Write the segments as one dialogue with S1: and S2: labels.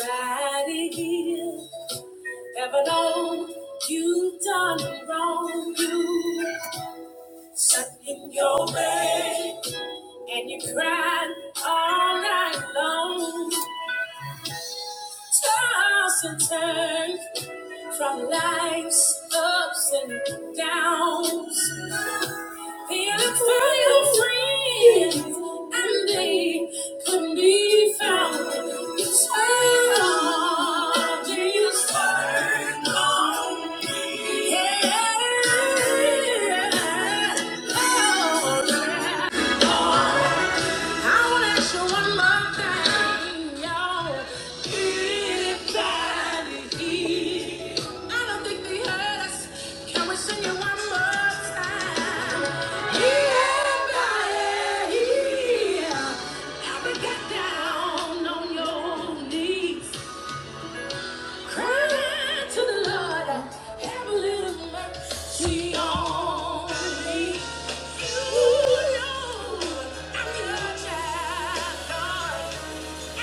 S1: right here. Never known you done wrong. You stuck in your bed and you cried all night long. Toss and turn from life's ups and downs. Feelings for your friends and they could be found. It's hard, Jesus, turn on me. Yeah. Oh, down on your knees. Cry to the Lord, have a little mercy on me. Ooh, Lord, I'm your child, Lord. I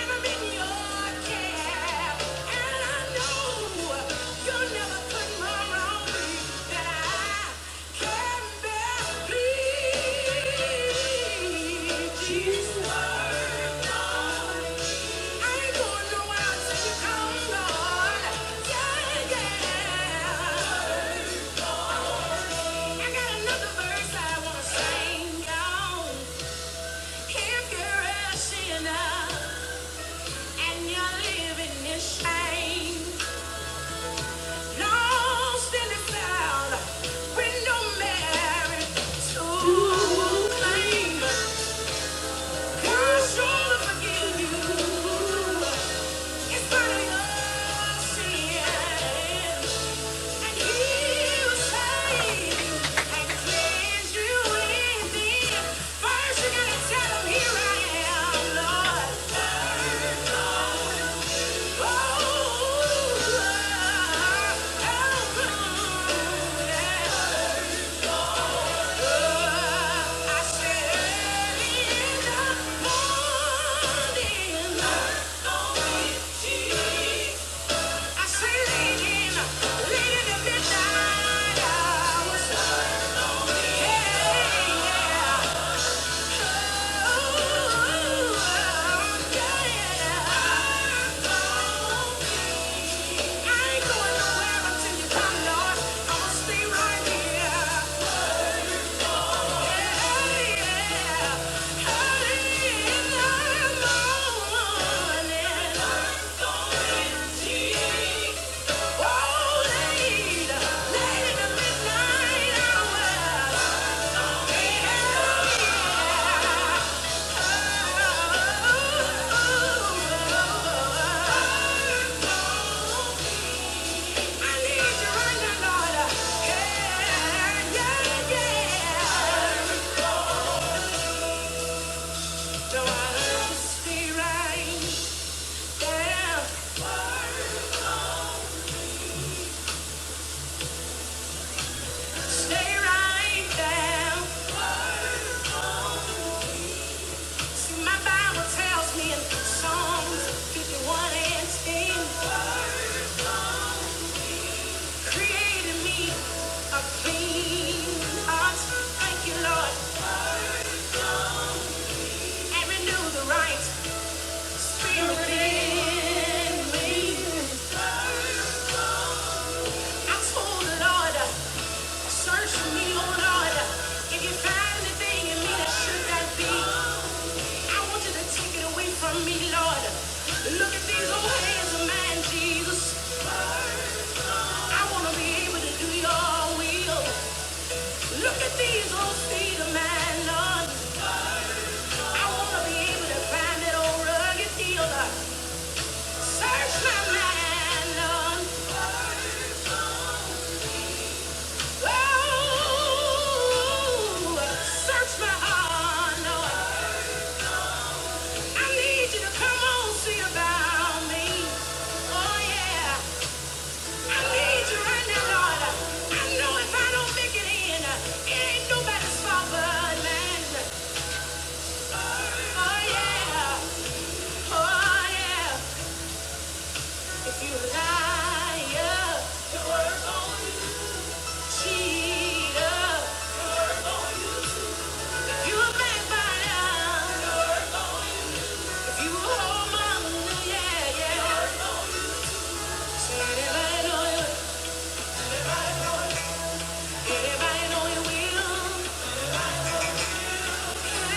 S1: got another verse I wanna sing, you If you're a sinner, And you're living in shame, lost in the cloud, with no merit to claim. God's sure to forgive you. It's funny, your sin, and He will save and cleanse you within. First, you gotta tell Him, "Here I am, Lord. Hey, Yeah. Oh right Spirit in me. I told the Lord. Search me, oh Lord. If you find anything in me that should not be, I want you to take it away from me, Lord. Look at these old hands of mine, Jesus. I want to be able to do your will. Look at these old feet of mine, Lord. I want to be able to find that old rugged healer. Search my mind, Lord. Oh, search my heart, Lord. I need you to come on, see about me. Oh yeah, I need you right now, Lord. I know if I don't make it in, it ain't nobody's fault but mine. Oh yeah, oh yeah. If you lie, to work If you a backbiter, if you a whoremonger, yeah, yeah. So know you? Anybody know you will? Yeah.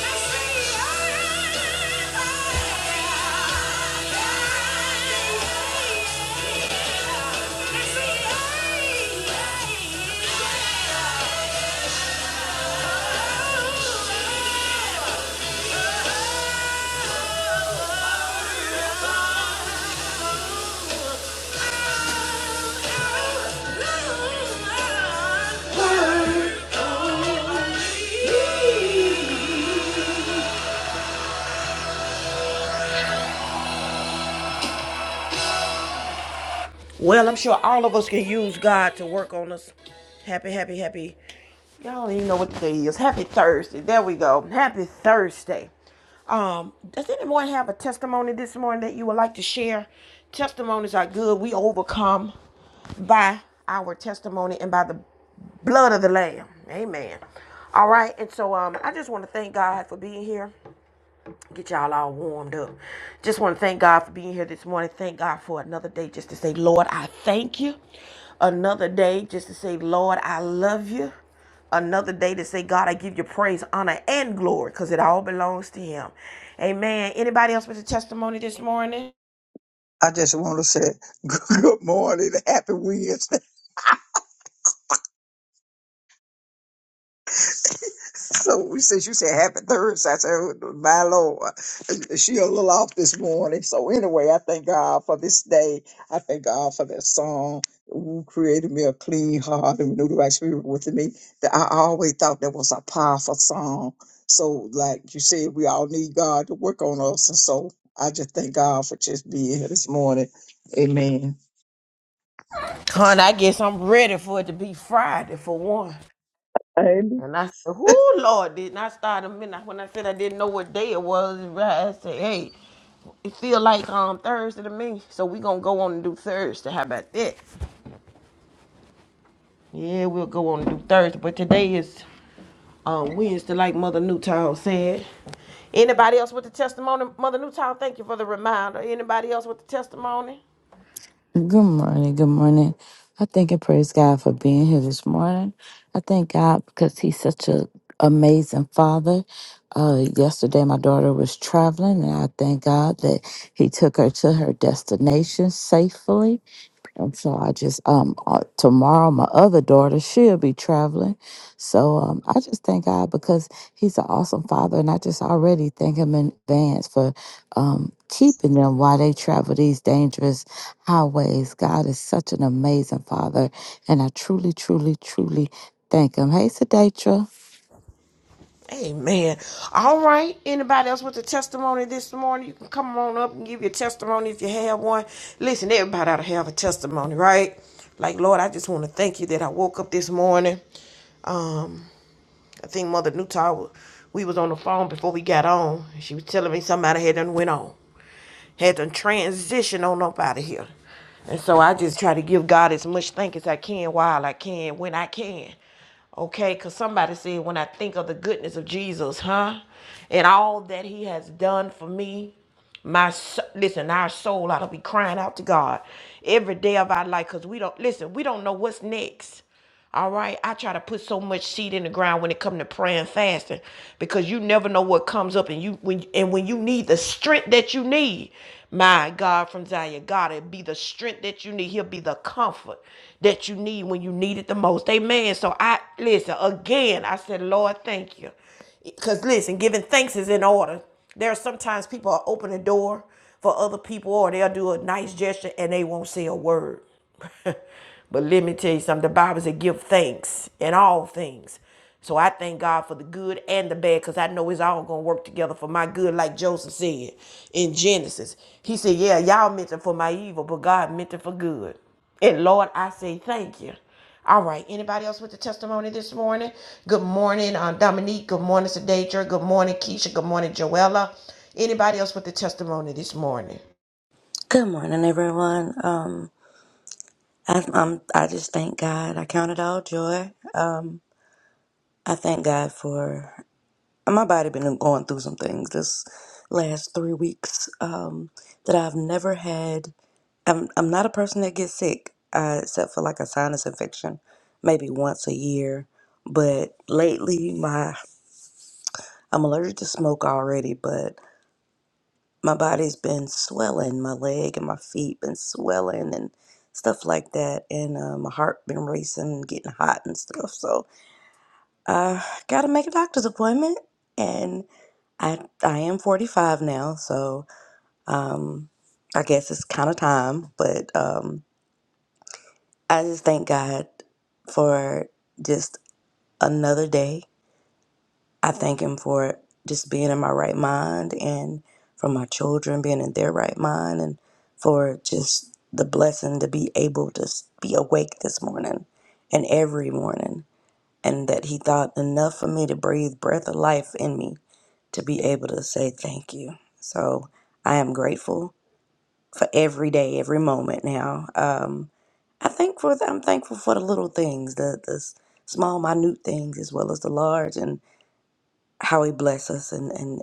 S1: Yeah. Well, I'm sure all of us can use God to work on us. Happy, happy, happy. Y'all don't even know what today is. Happy Thursday. There we go. Happy Thursday. Um, does anyone have a testimony this morning that you would like to share? Testimonies are good. We overcome by our testimony and by the blood of the Lamb. Amen. All right. And so um, I just want to thank God for being here get y'all all warmed up. Just want to thank God for being here this morning. Thank God for another day just to say, Lord, I thank you. Another day just to say, Lord, I love you. Another day to say, God, I give you praise, honor, and glory because it all belongs to Him. Amen. Anybody else with a testimony this morning?
S2: I just want to say good morning, happy Wednesday. So since you said happy Thursday, I said, "Oh, my Lord, she a little off this morning. So anyway, I thank God for this day. I thank God for that song. Who created me a clean heart and renewed the right spirit within me? That I always thought that was a powerful song. So like you said, we all need God to work on us, and so I just thank God for just being here this morning. Amen.
S1: Con, I guess I'm ready for it to be Friday for one. And I said, "Whoo, Lord!" Didn't I start a minute when I said I didn't know what day it was? right, I said, "Hey, it feel like um Thursday to me, so we gonna go on and do Thursday. How about that? Yeah, we'll go on and do Thursday. But today is um Wednesday, like Mother Newtown said. Anybody else with the testimony? Mother Newtown, thank you for the reminder. Anybody else with the testimony?
S3: Good morning. Good morning. I thank and praise God for being here this morning. I thank God because He's such a amazing Father. Uh, yesterday, my daughter was traveling, and I thank God that He took her to her destination safely. And so I just um uh, tomorrow my other daughter she'll be traveling, so um I just thank God because He's an awesome Father, and I just already thank Him in advance for um keeping them while they travel these dangerous highways. God is such an amazing Father, and I truly, truly, truly thank Him. Hey, Sedatra.
S1: Amen. All right. Anybody else with a testimony this morning? You can come on up and give your testimony if you have one. Listen, everybody ought to have a testimony, right? Like, Lord, I just want to thank you that I woke up this morning. Um, I think Mother Newtower, we was on the phone before we got on. She was telling me somebody had done went on had to transition on up out of here. And so I just try to give God as much thank as I can while I can, when I can. Okay, because somebody said, when I think of the goodness of Jesus, huh? And all that he has done for me, my so- listen, our soul ought to be crying out to God every day of our life because we don't listen, we don't know what's next. All right. I try to put so much seed in the ground when it comes to praying and fasting because you never know what comes up and you when and when you need the strength that you need. My God from Zion, God, it'll be the strength that you need. He'll be the comfort that you need when you need it the most. Amen. So I listen again, I said, Lord, thank you. Because listen, giving thanks is in order. There are sometimes people are open the door for other people or they'll do a nice gesture and they won't say a word. but let me tell you something. The Bible says give thanks in all things. So I thank God for the good and the bad because I know it's all going to work together for my good, like Joseph said in Genesis. He said, Yeah, y'all meant it for my evil, but God meant it for good. And Lord, I say thank you. All right. Anybody else with the testimony this morning? Good morning, um, Dominique. Good morning, Sadadra. Good morning, Keisha. Good morning, Joella. Anybody else with the testimony this morning?
S4: Good morning, everyone. Um, I, I'm, I just thank God. I count it all joy. Um, I thank God for my body been going through some things this last three weeks um, that I've never had. I'm, I'm not a person that gets sick, uh, except for like a sinus infection, maybe once a year. But lately, my I'm allergic to smoke already, but my body's been swelling, my leg and my feet been swelling and stuff like that, and uh, my heart been racing, getting hot and stuff. So I gotta make a doctor's appointment, and I I am 45 now, so um, I guess it's kind of time. But um, I just thank God for just another day I thank Him for just being in my right mind and for my children being in their right mind and for just the blessing to be able to s- be awake this morning and every morning. And that He thought enough for me to breathe breath of life in me to be able to say thank you. So I am grateful for every day, every moment now. Um, I think for I'm thankful for the little things, the the s- small, minute things, as well as the large, and how He bless us, and and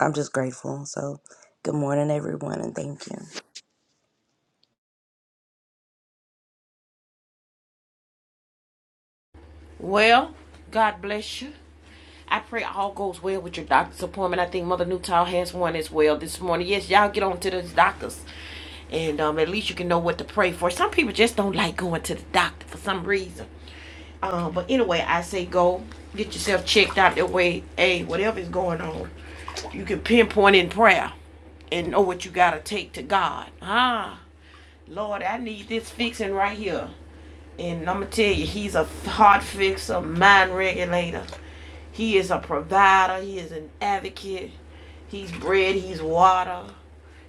S4: I'm just grateful. So, good morning, everyone, and thank you.
S1: Well, God bless you. I pray all goes well with your doctor's appointment. I think Mother Newtown has one as well this morning. Yes, y'all get on to those doctors. And um, at least you can know what to pray for. Some people just don't like going to the doctor for some reason. Um, but anyway, I say go get yourself checked out that way. Hey, whatever is going on, you can pinpoint in prayer and know what you got to take to God. Ah. Lord, I need this fixing right here. And I'm going to tell you, he's a heart fixer, mind regulator. He is a provider. He is an advocate. He's bread. He's water.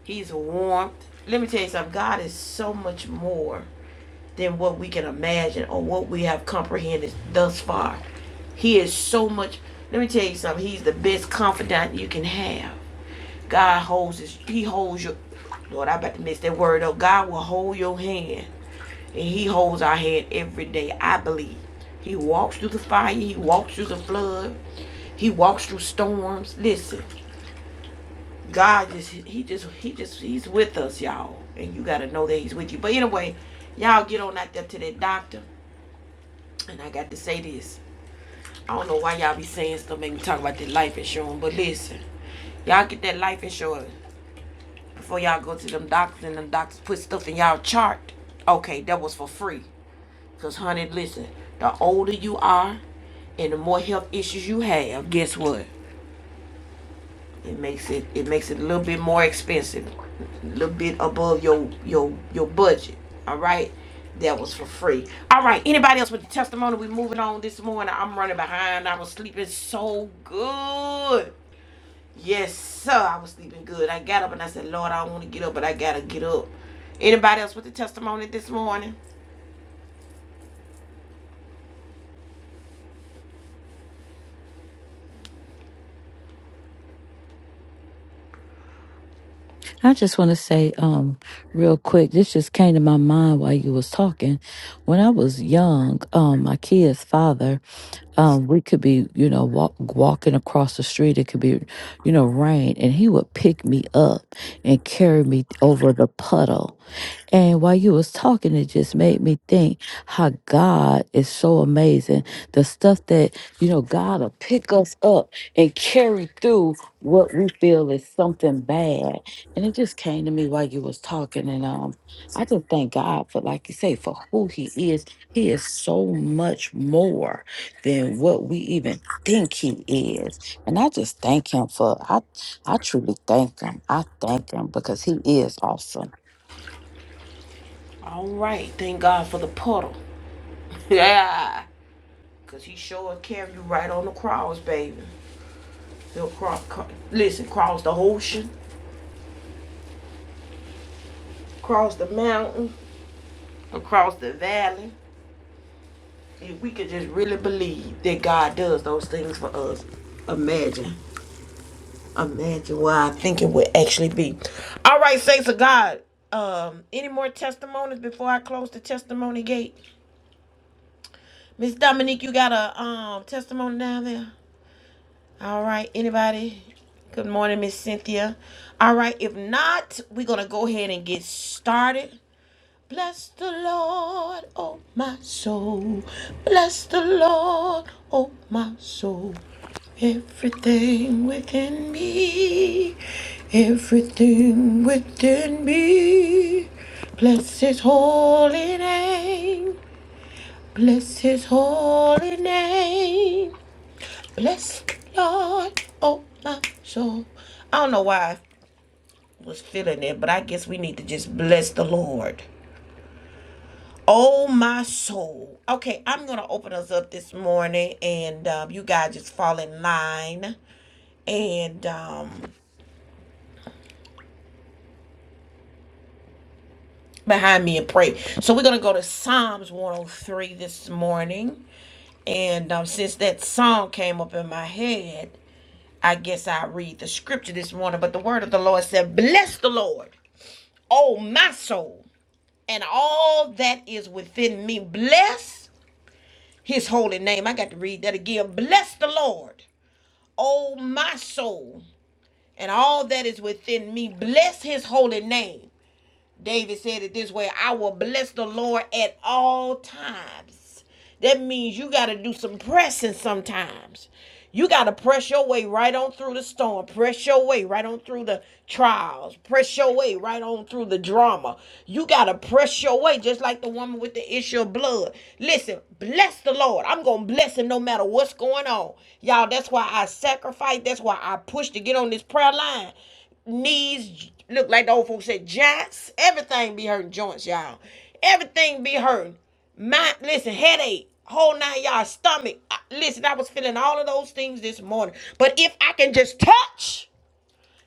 S1: He's warmth. Let me tell you something. God is so much more than what we can imagine or what we have comprehended thus far. He is so much. Let me tell you something. He's the best confidant you can have. God holds his, he holds your, Lord, I about to miss that word up. God will hold your hand and he holds our hand every day, I believe. He walks through the fire, he walks through the flood, he walks through storms. Listen, God just, he just, he just, he's with us, y'all. And you got to know that he's with you. But anyway, y'all get on out there to that doctor. And I got to say this. I don't know why y'all be saying stuff, make me talk about that life insurance, but listen. Y'all get that life insurance. Before y'all go to them doctors and them doctors put stuff in y'all chart. Okay, that was for free. Cause honey, listen, the older you are and the more health issues you have, guess what? It makes it it makes it a little bit more expensive. A little bit above your your your budget. All right. That was for free. All right. Anybody else with the testimony? We moving on this morning. I'm running behind. I was sleeping so good. Yes, sir. I was sleeping good. I got up and I said, Lord, I don't want to get up, but I gotta get up. Anybody else with a testimony this morning?
S3: I just want to say, um, real quick, this just came to my mind while you was talking. When I was young, um, my kid's father, um, we could be, you know, walk, walking across the street. It could be, you know, rain, and he would pick me up and carry me over the puddle. And while you was talking, it just made me think how God is so amazing. The stuff that, you know, God will pick us up and carry through what we feel is something bad. And it just came to me while you was talking. And um, I just thank God for, like you say, for who he is. He is so much more than what we even think he is. And I just thank him for I I truly thank him. I thank him because he is awesome.
S1: All right. Thank God for the puddle. Yeah, cause he sure carried you right on the cross, baby. He'll cross, cro- listen, cross the ocean, cross the mountain, across the valley. If we could just really believe that God does those things for us, imagine. Imagine where I think it would actually be. All right, thanks to God. Um, any more testimonies before I close the testimony gate? Miss Dominique, you got a um testimony down there? All right, anybody? Good morning, Miss Cynthia. All right, if not, we're gonna go ahead and get started. Bless the Lord, oh my soul. Bless the Lord, oh my soul. Everything within me, everything within me. Bless his holy name. Bless his holy name. Bless Lord, oh my soul. I don't know why I was feeling it, but I guess we need to just bless the Lord. Oh, my soul. Okay, I'm going to open us up this morning, and um, you guys just fall in line and um, behind me and pray. So, we're going to go to Psalms 103 this morning. And um, since that song came up in my head, I guess I read the scripture this morning. But the word of the Lord said, Bless the Lord, oh, my soul, and all that is within me. Bless his holy name. I got to read that again. Bless the Lord. Oh, my soul, and all that is within me, bless his holy name. David said it this way I will bless the Lord at all times. That means you got to do some pressing sometimes. You got to press your way right on through the storm, press your way right on through the trials, press your way right on through the drama. You got to press your way, just like the woman with the issue of blood. Listen, bless the Lord. I'm going to bless him no matter what's going on. Y'all, that's why I sacrifice. That's why I push to get on this prayer line knees look like the old folks said joints everything be hurting joints y'all everything be hurting my listen headache whole nine y'all stomach listen i was feeling all of those things this morning but if i can just touch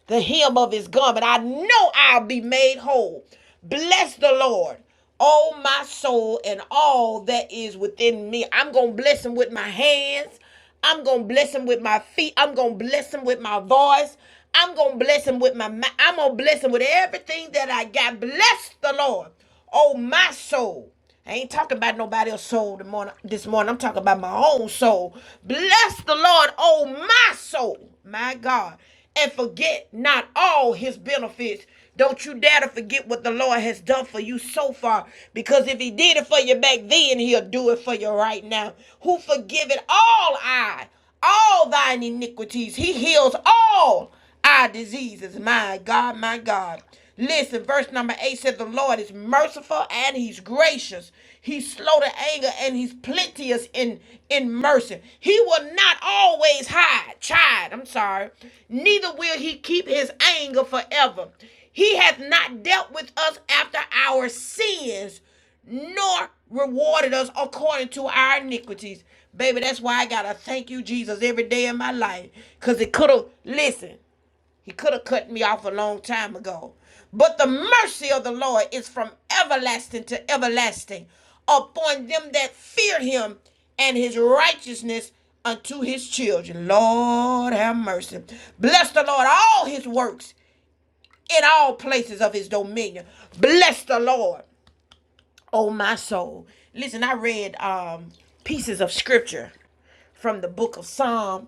S1: the hem of his garment. I know I'll be made whole. Bless the Lord, oh my soul, and all that is within me. I'm going to bless him with my hands. I'm going to bless him with my feet. I'm going to bless him with my voice. I'm going to bless him with my mouth. I'm going to bless him with everything that I got. Bless the Lord, oh my soul. I ain't talking about nobody else's soul This morning, this morning. I'm talking about my own soul. Bless the Lord, oh my soul, my God, and forget not all his benefits. Don't you dare to forget what the Lord has done for you so far, because if he did it for you back then, he'll do it for you right now. Who forgiveth all I, all thine iniquities. He heals all our diseases. My God, my God. Listen, verse number eight says The Lord is merciful and he's gracious. He's slow to anger and he's plenteous in, in mercy. He will not always hide, chide, I'm sorry. Neither will he keep his anger forever. He hath not dealt with us after our sins, nor rewarded us according to our iniquities. Baby, that's why I gotta thank you, Jesus, every day of my life. Cause it could've, listen. He could have cut me off a long time ago. But the mercy of the Lord is from everlasting to everlasting upon them that fear him and his righteousness unto his children. Lord have mercy. Bless the Lord, all his works in all places of his dominion. Bless the Lord, oh my soul. Listen, I read um, pieces of scripture from the book of Psalm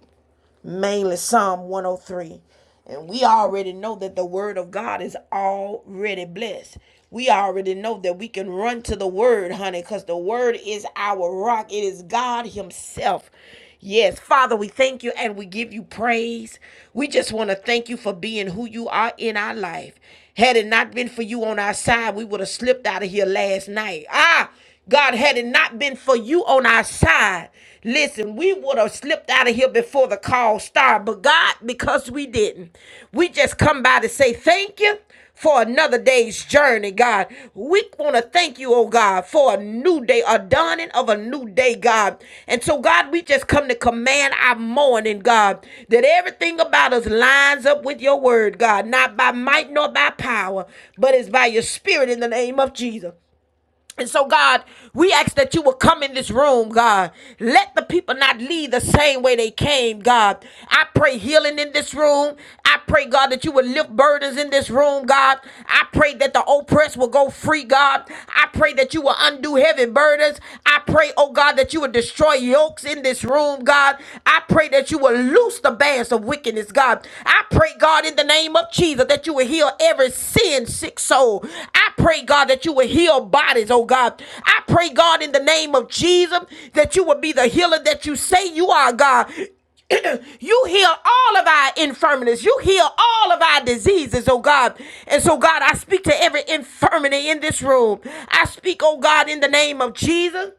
S1: mainly Psalm 103. And we already know that the word of God is already blessed. We already know that we can run to the word, honey, because the word is our rock. It is God Himself. Yes, Father, we thank you and we give you praise. We just want to thank you for being who you are in our life. Had it not been for you on our side, we would have slipped out of here last night. Ah, God, had it not been for you on our side, listen, we would have slipped out of here before the call started. But God, because we didn't, we just come by to say thank you for another day's journey, God. We want to thank you, oh God, for a new day, a dawning of a new day, God. And so, God, we just come to command our morning, God, that everything about us lines up with your word, God, not by might nor by power, but it's by your spirit in the name of Jesus. And so, God, we ask that you will come in this room, God. Let the people not leave the same way they came, God. I pray healing in this room. I pray, God, that you will lift burdens in this room, God. I pray that the oppressed will go free, God. I pray that you will undo heavy burdens. I pray, oh God, that you will destroy yokes in this room, God. I pray that you will loose the bands of wickedness, God. I pray, God, in the name of Jesus, that you will heal every sin sick soul. I pray, God, that you will heal bodies, oh God. I pray, God, in the name of Jesus, that you will be the healer that you say you are, God. you heal all of our infirmities. You heal all of our diseases, oh God. And so, God, I speak to every infirmity in this room. I speak, oh God, in the name of Jesus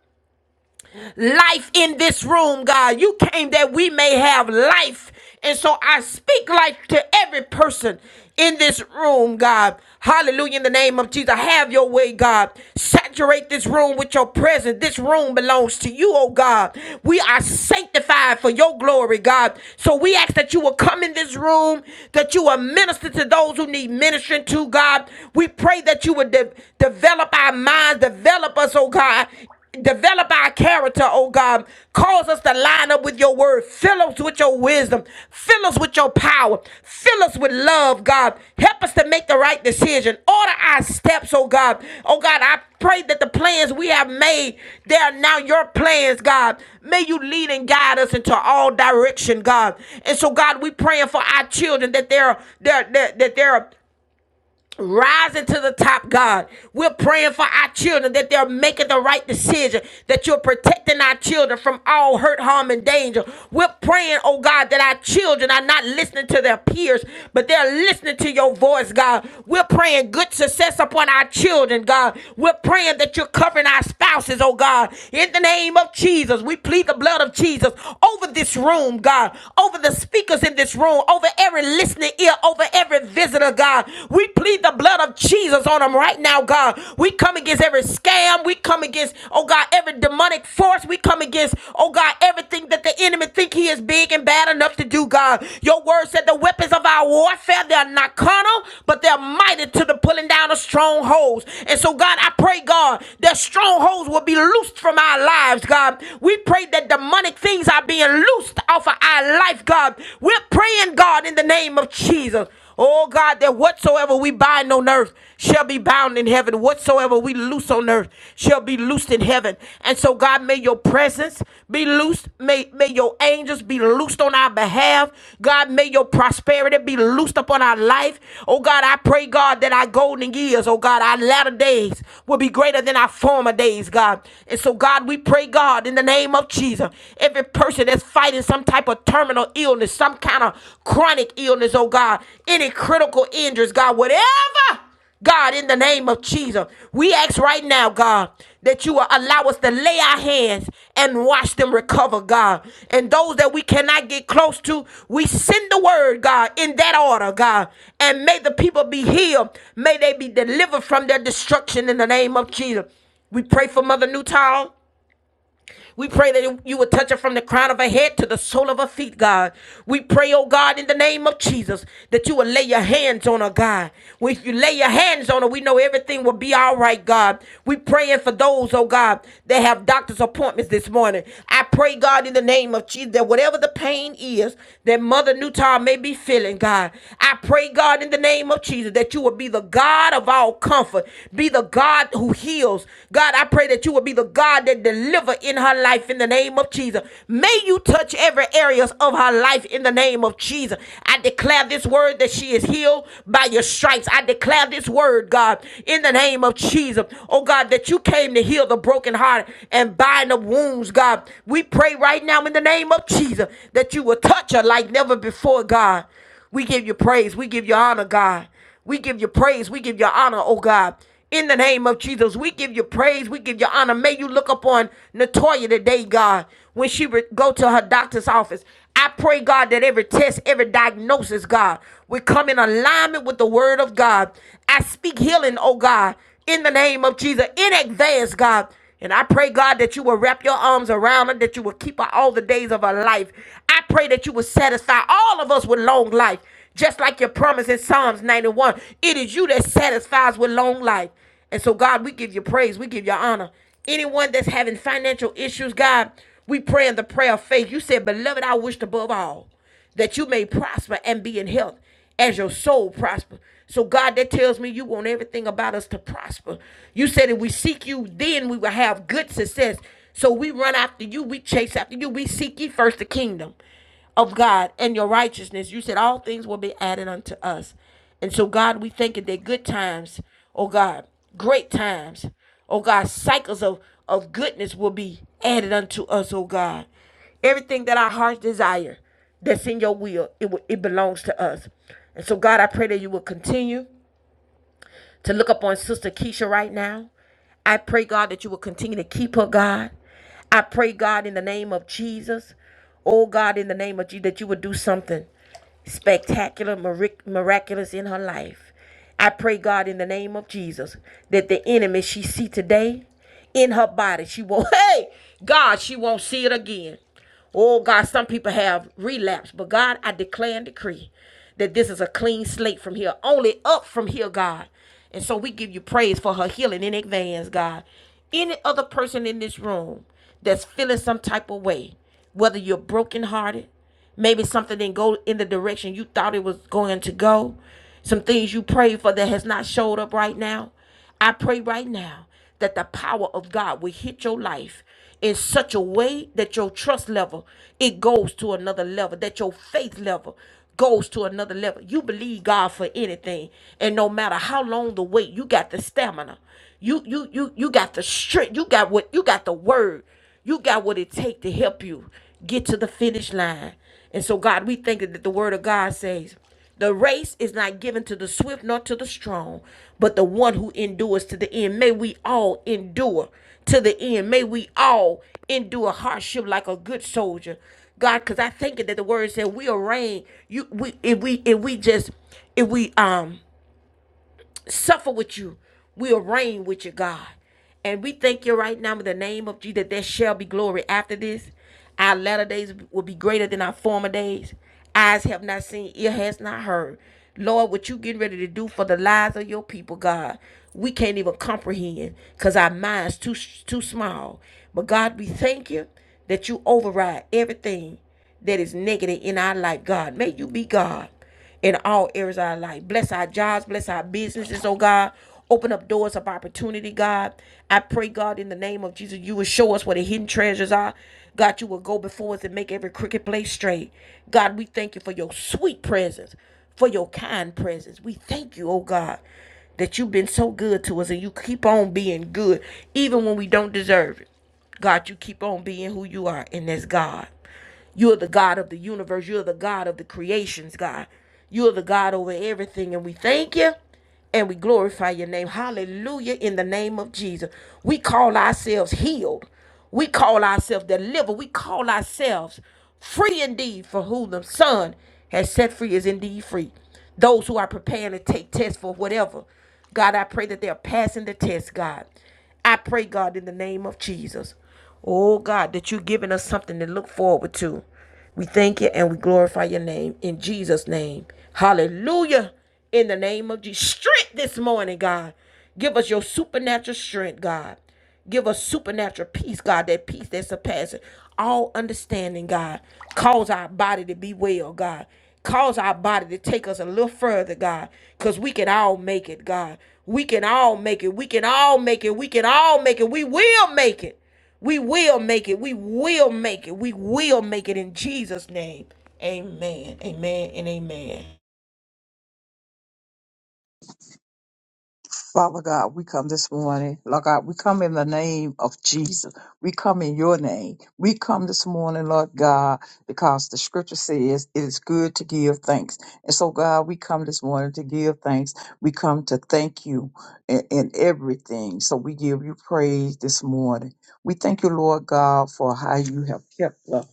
S1: life in this room, God. You came that we may have life. And so I speak life to every person in this room, God. Hallelujah. In the name of Jesus, have your way, God. Saturate this room with your presence. This room belongs to you, oh God. We are sanctified for your glory, God. So we ask that you will come in this room, that you will minister to those who need ministering to, God. We pray that you would de- develop our minds, develop us, oh God Develop our character, oh God. Cause us to line up with your word. Fill us with your wisdom. Fill us with your power. Fill us with love, God. Help us to make the right decision. Order our steps, oh God. Oh God, I pray that the plans we have made, they are now your plans, God. May you lead and guide us into all direction, God. And so, God, we praying for our children that they're, they're, they're that they're rising to the top, God. We're praying for our children that they're making the right decision, that you're protecting our children from all hurt, harm, and danger. We're praying, oh God, that our children are not listening to their peers, but they're listening to your voice, God. We're praying good success upon our children, God. We're praying that you're covering our spouses, oh God. In the name of Jesus, we plead the blood of Jesus over this room, God, over the speakers in this room, over every listening ear ear over every visitor, God. We plead the blood of Jesus on them right now, God. We come against every scam. We come against, oh God, every demonic force. We come against, oh God, everything that the enemy think he is big and bad enough to do, God. Your word said the weapons of our warfare, they're not carnal, but they're mighty to the pulling down of strongholds. And so, God, I pray, God, that strongholds will be loosed from our lives, God. We pray that demonic things are being loosed off of our life, God. God. We're praying, God, in the name of Jesus. Oh God, that whatsoever we bind on earth shall be bound in heaven. Whatsoever we loose on earth shall be loosed in heaven. And so, God, may your presence be loosed. May, may your angels be loosed on our behalf. God, may your prosperity be loosed upon our life. Oh God, I pray, God, that our golden years, oh God, our latter days will be greater than our former days, God. And so, God, we pray, God, in the name of Jesus. if Every person that's fighting some type of terminal illness, some kind of chronic illness, oh God, any critical injuries, God, whatever. God, in the name of Jesus, we ask right now, God, that you will allow us to lay our hands and watch them recover, God. And those that we cannot get close to, we send the word, God, in that order, God. And may the people be healed. May they be delivered from their destruction in the name of Jesus. We pray for Mother Newtown. We pray that you would touch her from the crown of her head to the sole of her feet, God. We pray, oh God, in the name of Jesus, that you would lay your hands on her, God. If you lay your hands on her, we know everything will be all right, God. We praying for those, oh God, that have doctor's appointments this morning. I pray, God, in the name of Jesus, that whatever the pain is that Mother Newton may be feeling, God, I pray, God, in the name of Jesus, that you would be the God of all comfort, be the God who heals. God, I pray that you will be the God that deliver in her life in the name of Jesus. May you touch every areas of her life in the name of Jesus. I declare this word that she is healed by your stripes. I declare this word, God, in the name of Jesus. Oh God, that you came to heal the broken heart and bind up wounds, God. We pray right now in the name of Jesus that you will touch her like never before, God. We give you praise. We give you honor, God. We give you praise. We give you honor, oh God. In the name of Jesus, we give you praise. We give you honor. May you look upon Natoya today, God, when she re- go to her doctor's office. I pray, God, that every test, every diagnosis, God, will come in alignment with the word of God. I speak healing, oh God, in the name of Jesus, in advance, God. And I pray, God, that you will wrap your arms around her, that you will keep her all the days of her life. I pray that you will satisfy all of us with long life, just like your promise in Psalms 91. It is you that satisfies with long life. And so, God, we give you praise, we give you honor. Anyone that's having financial issues, God, we pray in the prayer of faith. You said, Beloved, I wished above all that you may prosper and be in health as your soul prosper. So God, that tells me you want everything about us to prosper. You said if we seek you, then we will have good success. So we run after you, we chase after you, we seek ye first the kingdom of God and your righteousness. You said all things will be added unto us. And so, God, we thank you that good times, oh God, great times, oh God, cycles of, of goodness will be added unto us, oh God. Everything that our hearts desire that's in your will. It will, it belongs to us. And so, God, I pray that you will continue to look up on Sister Keisha right now. I pray, God, that you will continue to keep her, God. I pray, God, in the name of Jesus. Oh, God, in the name of Jesus, that you would do something spectacular, mirac- miraculous in her life. I pray, God, in the name of Jesus, that the enemy she see today in her body, she won't, hey, God, she won't see it again. Oh God, some people have relapsed, but God, I declare and decree that this is a clean slate from here, only up from here, God. And so we give you praise for her healing in advance, God. Any other person in this room that's feeling some type of way, whether you're brokenhearted, maybe something didn't go in the direction you thought it was going to go, some things you prayed for that has not showed up right now. I pray right now that the power of God will hit your life in such a way that your trust level it goes to another level, that your faith level goes to another level. You believe God for anything, and no matter how long the wait, you got the stamina. You you you you got the strength. You got what you got the word. You got what it takes to help you get to the finish line. And so God, we think that the word of God says. The race is not given to the swift nor to the strong, but the one who endures to the end. May we all endure to the end. May we all endure hardship like a good soldier. God, because I think that the word said we'll reign. You we if we if we just if we um suffer with you. We'll reign with you, God. And we thank you right now in the name of Jesus that there shall be glory after this. Our latter days will be greater than our former days. Eyes have not seen, ear has not heard. Lord, what you getting ready to do for the lives of your people, God, we can't even comprehend because our minds too too small. But God, we thank you that you override everything that is negative in our life, God. May you be God in all areas of our life. Bless our jobs, bless our businesses, oh God. Open up doors of opportunity, God. I pray, God, in the name of Jesus, you will show us where the hidden treasures are. God, you will go before us and make every crooked place straight. God, we thank you for your sweet presence, for your kind presence. We thank you, oh God, that you've been so good to us and you keep on being good, even when we don't deserve it. God, you keep on being who you are, and that's God. You are the God of the universe. You are the God of the creations, God. You are the God over everything. And we thank you and we glorify your name. Hallelujah. In the name of Jesus. We call ourselves healed. We call ourselves delivered. We call ourselves free indeed for who the Son has set free is indeed free. Those who are preparing to take tests for whatever. God, I pray that they're passing the test, God. I pray, God, in the name of Jesus. Oh, God, that you've given us something to look forward to. We thank you and we glorify your name in Jesus' name. Hallelujah. In the name of Jesus. Strength this morning, God. Give us your supernatural strength, God. Give us supernatural peace, God, that peace that surpasses all understanding, God. Cause our body to be well, God. Cause our body to take us a little further, God. Because we can all make it, God. We can all make it. We can all make it. We can all make it. We will make it. We will make it. We will make it. We will make it in Jesus' name. Amen. Amen and amen.
S2: Father God, we come this morning. Lord God, we come in the name of Jesus. We come in your name. We come this morning, Lord God, because the scripture says it is good to give thanks. And so, God, we come this morning to give thanks. We come to thank you in, in everything. So we give you praise this morning. We thank you, Lord God, for how you have kept us.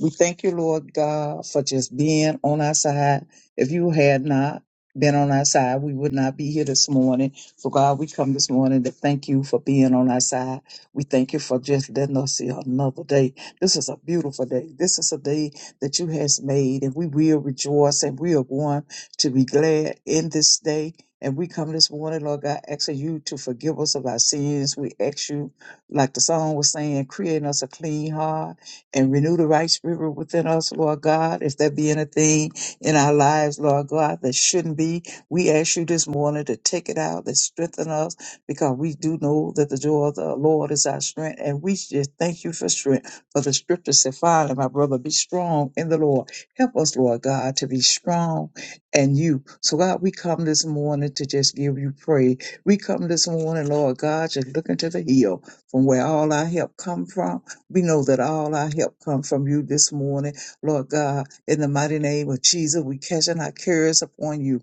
S2: We thank you, Lord God, for just being on our side. If you had not been on our side, we would not be here this morning so, God, we come this morning to thank you for being on our side. We thank you for just letting us see another day. This is a beautiful day. This is a day that you has made, and we will rejoice and we are going to be glad in this day. And we come this morning, Lord God, asking you to forgive us of our sins. We ask you, like the song was saying, create in us a clean heart and renew the right spirit within us, Lord God. If there be anything in our lives, Lord God, that shouldn't be, we ask you this morning to take it out and strengthen us because we do know that the joy of the Lord is our strength. And we just thank you for strength. For the scripture said, "Finally, my brother, be strong in the Lord. Help us, Lord God, to be strong in you. So, God, we come this morning to just give you praise. We come this morning, Lord God, just looking to the hill from where all our help come from. We know that all our help come from you this morning. Lord God, in the mighty name of Jesus, we casting our cares upon you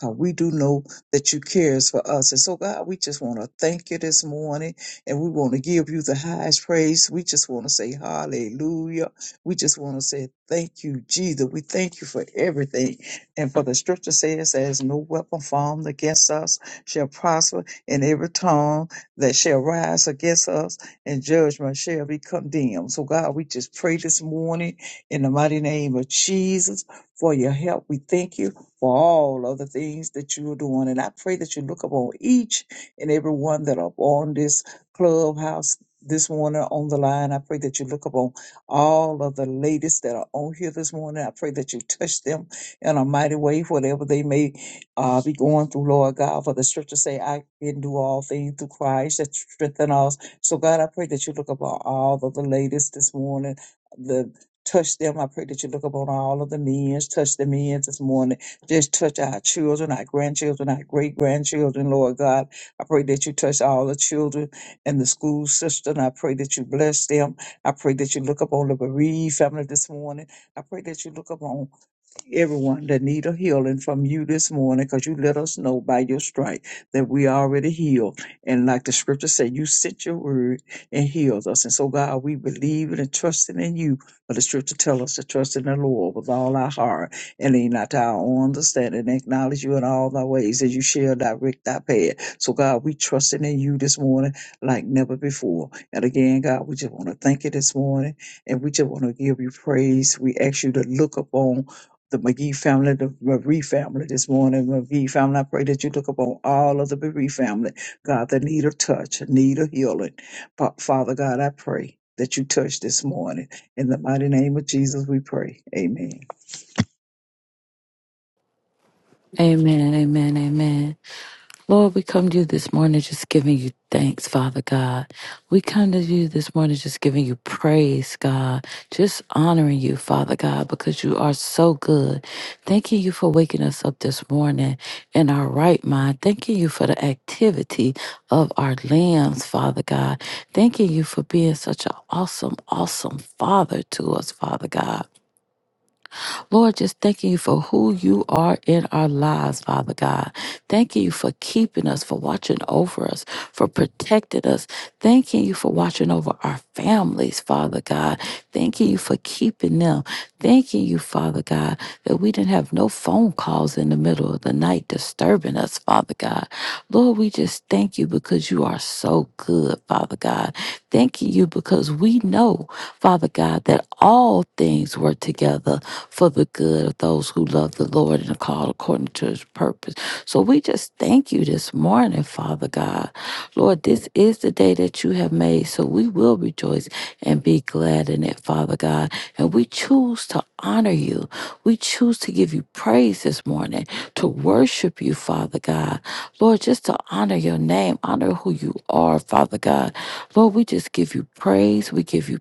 S2: Cause we do know that you cares for us. And so, God, we just want to thank you this morning and we want to give you the highest praise. We just want to say hallelujah. We just want to say thank you, Jesus. We thank you for everything. And for the scripture says, there's no weapon formed against us shall prosper, and every tongue that shall rise against us in judgment shall be condemned. So, God, we just pray this morning in the mighty name of Jesus for your help. We thank you for all of the things that you are doing. And I pray that you look upon each and every one that are on this clubhouse this morning on the line. I pray that you look upon all of the ladies that are on here this morning. I pray that you touch them in a mighty way, whatever they may uh, be going through, Lord God. For the scripture say, I can do all things through Christ that strengthen us. So God, I pray that you look upon all of the ladies this morning. The touch them. I pray that you look upon all of the men, touch the men this morning just touch our children, our grandchildren, our great grandchildren, Lord God. I pray that you touch all the children and the school system. I pray that you bless them. I pray that you look upon the bereaved family this morning. I pray that you look upon everyone that need a healing from you this morning because you let us know by your stripe that we already healed. And like the scripture said, you sent your word and healed us. And so, God, we believe and trusting in you. But the scripture tells us to trust in the Lord with all our heart and lean not to our own understanding. Acknowledge you in all thy ways and you shall direct our path. So, God, we trusting in you this morning like never before. And again, God, we just want to thank you this morning and we just want to give you praise. We ask you to look upon the McGee family, the Marie family this morning, McGee family. I pray that you look upon all of the Marie family, God, that need a touch, need a healing. Fa- Father God, I pray that you touch this morning. In the mighty name of Jesus, we pray. Amen.
S3: Amen, amen, amen. Lord, we come to you this morning just giving you thanks, Father God. We come to you this morning just giving you praise, God. Just honoring you, Father God, because you are so good. Thanking you for waking us up this morning in our right mind. Thanking you for the activity of our limbs, Father God. Thanking you for being such an awesome, awesome Father to us, Father God. Lord, just thanking you for who you are in our lives, Father God. Thanking you for keeping us, for watching over us, for protecting us. Thanking you for watching over our families, Father God. Thanking you for keeping them. Thanking you, Father God, that we didn't have no phone calls in the middle of the night disturbing us, Father God. Lord, we just thank you because you are so good, Father God. Thanking you because we know, Father God, that all things work together for the good of those who love the Lord and are called according to his purpose. So we just thank you this morning, Father God. Lord, this is the day that you have made, so we will rejoice and be glad in it, Father God. And we choose to honor you. We choose to give you praise this morning, to worship you, Father God. Lord, just to honor your name, honor who you are, Father God. Lord, we just give you praise. We give you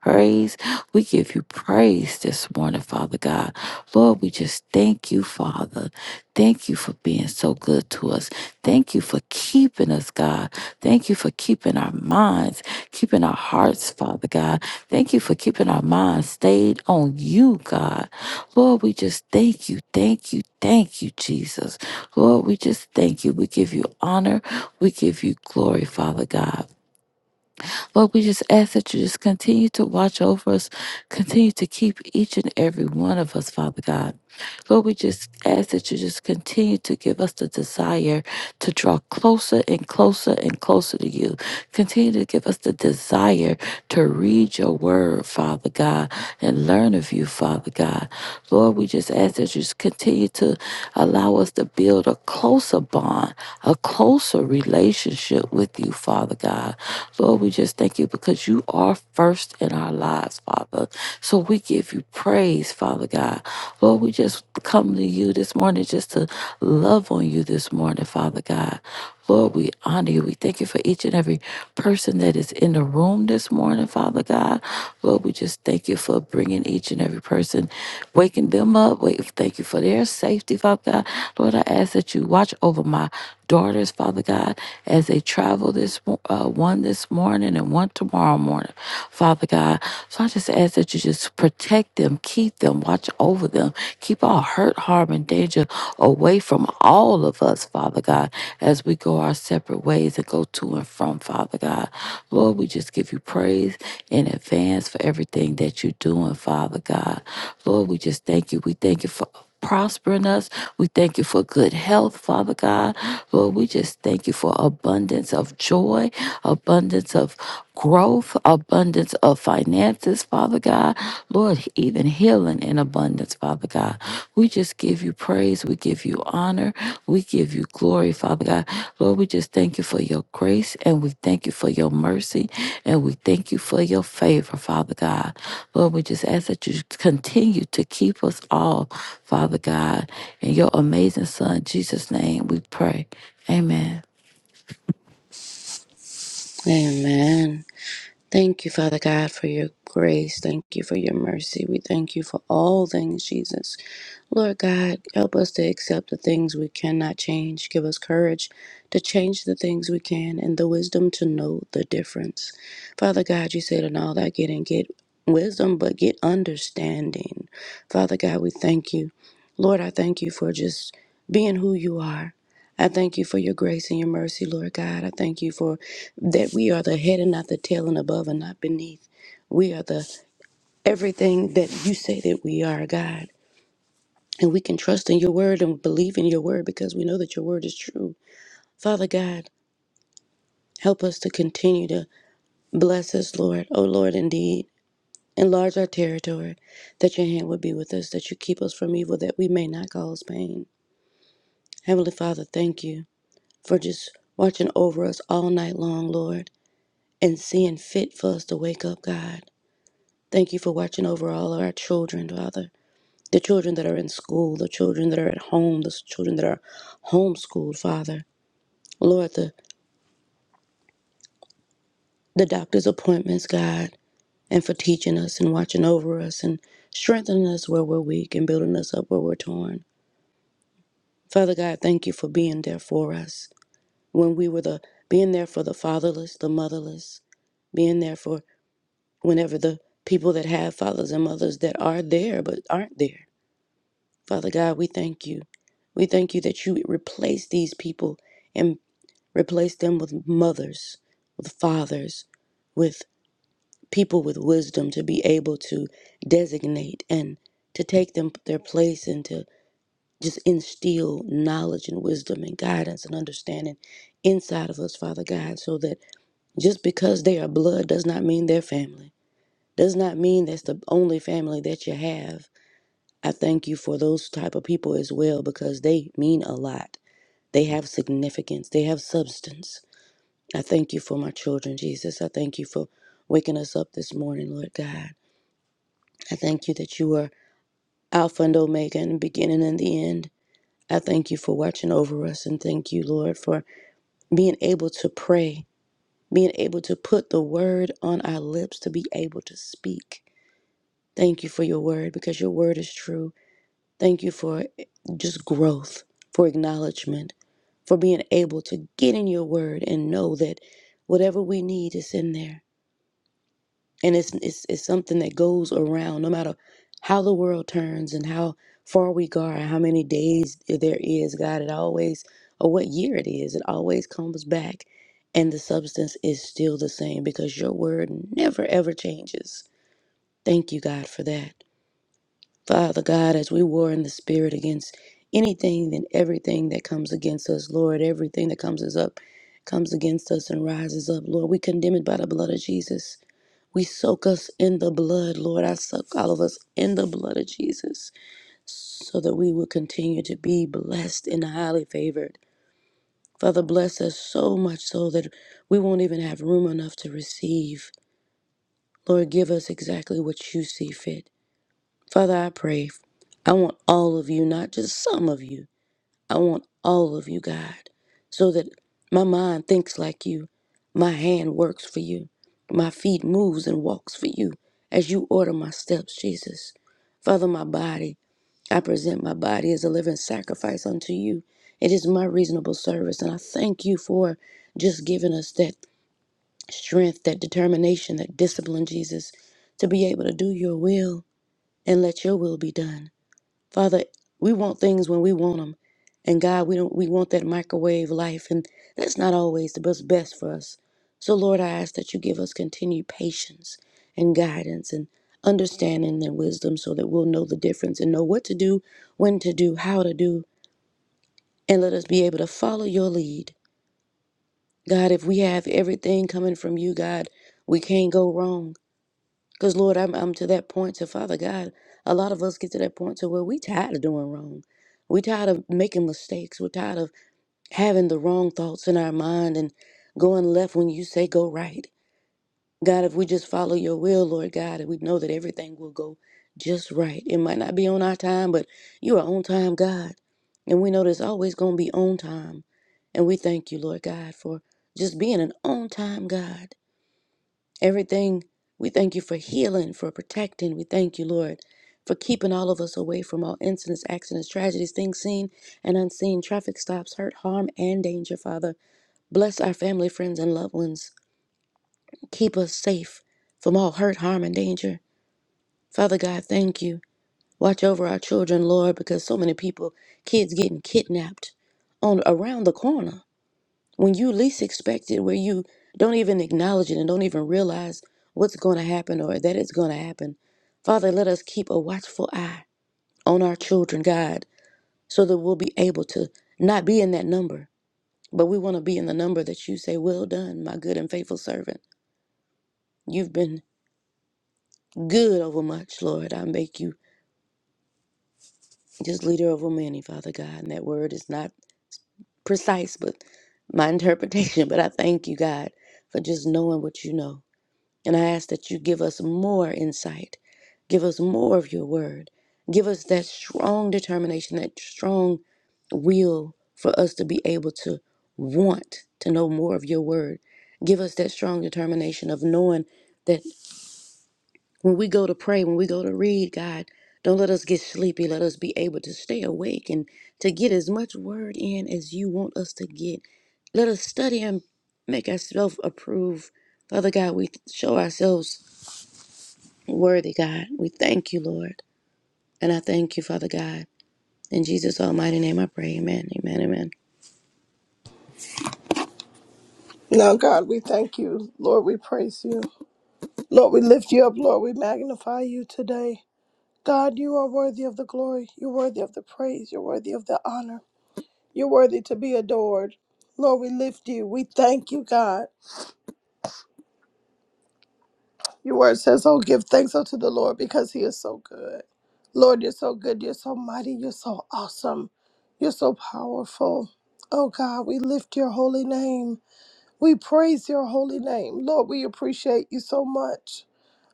S3: praise. We give you praise this morning, Father God. Lord, we just thank you, Father. Thank you for being so good to us. Thank you for keeping us, God. Thank you for keeping our minds, keeping our hearts, Father God. Thank you for keeping our minds stayed on you, God. Lord, we just thank you, thank you, thank you, Jesus. Lord, we just thank you. We give you honor. We give you glory, Father God. Lord, we just ask that you just continue to watch over us, continue to keep each and every one of us, Father God. Lord, we just ask that you just continue to give us the desire to draw closer and closer and closer to you. Continue to give us the desire to read your word, Father God, and learn of you, Father God. Lord, we just ask that you just continue to allow us to build a closer bond a closer relationship with you, Father God. Lord, we just thank you because you are first in our lives, Father. So we give you praise, Father God. Lord, we just come to you this morning just to love on you this morning, Father God. Lord, we honor you. We thank you for each and every person that is in the room this morning, Father God. Lord, we just thank you for bringing each and every person, waking them up. Wait, thank you for their safety, Father God. Lord, I ask that you watch over my daughters, Father God, as they travel this uh, one this morning and one tomorrow morning, Father God. So I just ask that you just protect them, keep them, watch over them, keep all hurt, harm, and danger away from all of us, Father God, as we go our separate ways and go to and from, Father God. Lord, we just give you praise in advance for everything that you're doing, Father God. Lord, we just thank you. We thank you for prospering us. We thank you for good health, Father God. Lord, we just thank you for abundance of joy, abundance of growth, abundance of finances, Father God. Lord, even healing in abundance, Father God. We just give you praise. We give you honor. We give you glory, Father God. Lord, we just thank you for your grace and we thank you for your mercy and we thank you for your favor, Father God. Lord, we just ask that you continue to keep us all, Father God. In your amazing Son, Jesus' name, we pray. Amen.
S4: Amen. Thank you, Father God, for your grace. Thank you for your mercy. We thank you for all things, Jesus. Lord God, help us to accept the things we cannot change. Give us courage to change the things we can and the wisdom to know the difference. Father God, you said, in all that getting, get wisdom, but get understanding. Father God, we thank you. Lord, I thank you for just being who you are. I thank you for your grace and your mercy, Lord God. I thank you for that we are the head and not the tail and above and not beneath. We are the everything that you say that we are, God. And we can trust in your word and believe in your word because we know that your word is true. Father God, help us to continue to bless us, Lord. Oh, Lord, indeed. Enlarge our territory, that your hand would be with us, that you keep us from evil, that we may not cause pain. Heavenly Father, thank you for just watching over us all night long, Lord, and seeing fit for us to wake up, God. Thank you for watching over all of our children, Father. The children that are in school, the children that are at home, the children that are homeschooled, Father. Lord, the, the doctor's appointments, God, and for teaching us and watching over us and strengthening us where we're weak and building us up where we're torn. Father God, thank you for being there for us when we were the being there for the fatherless, the motherless, being there for whenever the people that have fathers and mothers that are there but aren't there. Father God, we thank you. We thank you that you replace these people and replace them with mothers, with fathers, with people with wisdom to be able to designate and to take them their place and to just instill knowledge and wisdom and guidance and understanding inside of us, Father God, so that just because they are blood does not mean they're family. Does not mean that's the only family that you have I thank you for those type of people as well because they mean a lot. They have significance, they have substance. I thank you for my children, Jesus. I thank you for waking us up this morning, Lord God. I thank you that you are Alpha and Omega and the beginning and the end. I thank you for watching over us and thank you, Lord, for being able to pray, being able to put the word on our lips, to be able to speak. Thank you for your word because your word is true. Thank you for eh, just growth, for acknowledgement, for being able to get in your word and know that whatever we need is in there. And it's, it's, it's something that goes around no matter how the world turns and how far we go or how many days there is, God, it always, or what year it is, it always comes back. And the substance is still the same because your word never ever changes. Thank you, God, for that. Father God, as we war in the spirit against anything and everything that comes against us, Lord, everything that comes us up comes against us and rises up, Lord. We condemn it by the blood of Jesus. We soak us in the blood, Lord. I soak all of us in the blood of Jesus so that we will continue to be blessed and highly favored. Father, bless us so much so that we won't even have room enough to receive. Lord, give us exactly what you see fit. Father, I pray. I want all of you, not just some of you. I want all of you, God, so that my mind thinks like you, my hand works for you, my feet moves and walks for you as you order my steps, Jesus. Father, my body, I present my body as a living sacrifice unto you. It is my reasonable service, and I thank you for just giving us that strength, that determination, that discipline, Jesus, to be able to do your will and let your will be done. Father, we want things when we want them. And God, we don't we want that microwave life and that's not always the best best for us. So Lord, I ask that you give us continued patience and guidance and understanding and wisdom so that we'll know the difference and know what to do, when to do, how to do, and let us be able to follow your lead. God, if we have everything coming from you, God, we can't go wrong. Because, Lord, I'm, I'm to that point to Father God. A lot of us get to that point to where we tired of doing wrong. We tired of making mistakes. We're tired of having the wrong thoughts in our mind and going left when you say go right. God, if we just follow your will, Lord God, and we know that everything will go just right. It might not be on our time, but you are on time, God. And we know there's always going to be on time. And we thank you, Lord God, for just being an on time God. Everything, we thank you for healing, for protecting. We thank you, Lord, for keeping all of us away from all incidents, accidents, tragedies, things seen and unseen, traffic stops, hurt, harm, and danger, Father. Bless our family, friends, and loved ones. Keep us safe from all hurt, harm, and danger. Father God, thank you. Watch over our children, Lord, because so many people, kids getting kidnapped on around the corner when you least expect it, where you don't even acknowledge it and don't even realize what's going to happen or that it's going to happen. Father, let us keep a watchful eye on our children, God, so that we'll be able to not be in that number, but we want to be in the number that you say, Well done, my good and faithful servant. You've been good over much, Lord. I make you just leader over many, Father God. And that word is not precise, but my interpretation. But I thank you, God, for just knowing what you know. And I ask that you give us more insight, give us more of your word, give us that strong determination, that strong will for us to be able to want to know more of your word. Give us that strong determination of knowing that when we go to pray, when we go to read, God, don't let us get sleepy. Let us be able to stay awake and to get as much word in as you want us to get. Let us study and make ourselves approved. Father God, we show ourselves Worthy God, we thank you, Lord. And I thank you, Father God. In Jesus' almighty name I pray. Amen. Amen. Amen.
S5: Now, God, we thank you. Lord, we praise you. Lord, we lift you up. Lord, we magnify you today. God, you are worthy of the glory. You're worthy of the praise. You're worthy of the honor. You're worthy to be adored. Lord, we lift you. We thank you, God. Your word says, Oh, give thanks unto the Lord because he is so good. Lord, you're so good. You're so mighty. You're so awesome. You're so powerful. Oh, God, we lift your holy name. We praise your holy name. Lord, we appreciate you so much.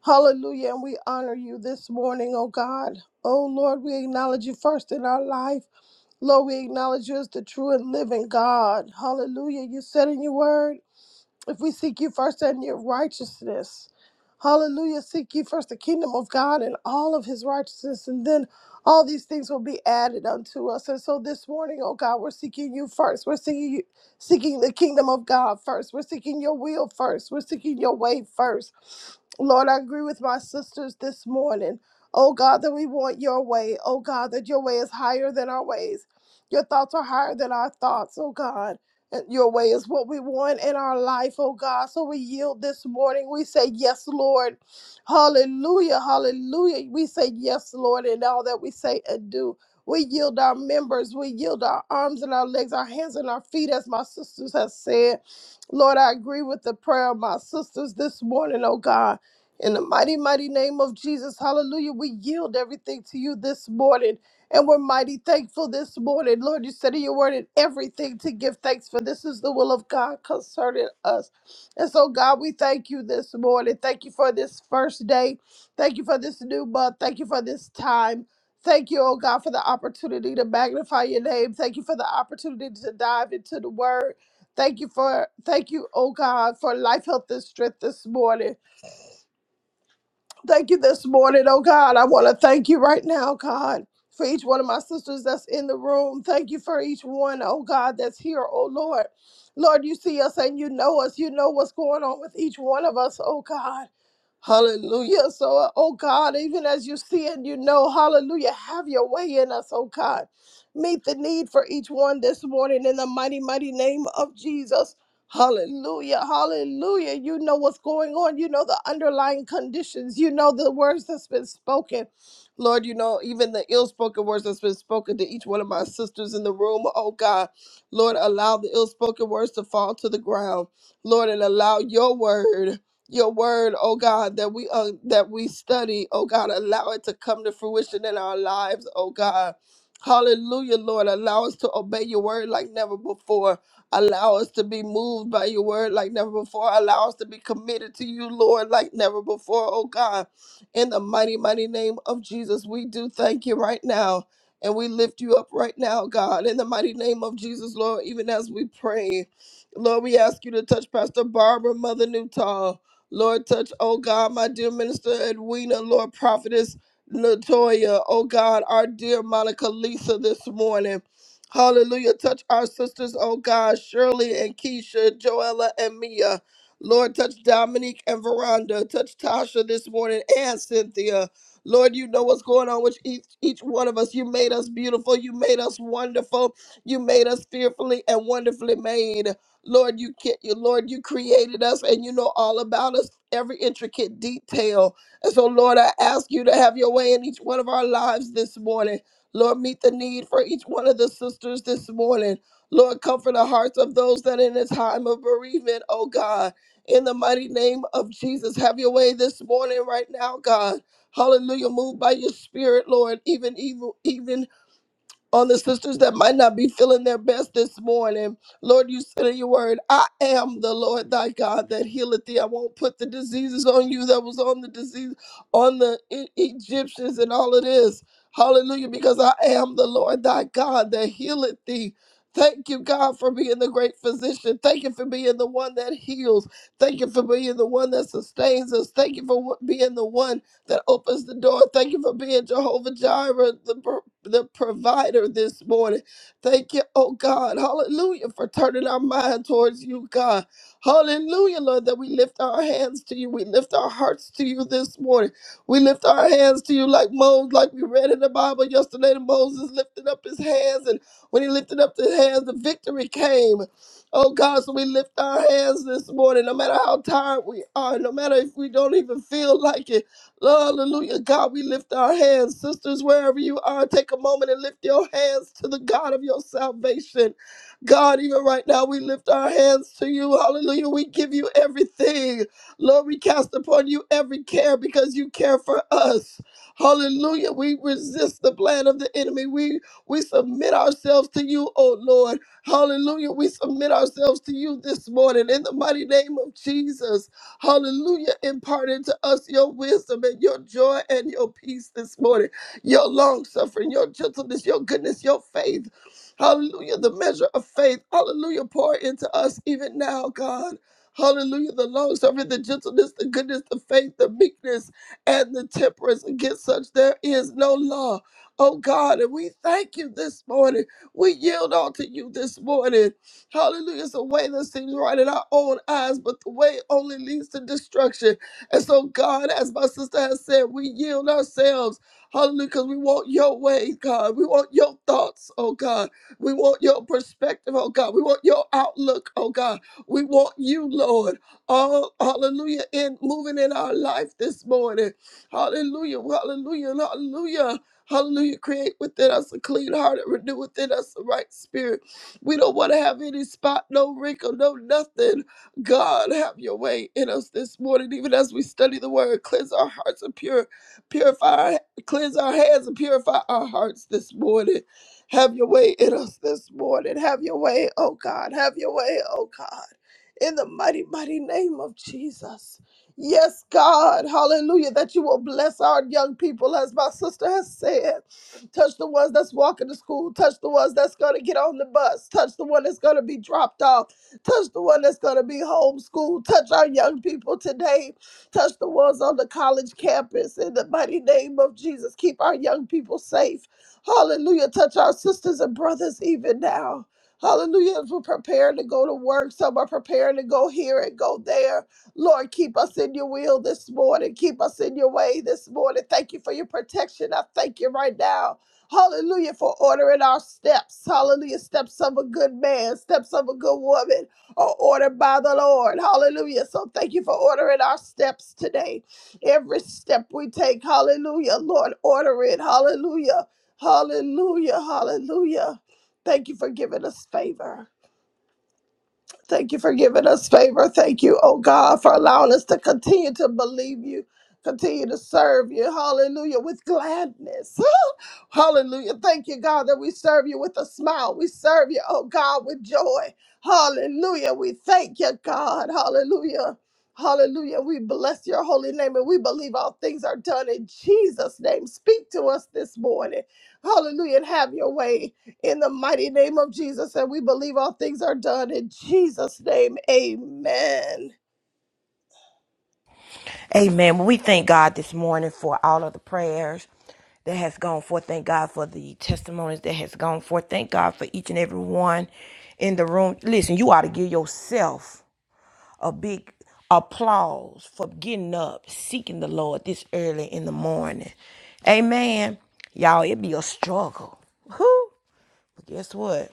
S5: Hallelujah. And we honor you this morning, oh God. Oh Lord, we acknowledge you first in our life. Lord, we acknowledge you as the true and living God. Hallelujah. You said in your word. If we seek you first and your righteousness, hallelujah, seek you first the kingdom of God and all of his righteousness, and then all these things will be added unto us. And so this morning, oh God, we're seeking you first. We're seeking you, seeking the kingdom of God first. We're seeking your will first. We're seeking your way first. Lord, I agree with my sisters this morning. Oh God, that we want your way. Oh God, that your way is higher than our ways. Your thoughts are higher than our thoughts, oh God. And your way is what we want in our life, oh God. So we yield this morning. We say, Yes, Lord. Hallelujah. Hallelujah. We say, Yes, Lord, in all that we say and do. We yield our members. We yield our arms and our legs, our hands and our feet, as my sisters have said. Lord, I agree with the prayer of my sisters this morning, oh God. In the mighty, mighty name of Jesus, hallelujah, we yield everything to you this morning. And we're mighty thankful this morning. Lord, you said in your word in everything to give thanks for. This is the will of God concerning us. And so, God, we thank you this morning. Thank you for this first day. Thank you for this new month. Thank you for this time. Thank you, oh God, for the opportunity to magnify your name. Thank you for the opportunity to dive into the word. Thank you for thank you, oh God, for life, health, and strength this morning. Thank you this morning, oh God. I want to thank you right now, God, for each one of my sisters that's in the room. Thank you for each one, oh God, that's here, oh Lord. Lord, you see us and you know us. You know what's going on with each one of us, oh God. Hallelujah. So, oh God, even as you see and you know, hallelujah, have your way in us, oh God. Meet the need for each one this morning in the mighty, mighty name of Jesus. Hallelujah, hallelujah. You know what's going on. You know the underlying conditions. You know the words that's been spoken. Lord, you know even the ill spoken words that's been spoken to each one of my sisters in the room. Oh God, Lord, allow the ill spoken words to fall to the ground. Lord, and allow your word. Your word, oh God, that we uh, that we study, oh God, allow it to come to fruition in our lives, oh God. Hallelujah, Lord. Allow us to obey your word like never before. Allow us to be moved by your word like never before. Allow us to be committed to you, Lord, like never before, oh God. In the mighty, mighty name of Jesus, we do thank you right now. And we lift you up right now, God, in the mighty name of Jesus, Lord, even as we pray. Lord, we ask you to touch Pastor Barbara, Mother Newton. Lord, touch, oh God, my dear minister Edwina, Lord, prophetess Latoya, oh God, our dear Monica Lisa this morning. Hallelujah. Touch our sisters, oh God, Shirley and Keisha, Joella and Mia. Lord, touch Dominique and Veranda. Touch Tasha this morning and Cynthia. Lord, you know what's going on with each, each one of us. You made us beautiful. You made us wonderful. You made us fearfully and wonderfully made. Lord, you get you, Lord, you created us and you know all about us, every intricate detail. And so, Lord, I ask you to have your way in each one of our lives this morning. Lord, meet the need for each one of the sisters this morning. Lord, comfort the hearts of those that in a time of bereavement, oh God. In the mighty name of Jesus, have your way this morning right now, God. Hallelujah. Move by your spirit, Lord, even evil, even on the sisters that might not be feeling their best this morning. Lord, you said in your word, I am the Lord thy God that healeth thee. I won't put the diseases on you that was on the disease on the E- Egyptians and all of this. Hallelujah, because I am the Lord thy God that healeth thee. Thank you, God, for being the great physician. Thank you for being the one that heals. Thank you for being the one that sustains us. Thank you for wh- being the one that opens the door. Thank you for being Jehovah Jireh, the, pro- the provider this morning. Thank you, oh God. Hallelujah, for turning our mind towards you, God. Hallelujah, Lord, that we lift our hands to you. We lift our hearts to you this morning. We lift our hands to you like Moses, like we read in the Bible yesterday. That Moses lifted up his hands, and when he lifted up his hands, the victory came. Oh God, so we lift our hands this morning, no matter how tired we are, no matter if we don't even feel like it. Hallelujah. God, we lift our hands. Sisters, wherever you are, take a moment and lift your hands to the God of your salvation. God, even right now, we lift our hands to you. Hallelujah. We give you everything. Lord, we cast upon you every care because you care for us. Hallelujah. We resist the plan of the enemy. We we submit ourselves to you, oh Lord. Hallelujah. We submit ourselves to you this morning in the mighty name of Jesus. Hallelujah. Impart into us your wisdom and your joy and your peace this morning, your long suffering, your gentleness, your goodness, your faith. Hallelujah. The measure of faith. Hallelujah. Pour into us even now, God. Hallelujah. The long suffering, the gentleness, the goodness, the faith, the meekness, and the temperance. Against such there is no law. Oh God, and we thank you this morning. We yield all to you this morning. Hallelujah. It's a way that seems right in our own eyes, but the way only leads to destruction. And so, God, as my sister has said, we yield ourselves. Hallelujah. Because we want your way, God. We want your thoughts, oh God. We want your perspective, oh God. We want your outlook, oh God. We want you, Lord. All hallelujah. In moving in our life this morning. Hallelujah. Hallelujah. Hallelujah. Hallelujah. Create within us a clean heart and renew within us the right spirit. We don't want to have any spot, no wrinkle, no nothing. God, have your way in us this morning, even as we study the word. Cleanse our hearts and pure, purify, our- cleanse our hands and purify our hearts this morning. Have your way in us this morning. Have your way, oh God. Have your way, oh God. In the mighty, mighty name of Jesus. Yes, God. Hallelujah. That you will bless our young people, as my sister has said. Touch the ones that's walking to school. Touch the ones that's going to get on the bus. Touch the one that's going to be dropped off. Touch the one that's going to be homeschooled. Touch our young people today. Touch the ones on the college campus. In the mighty name of Jesus, keep our young people safe. Hallelujah. Touch our sisters and brothers even now. Hallelujah. As we're preparing to go to work, some are preparing to go here and go there. Lord, keep us in your will this morning. Keep us in your way this morning. Thank you for your protection. I thank you right now. Hallelujah for ordering our steps. Hallelujah. Steps of a good man, steps of a good woman are ordered by the Lord. Hallelujah. So thank you for ordering our steps today. Every step we take, hallelujah. Lord, order it. Hallelujah. Hallelujah. Hallelujah. Thank you for giving us favor. Thank you for giving us favor. Thank you, oh God, for allowing us to continue to believe you, continue to serve you. Hallelujah. With gladness. Hallelujah. Thank you, God, that we serve you with a smile. We serve you, oh God, with joy. Hallelujah. We thank you, God. Hallelujah. Hallelujah. We bless your holy name and we believe all things are done in Jesus' name. Speak to us this morning. Hallelujah. And have your way in the mighty name of Jesus. And we believe all things are done in Jesus' name. Amen.
S1: Amen. Well, we thank God this morning for all of the prayers that has gone forth. Thank God for the testimonies that has gone forth. Thank God for each and every one in the room. Listen, you ought to give yourself a big applause for getting up, seeking the Lord this early in the morning. Amen. Y'all, it be a struggle. Whew. But guess what?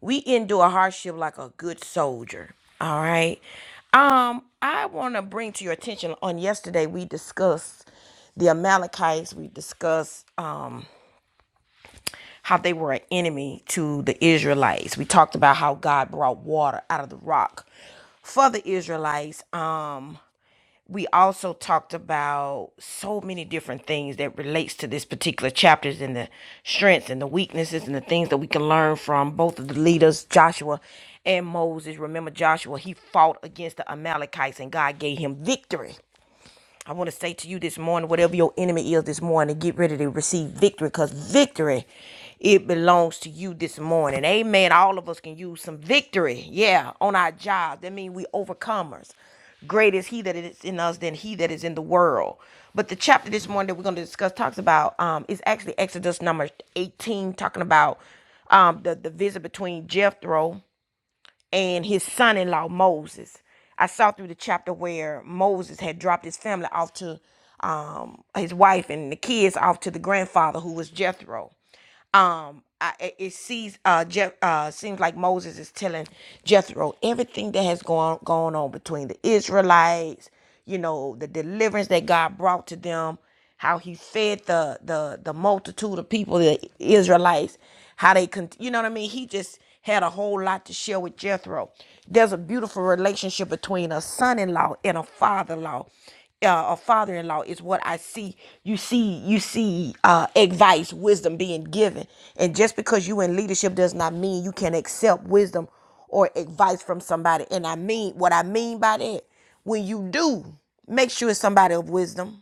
S1: we endure hardship like a good soldier. All right. Um, I want to bring to your attention on yesterday we discussed the Amalekites. We discussed um, how they were an enemy to the Israelites. We talked about how God brought water out of the rock for the Israelites. Um, we also talked about so many different things that relates to this particular chapters and the strengths and the weaknesses and the things that we can learn from both of the leaders joshua and moses remember joshua he fought against the amalekites and god gave him victory I want to say to you this morning, whatever your enemy is this morning, get ready to receive victory because victory, it belongs to you this morning. Amen. All of us can use some victory, yeah, on our job. That means we overcomers. Great is he that is in us than he that is in the world. But the chapter this morning that we're going to discuss talks about um, is actually Exodus number 18, talking about um, the, the visit between Jethro and his son in law, Moses. I saw through the chapter where Moses had dropped his family off to um, his wife and the kids off to the grandfather who was Jethro um I, it it sees uh Jeff uh seems like Moses is telling Jethro everything that has gone gone on between the Israelites, you know, the deliverance that God brought to them, how he fed the the the multitude of people, the Israelites, how they con you know what I mean? He just had a whole lot to share with Jethro. There's a beautiful relationship between a son-in-law and a father-in-law uh, a father-in-law is what I see. You see, you see uh, advice, wisdom being given, and just because you in leadership does not mean you can accept wisdom or advice from somebody. And I mean what I mean by that. When you do, make sure it's somebody of wisdom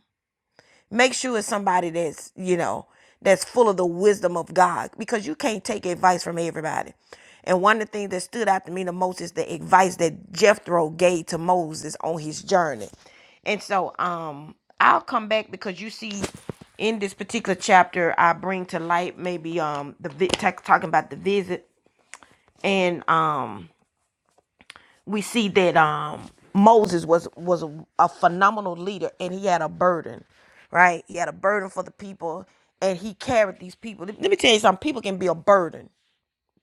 S1: Make sure it's somebody that's, you know, that's full of the wisdom of God because you can't take advice from everybody. And one of the things that stood out to me the most is the advice that Jethro gave to Moses on his journey. And so um I'll come back because you see in this particular chapter I bring to light maybe um the vi- talking about the visit and um we see that um Moses was was a, a phenomenal leader and he had a burden, right? He had a burden for the people and he carried these people. Let me tell you something, people can be a burden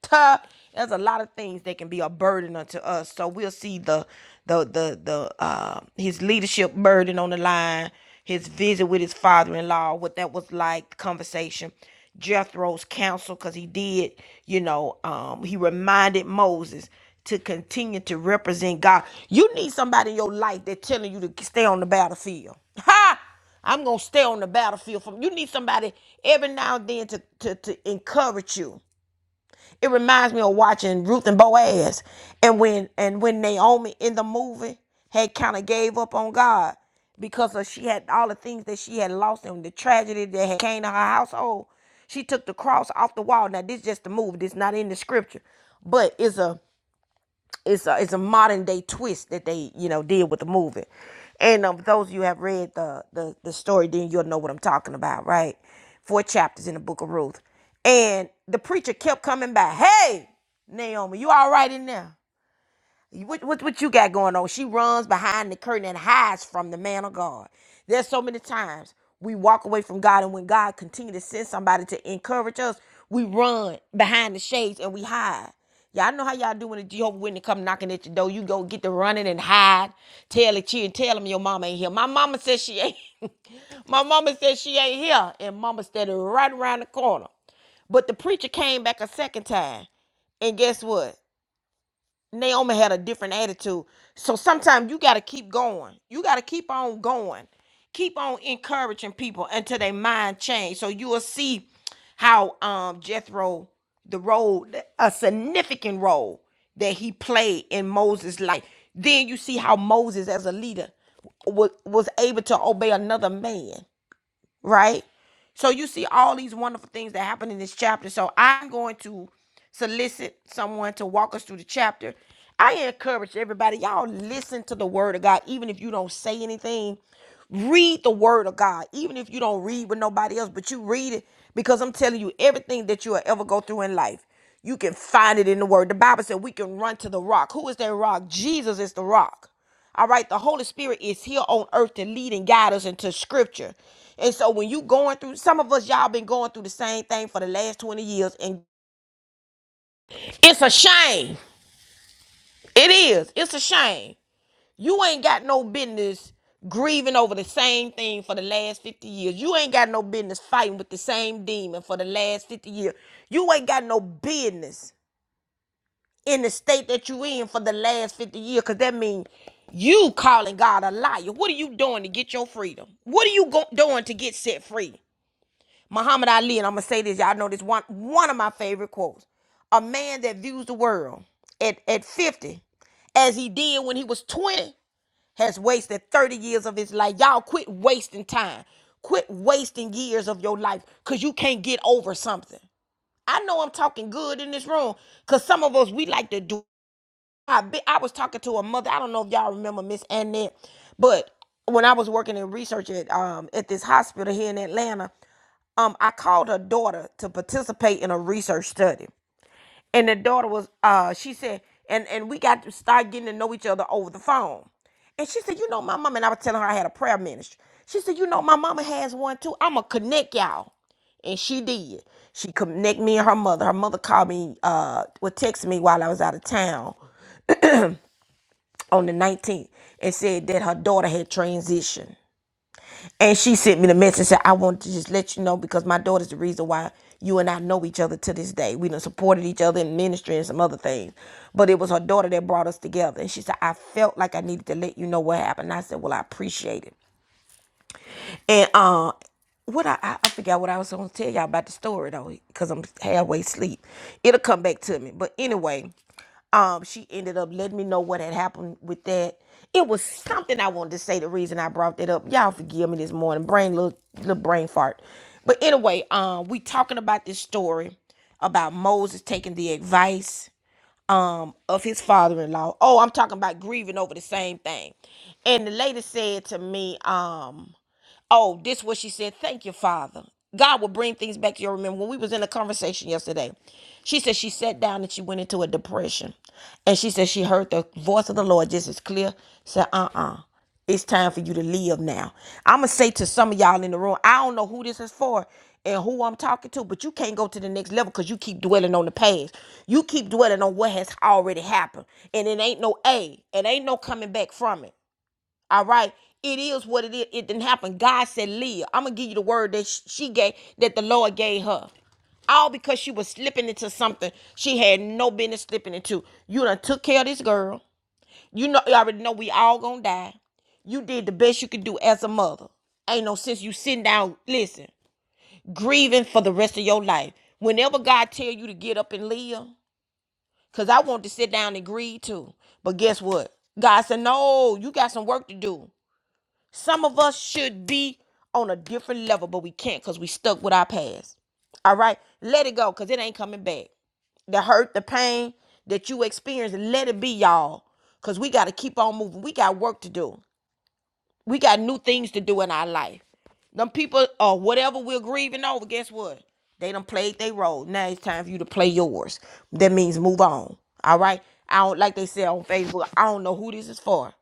S1: tough. There's a lot of things that can be a burden unto us. So we'll see the the the the uh, his leadership burden on the line, his visit with his father-in-law, what that was like, the conversation, Jethro's counsel, because he did, you know, um, he reminded Moses to continue to represent God. You need somebody in your life that's telling you to stay on the battlefield. Ha! I'm gonna stay on the battlefield. From you need somebody every now and then to to, to encourage you. It reminds me of watching Ruth and Boaz, and when and when Naomi in the movie had kind of gave up on God because of she had all the things that she had lost and the tragedy that had came to her household. She took the cross off the wall. Now this is just the movie. This is not in the scripture, but it's a it's a, it's a modern day twist that they you know did with the movie and um, those of you who have read the, the the story then you'll know what i'm talking about right four chapters in the book of ruth and the preacher kept coming back hey naomi you all right in there what, what what you got going on? She runs behind the curtain and hides from the man of God. There's so many times we walk away from God, and when God continue to send somebody to encourage us, we run behind the shades and we hide. Y'all know how y'all do when the Jehovah Witness come knocking at your door. You go get the running and hide. Tell it you and tell them your mama ain't here. My mama says she ain't. My mama says she ain't here, and mama standing right around the corner. But the preacher came back a second time, and guess what? Naomi had a different attitude. So sometimes you got to keep going. You got to keep on going. Keep on encouraging people until their mind change. So you will see how um Jethro, the role, a significant role that he played in Moses' life. Then you see how Moses, as a leader, was was able to obey another man right? So you see all these wonderful things that happen in this chapter. So I'm going to solicit someone to walk us through the chapter. I encourage everybody, y'all listen to the word of God, even if you don't say anything. Read the word of God, even if you don't read with nobody else, but you read it because I'm telling you, everything that you will ever go through in life, you can find it in the word. The Bible said we can run to the rock. Who is that rock? Jesus is the rock. All right, the Holy Spirit is here on earth to lead and guide us into scripture. And so when you going through some of us y'all been going through the same thing for the last 20 years and it's a shame. It is. It's a shame. You ain't got no business grieving over the same thing for the last 50 years. You ain't got no business fighting with the same demon for the last 50 years. You ain't got no business in the state that you in for the last 50 years because that means you calling god a liar what are you doing to get your freedom what are you go- doing to get set free muhammad ali and i'm gonna say this y'all know this one one of my favorite quotes a man that views the world at, at 50 as he did when he was 20 has wasted 30 years of his life y'all quit wasting time quit wasting years of your life because you can't get over something i know i'm talking good in this room because some of us we like to do I I was talking to a mother. I don't know if y'all remember Miss Annette, but when I was working in research at um at this hospital here in Atlanta, um I called her daughter to participate in a research study, and the daughter was uh she said and and we got to start getting to know each other over the phone, and she said you know my mama and I was telling her I had a prayer ministry. She said you know my mama has one too. I'ma connect y'all. And she did. She connect me and her mother. Her mother called me, uh, would text me while I was out of town on the 19th and said that her daughter had transitioned. And she sent me the message and said, I want to just let you know because my daughter's the reason why you and I know each other to this day. We done supported each other in ministry and some other things. But it was her daughter that brought us together. And she said, I felt like I needed to let you know what happened. I said, Well, I appreciate it. And uh what I, I I forgot what I was gonna tell y'all about the story though, because I'm halfway asleep. It'll come back to me. But anyway, um she ended up letting me know what had happened with that it was something i wanted to say the reason i brought that up y'all forgive me this morning brain little, little brain fart but anyway um we talking about this story about moses taking the advice um of his father-in-law oh i'm talking about grieving over the same thing and the lady said to me um. Oh, this is what she said. Thank you, Father. God will bring things back to your remember. When we was in a conversation yesterday, she said she sat down and she went into a depression. And she said she heard the voice of the Lord just as clear. Said, uh-uh. It's time for you to live now. I'ma say to some of y'all in the room, I don't know who this is for and who I'm talking to, but you can't go to the next level because you keep dwelling on the past. You keep dwelling on what has already happened. And it ain't no A. It ain't no coming back from it. All right. It is what it is. It didn't happen. God said, Leah, I'm going to give you the word that she gave, that the Lord gave her. All because she was slipping into something she had no business slipping into. You done took care of this girl. You know, you already know we all gonna die. You did the best you could do as a mother. Ain't no sense you sitting down, listen, grieving for the rest of your life. Whenever God tell you to get up and leave, because I want to sit down and grieve too. But guess what? God said, no, you got some work to do. Some of us should be on a different level, but we can't because we stuck with our past. All right, let it go because it ain't coming back. The hurt, the pain that you experienced, let it be, y'all. Because we got to keep on moving. We got work to do. We got new things to do in our life. Them people or uh, whatever we're grieving over, guess what? They done played their role. Now it's time for you to play yours. That means move on. All right. I don't like they said on Facebook. I don't know who this is for.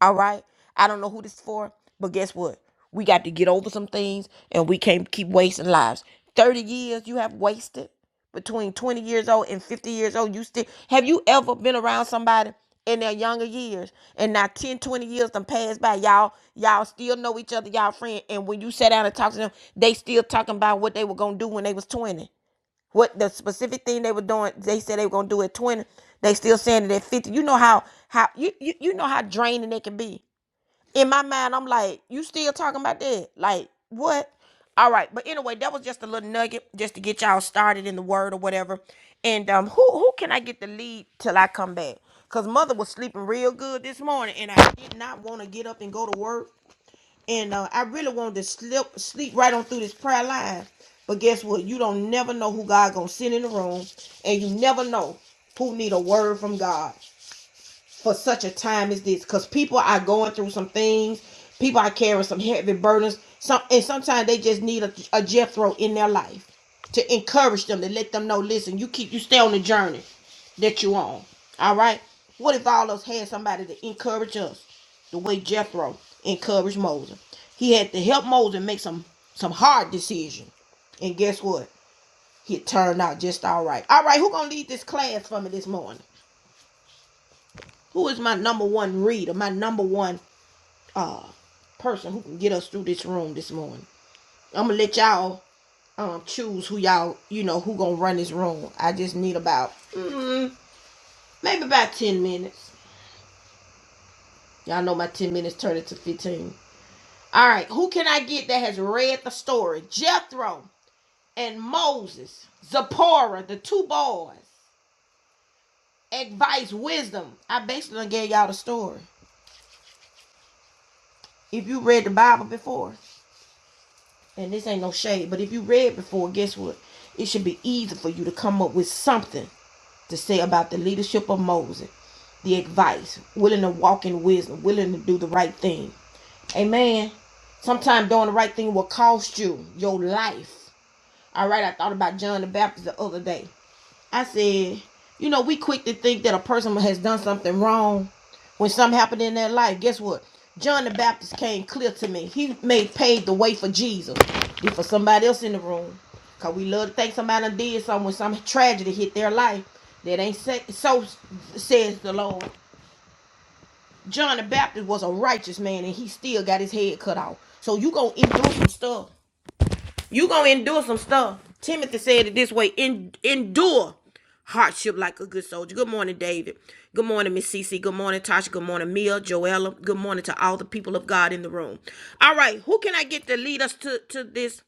S1: All right. I don't know who this for, but guess what? We got to get over some things and we can't keep wasting lives. 30 years you have wasted between 20 years old and 50 years old. You still have you ever been around somebody in their younger years and now 10, 20 years done passed by. Y'all, y'all still know each other, y'all friend. And when you sit down and talk to them, they still talking about what they were gonna do when they was 20. What the specific thing they were doing, they said they were gonna do at 20. They still saying it at 50. You know how how you you, you know how draining it can be. In my mind, I'm like, you still talking about that? Like, what? All right, but anyway, that was just a little nugget just to get y'all started in the word or whatever. And um, who who can I get to lead till I come back? Cause mother was sleeping real good this morning, and I did not want to get up and go to work. And uh, I really wanted to slip sleep right on through this prayer line. But guess what? You don't never know who God gonna send in the room, and you never know who need a word from God for such a time as this because people are going through some things people are carrying some heavy burdens some and sometimes they just need a, a jethro in their life to encourage them to let them know listen you keep you stay on the journey that you on all right what if all of us had somebody to encourage us the way jethro encouraged moses he had to help moses make some some hard decisions and guess what it turned out just all right all right who gonna lead this class for me this morning who is my number one reader, my number one uh person who can get us through this room this morning? I'm gonna let y'all um choose who y'all you know who gonna run this room. I just need about mm, maybe about ten minutes. Y'all know my ten minutes turned into fifteen. All right, who can I get that has read the story? Jethro and Moses, Zipporah, the two boys, advice, wisdom. I basically gave y'all the story. If you read the Bible before, and this ain't no shade, but if you read before, guess what? It should be easy for you to come up with something to say about the leadership of Moses, the advice, willing to walk in wisdom, willing to do the right thing. Amen. Sometimes doing the right thing will cost you your life. All right, I thought about John the Baptist the other day. I said, you know, we quick to think that a person has done something wrong when something happened in their life. Guess what? John the Baptist came clear to me. He made paved the way for Jesus and for somebody else in the room. Cause we love to think somebody did something when some tragedy hit their life. That ain't so says the Lord. John the Baptist was a righteous man and he still got his head cut off. So you gonna endure some stuff you gonna endure some stuff. Timothy said it this way: en- endure hardship like a good soldier. Good morning, David. Good morning, Miss Cece. Good morning, Tasha. Good morning, Mia, Joella. Good morning to all the people of God in the room. All right, who can I get to lead us to, to this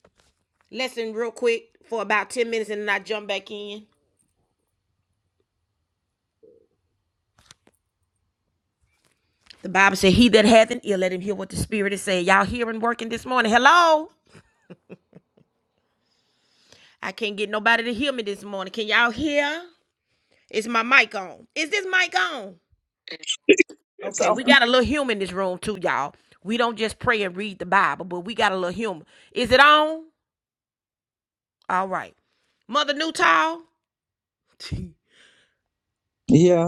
S1: lesson real quick for about 10 minutes and then I jump back in? The Bible said, He that hath an ear, let him hear what the Spirit is saying. Y'all hearing working this morning. Hello? I can't get nobody to hear me this morning. Can y'all hear? Is my mic on? Is this mic on?
S2: It's
S1: Okay,
S2: all-
S1: we So got a little humor in this room too, y'all. We don't just pray and read the Bible, but we got a little humor. Is it on? All right. Mother Newtall,
S2: Yeah.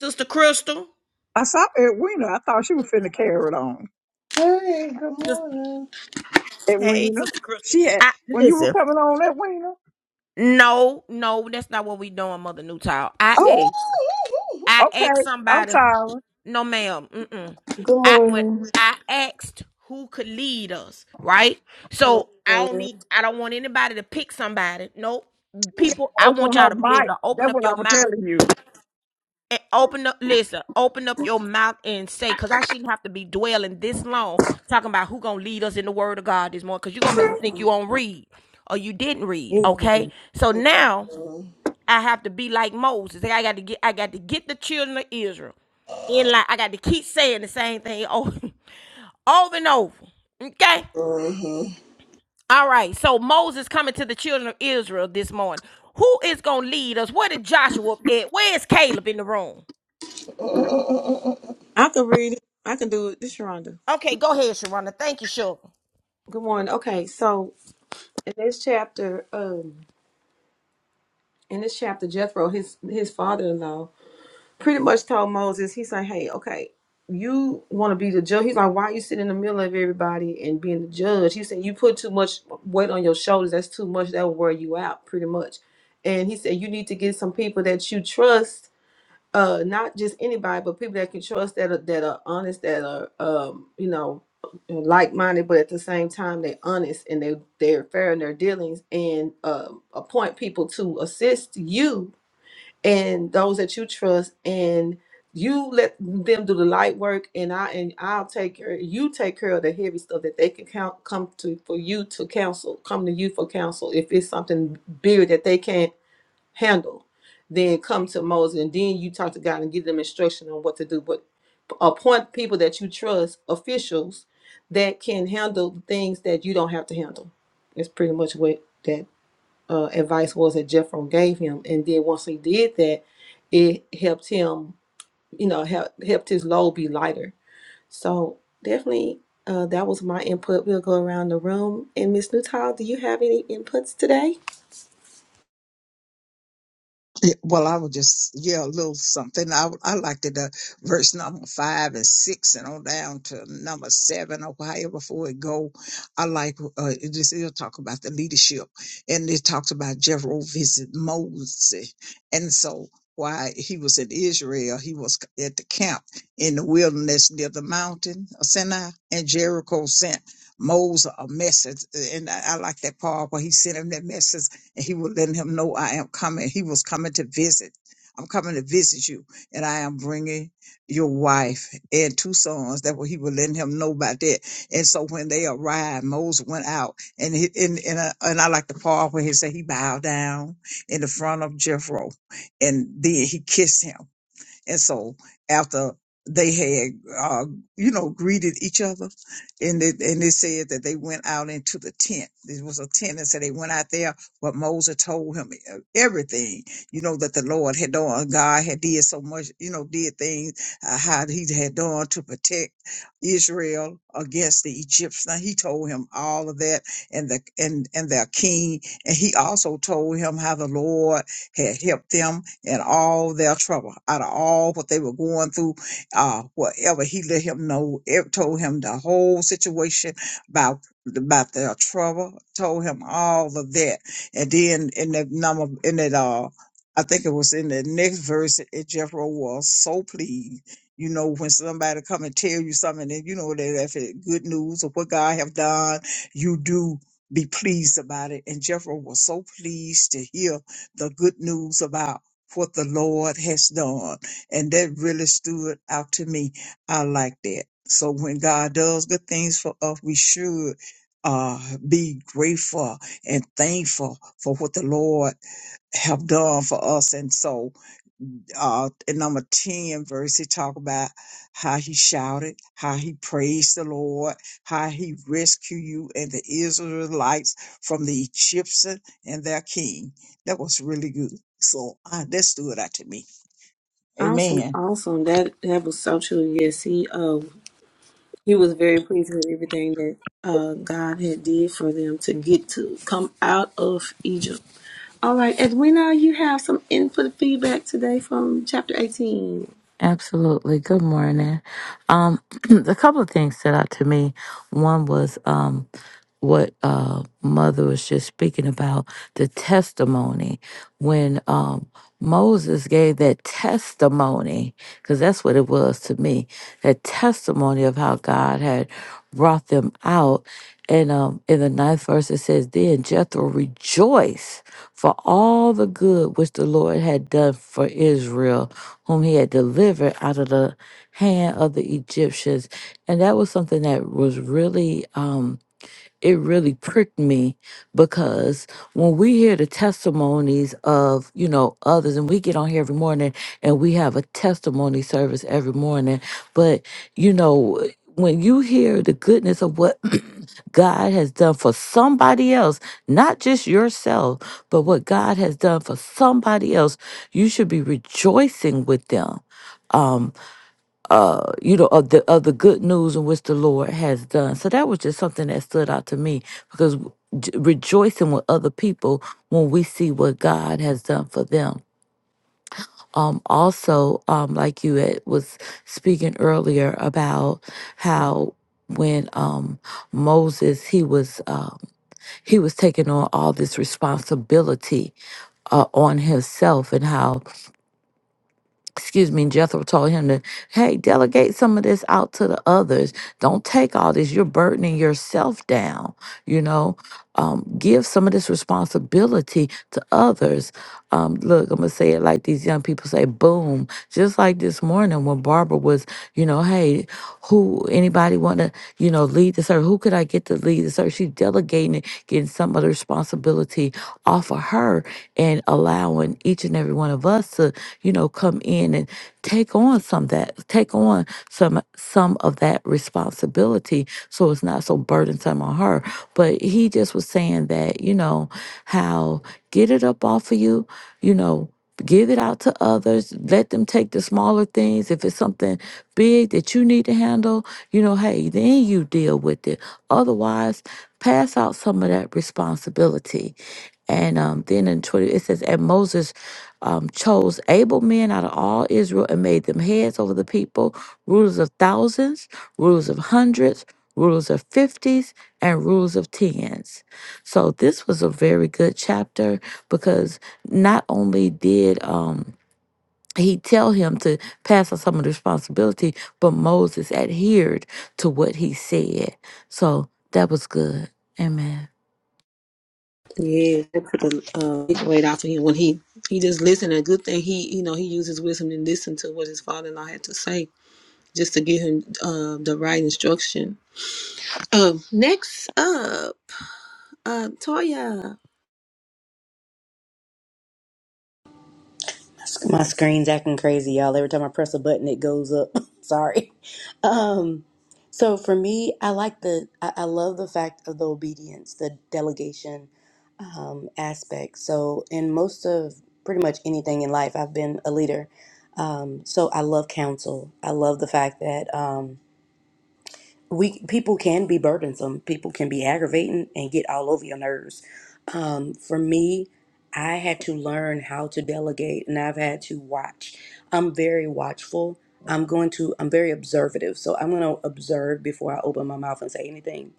S1: Sister Crystal.
S2: I saw Edwina. I thought she was finna carry it on.
S5: Hey, good
S1: Sis-
S5: morning.
S1: hey,
S2: Edwina.
S1: Sister Crystal.
S2: She had,
S1: I
S2: when you were
S1: listen.
S2: coming on, Edwina.
S1: No, no, that's not what we doing, Mother Newtall. I
S2: Oh,
S1: asked. I asked
S2: okay. I'm
S1: somebody.
S2: sorry.
S1: No, ma'am. Mm-mm.
S6: Good
S1: I when
S6: morning.
S1: I asked who could lead us, right? So I don't need. I don't want anybody to pick somebody. Nope. People, I want
S2: Open
S1: y'all
S2: her
S1: to be able
S2: mic.
S1: to open
S2: That's
S1: up
S2: what
S1: your
S2: I was
S1: mouth
S2: telling you.
S1: and open up. Listen, open up your mouth and say, because I shouldn't have to be dwelling this long talking about who gonna lead us in the Word of God this morning. Because you're gonna make me think you don't read or you didn't read.
S6: You-
S1: Okay. So now. I have to be like Moses. I got to get I got to get the children of Israel in line. I got to keep saying the same thing over, over and over. Okay? All right. So Moses coming to the children of Israel this morning. Who is gonna lead us? Where did Joshua at? Where is Caleb in the room?
S6: I can read it. I can do it. This is Sharonda.
S1: Okay, go ahead, Sharonda. Thank you, Sugar.
S6: Good morning. Okay, so in this chapter, um, in this chapter, Jethro, his his father-in-law, pretty much told Moses, he's like, "Hey, okay, you want to be the judge?" He's like, "Why you sitting in the middle of everybody and being the judge?" He said, "You put too much weight on your shoulders. That's too much. That will wear you out, pretty much." And he said, "You need to get some people that you trust." uh not just anybody but people that can trust that are that are honest that are um you know like-minded but at the same time they're honest and they they're fair in their dealings and um appoint people to assist you and those that you trust and you let them do the light work and i and i'll take care you take care of the heavy stuff that they can count come to for you to counsel come to you for counsel if it's something bigger that they can't handle, then come to Moses, and then you talk to God and give them instruction on what to do. But appoint people that you trust, officials that can handle the things that you don't have to handle. It's pretty much what that uh, advice was that Jephron gave him. And then once he did that, it helped him, you know, help, helped his load be lighter. So definitely. Uh, that was my input. We'll go around the room. And Miss Newtile, do you have any inputs today?
S2: Yeah, Well, I would just yeah, a little something. I I liked it, uh, verse number five and six, and on down to number seven or however before it go. I like uh, it just it'll talk about the leadership, and it talks about Jethro visit Moses, and so why he was in Israel, he was c- at the camp in the wilderness near the mountain of Sinai, and Jericho sent. Moses a message, and I, I like that part where he sent him that message and he will let him know I am coming. He was coming to visit. I'm coming to visit you, and I am bringing your wife and two sons. That what he will let him know about that. And so when they arrived, Moses went out, and he, and and, uh, and I like the part where he said he bowed down in the front of Jethro, and then he kissed him. And so after they had, uh, you know, greeted each other and they, and they said that they went out into the tent. There was a tent and so they went out there, but Moses told him uh, everything, you know, that the Lord had done. God had did so much, you know, did things, uh, how he had done to protect Israel against the Egyptians. Now, He told him all of that and the, and, and their king. And he also told him how the Lord had helped them in all their trouble, out of all what they were going through, uh, whatever. He let him know, it told him the whole situation about about their trouble, told him all of that. And then in that number, in that, uh, I think it was in the next verse, it Jethro was so pleased. You know, when somebody come and tell you something, and you know that if it good news of what God have done, you do be pleased about it. And Jethro was so pleased to hear the good news about what the Lord has done. And that really stood out to me. I like that. So when God does good things for us, we should uh, be grateful and thankful for what the Lord have done for us. And so uh, in number 10 verse, he talk about how he shouted, how he praised the Lord, how he rescued you and the Israelites from the Egyptian and their king. That was really good. So uh, that stood out to me.
S6: Awesome,
S2: Amen.
S6: awesome. That that was so true. Yes, he um he was very pleased with everything that uh God had did for them to get to come out of Egypt. All right, Edwina, you have some input feedback today from chapter eighteen.
S3: Absolutely. Good morning. Um, a couple of things stood out to me. One was um, what uh, mother was just speaking about the testimony when um, moses gave that testimony because that's what it was to me that testimony of how god had brought them out and um, in the ninth verse it says then jethro rejoiced for all the good which the lord had done for israel whom he had delivered out of the hand of the egyptians and that was something that was really um, it really pricked me because when we hear the testimonies of, you know, others, and we get on here every morning and we have a testimony service every morning, but, you know, when you hear the goodness of what God has done for somebody else, not just yourself, but what God has done for somebody else, you should be rejoicing with them. Um, uh, you know, of the of the good news in which the Lord has done. So that was just something that stood out to me because j- rejoicing with other people when we see what God has done for them. Um, also, um, like you had, was speaking earlier about how when um, Moses he was um, he was taking on all this responsibility uh, on himself and how excuse me, And Jethro told him to, hey, delegate some of this out to the others. Don't take all this. You're burdening yourself down, you know. Um, give some of this responsibility to others. Um, look, I'm gonna say it like these young people say, boom. Just like this morning when Barbara was, you know, hey, who anybody wanna, you know, lead the service? Who could I get to lead the service? She's delegating it, getting some of the responsibility off of her and allowing each and every one of us to you know, come in and take on some that take on some some of that responsibility so it's not so burdensome on her. But he just was saying that, you know, how get it up off of you, you know, give it out to others let them take the smaller things if it's something big that you need to handle you know hey then you deal with it otherwise pass out some of that responsibility and um, then in 20 it says and moses um, chose able men out of all israel and made them heads over the people rulers of thousands rulers of hundreds rulers of fifties and rulers of tens so this was a very good chapter because not only did um he tell him to pass on some of the responsibility, but Moses adhered to what he said. So that was good. Amen.
S6: Yeah, that put a uh, big weight off of him when he he just listened. A good thing he you know he used his wisdom and listened to what his father-in-law had to say just to give him uh, the right instruction. Um, next up, uh, Toya.
S4: My screen's acting crazy, y'all. Every time I press a button, it goes up. Sorry. Um, so for me, I like the, I, I love the fact of the obedience, the delegation um, aspect. So in most of pretty much anything in life, I've been a leader. Um, so I love counsel. I love the fact that. Um, we people can be burdensome people can be aggravating and get all over your nerves um, for me i had to learn how to delegate and i've had to watch i'm very watchful i'm going to i'm very observative so i'm going to observe before i open my mouth and say anything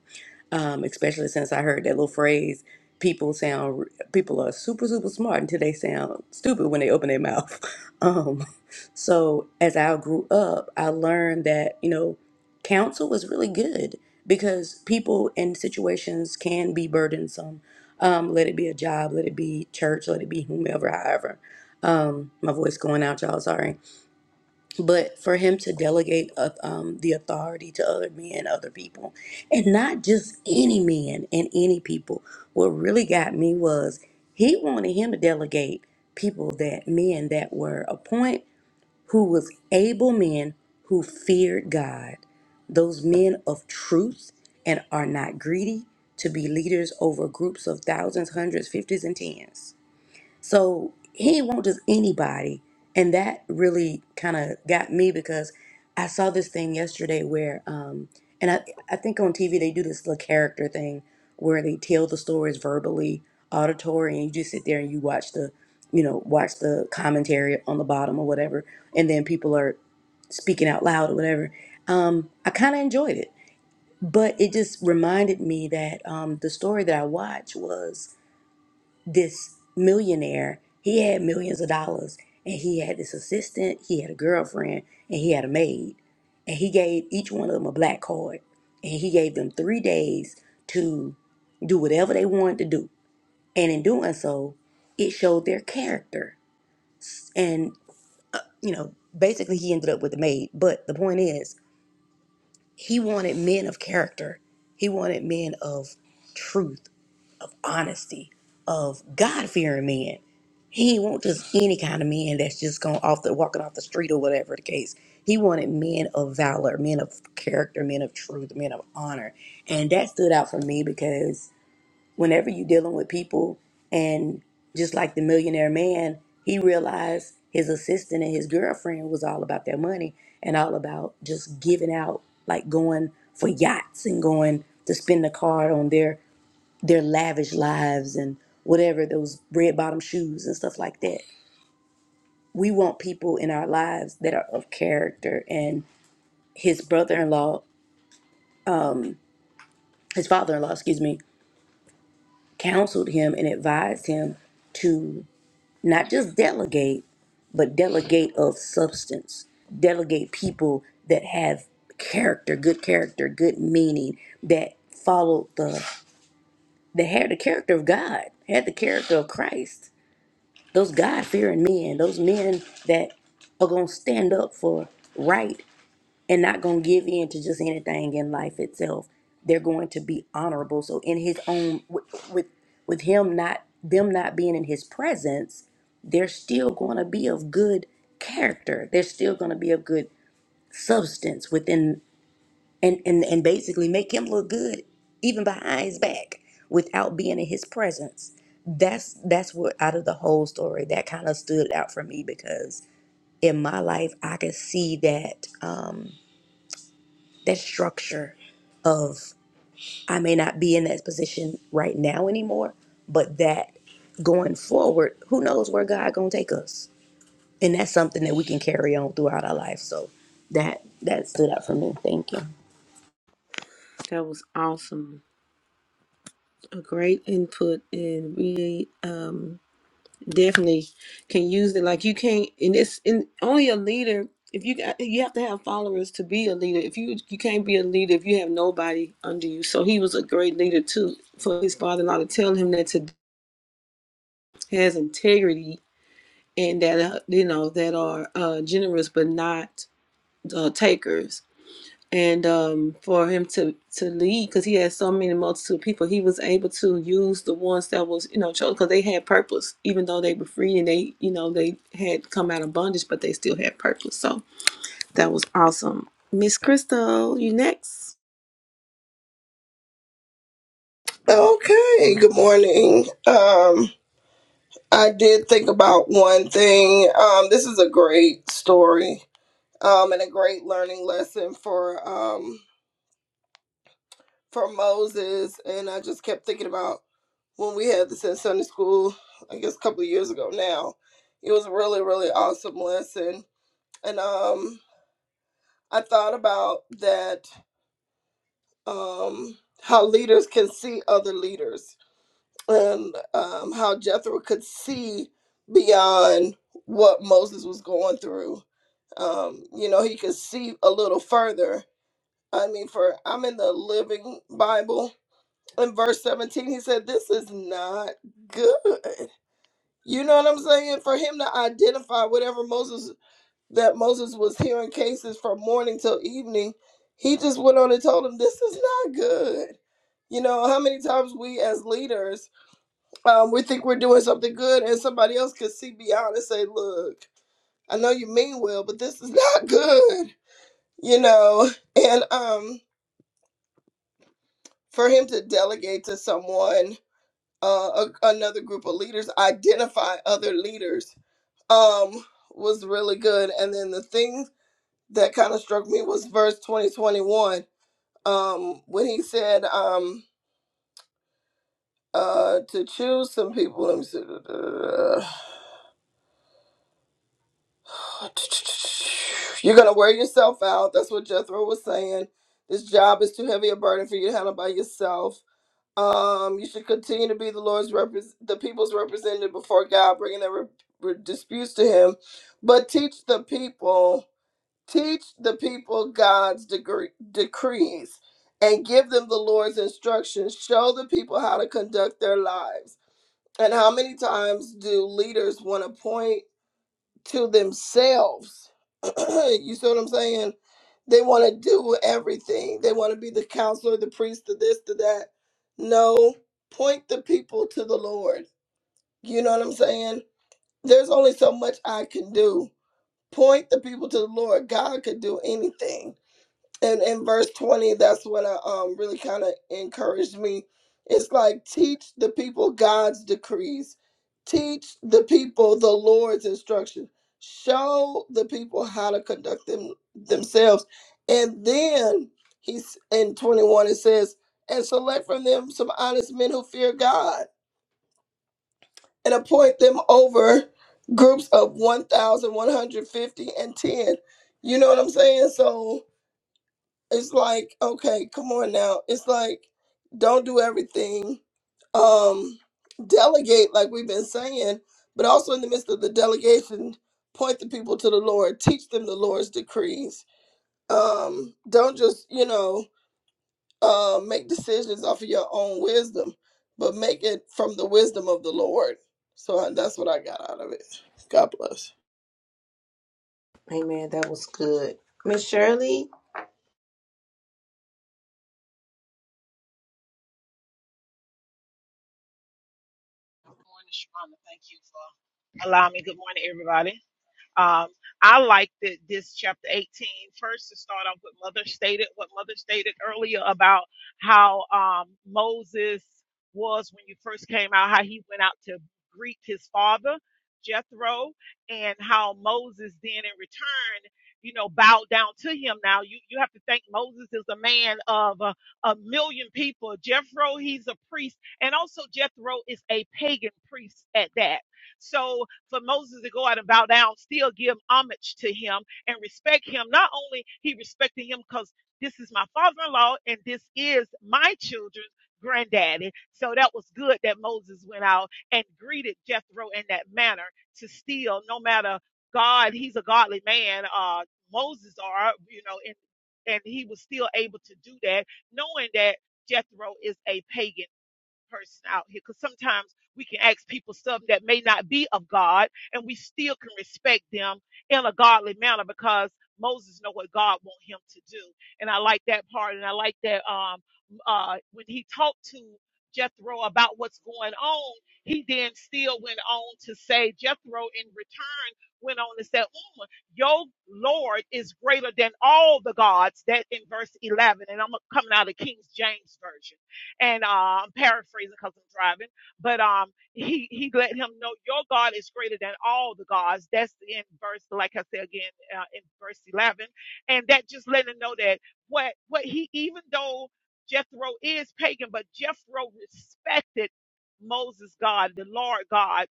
S4: um, especially since I heard that little phrase. People sound people are super super smart until they sound stupid when they open their mouth. Um, so as I grew up, I learned that you know counsel was really good because people and situations can be burdensome. Um, let it be a job, let it be church, let it be whomever, however. Um, my voice going out, y'all. Sorry but for him to delegate uh, um, the authority to other men, other people, and not just any men and any people. What really got me was he wanted him to delegate people that men that were appoint who was able men who feared God, those men of truth and are not greedy to be leaders over groups of thousands, hundreds, fifties, and tens. So he won't just anybody. And that really kind of got me because I saw this thing yesterday where, um, and I, I think on TV they do this little character thing where they tell the stories verbally, auditory, and you just sit there and you watch the, you know, watch the commentary on the bottom or whatever. And then people are speaking out loud or whatever. Um, I kind of enjoyed it, but it just reminded me that um, the story that I watched was this millionaire, he had millions of dollars and he had this assistant, he had a girlfriend, and he had a maid. And he gave each one of them a black card. And he gave them three days to do whatever they wanted to do. And in doing so, it showed their character. And, you know, basically he ended up with the maid. But the point is, he wanted men of character, he wanted men of truth honesty of God fearing men. He ain't want just any kind of men that's just going off the walking off the street or whatever the case. He wanted men of valor, men of character, men of truth, men of honor. And that stood out for me because whenever you're dealing with people and just like the millionaire man, he realized his assistant and his girlfriend was all about their money and all about just giving out, like going for yachts and going to spend the card on their their lavish lives and whatever those red bottom shoes and stuff like that. We want people in our lives that are of character and his brother-in-law, his father-in-law, excuse me, counseled him and advised him to not just delegate, but delegate of substance. Delegate people that have character, good character, good meaning, that followed the that had the character of God, had the character of Christ those God fearing men, those men that are going to stand up for right and not going to give in to just anything in life itself. They're going to be honorable. So in his own with with, with him not them not being in his presence, they're still going to be of good character. They're still going to be of good substance within and and and basically make him look good even behind his back without being in his presence that's that's what out of the whole story that kind of stood out for me because in my life i could see that um that structure of i may not be in that position right now anymore but that going forward who knows where god gonna take us and that's something that we can carry on throughout our life so that that stood out for me thank you
S6: That was awesome. a great input and we um definitely can use it like you can't and it's in only a leader if you got you have to have followers to be a leader if you you can't be a leader if you have nobody under you so he was a great leader too for his father-in-law to tell him that to has integrity and that uh, you know that are uh generous but not uh takers and um, for him to to lead because he had so many multitude of people he was able to use the ones that was you know chosen because they had purpose even though they were free and they you know they had come out of bondage but they still had purpose so that was awesome miss crystal you next
S5: Okay, good morning. Um, I did think about one thing. Um, this is a great story um, and a great learning lesson for um, for Moses. And I just kept thinking about when we had this in Sunday school, I guess a couple of years ago now. It was a really, really awesome lesson. And um, I thought about that um, how leaders can see other leaders and um, how Jethro could see beyond what Moses was going through. Um, you know, he could see a little further. I mean, for I'm in the Living Bible. In verse 17, he said, This is not good. You know what I'm saying? For him to identify whatever Moses that Moses was hearing cases from morning till evening, he just went on and told him, This is not good. You know, how many times we as leaders um, we think we're doing something good, and somebody else could see beyond and say, "Look, I know you mean well, but this is not good," you know. And um, for him to delegate to someone, uh, a, another group of leaders, identify other leaders, um, was really good. And then the thing that kind of struck me was verse twenty twenty one, um, when he said, um. Uh, to choose some people. Let me see. You're gonna wear yourself out. That's what Jethro was saying. This job is too heavy a burden for you to handle by yourself. Um, you should continue to be the Lord's repres the people's representative before God, bringing their re- re- disputes to Him. But teach the people, teach the people God's degree- decrees, and give them the Lord's instructions. Show the people how to conduct their lives. And how many times do leaders want to point? to themselves. you see what I'm saying? They want to do everything. They want to be the counselor, the priest, the this, the that. No, point the people to the Lord. You know what I'm saying? There's only so much I can do. Point the people to the Lord. God could do anything and in verse 20 that's what i um really kind of encouraged me it's like teach the people god's decrees teach the people the lord's instruction show the people how to conduct them themselves and then he's in 21 it says and select from them some honest men who fear god and appoint them over groups of 1150 and 10 you know what i'm saying so it's like okay come on now it's like don't do everything um delegate like we've been saying but also in the midst of the delegation point the people to the lord teach them the lord's decrees um don't just you know uh make decisions off of your own wisdom but make it from the wisdom of the lord so I, that's what i got out of it god bless
S6: Amen. That was good. Miss Shirley. It
S7: Good morning, Sharonda. Thank you for allowing me. Good morning, everybody. Um, I like that this chapter 18 first to start off with Mother stated what Mother stated earlier about how um, Moses was when you first came out, how he went out to greet his father, Jethro, and how Moses then in return, you know, bowed down to him. Now you, you have to think Moses is a man of a, a million people. Jethro, he's a priest, and also Jethro is a pagan priest at that. So for Moses to go out and bow down, still give homage to him and respect him. Not only he respected him because this is my father-in-law and this is my children's granddaddy. So that was good that Moses went out and greeted Jethro in that manner to still, no matter God, he's a godly man, uh, Moses are, you know, and, and he was still able to do that, knowing that Jethro is a pagan person out here because sometimes we can ask people stuff that may not be of God and we still can respect them in a godly manner because Moses know what God want him to do. And I like that part and I like that um uh when he talked to Jethro about what's going on, he then still went on to say Jethro in return went on to say, "Mm, your Lord is greater than all the gods. That in verse 11, and I'm coming out of King James Version and uh, I'm paraphrasing because I'm driving, but um, he he let him know your God is greater than all the gods. That's in verse, like I said again, uh, in verse 11, and that just letting him know that what what he even though Jethro is pagan, but Jethro respected Moses God, the Lord God.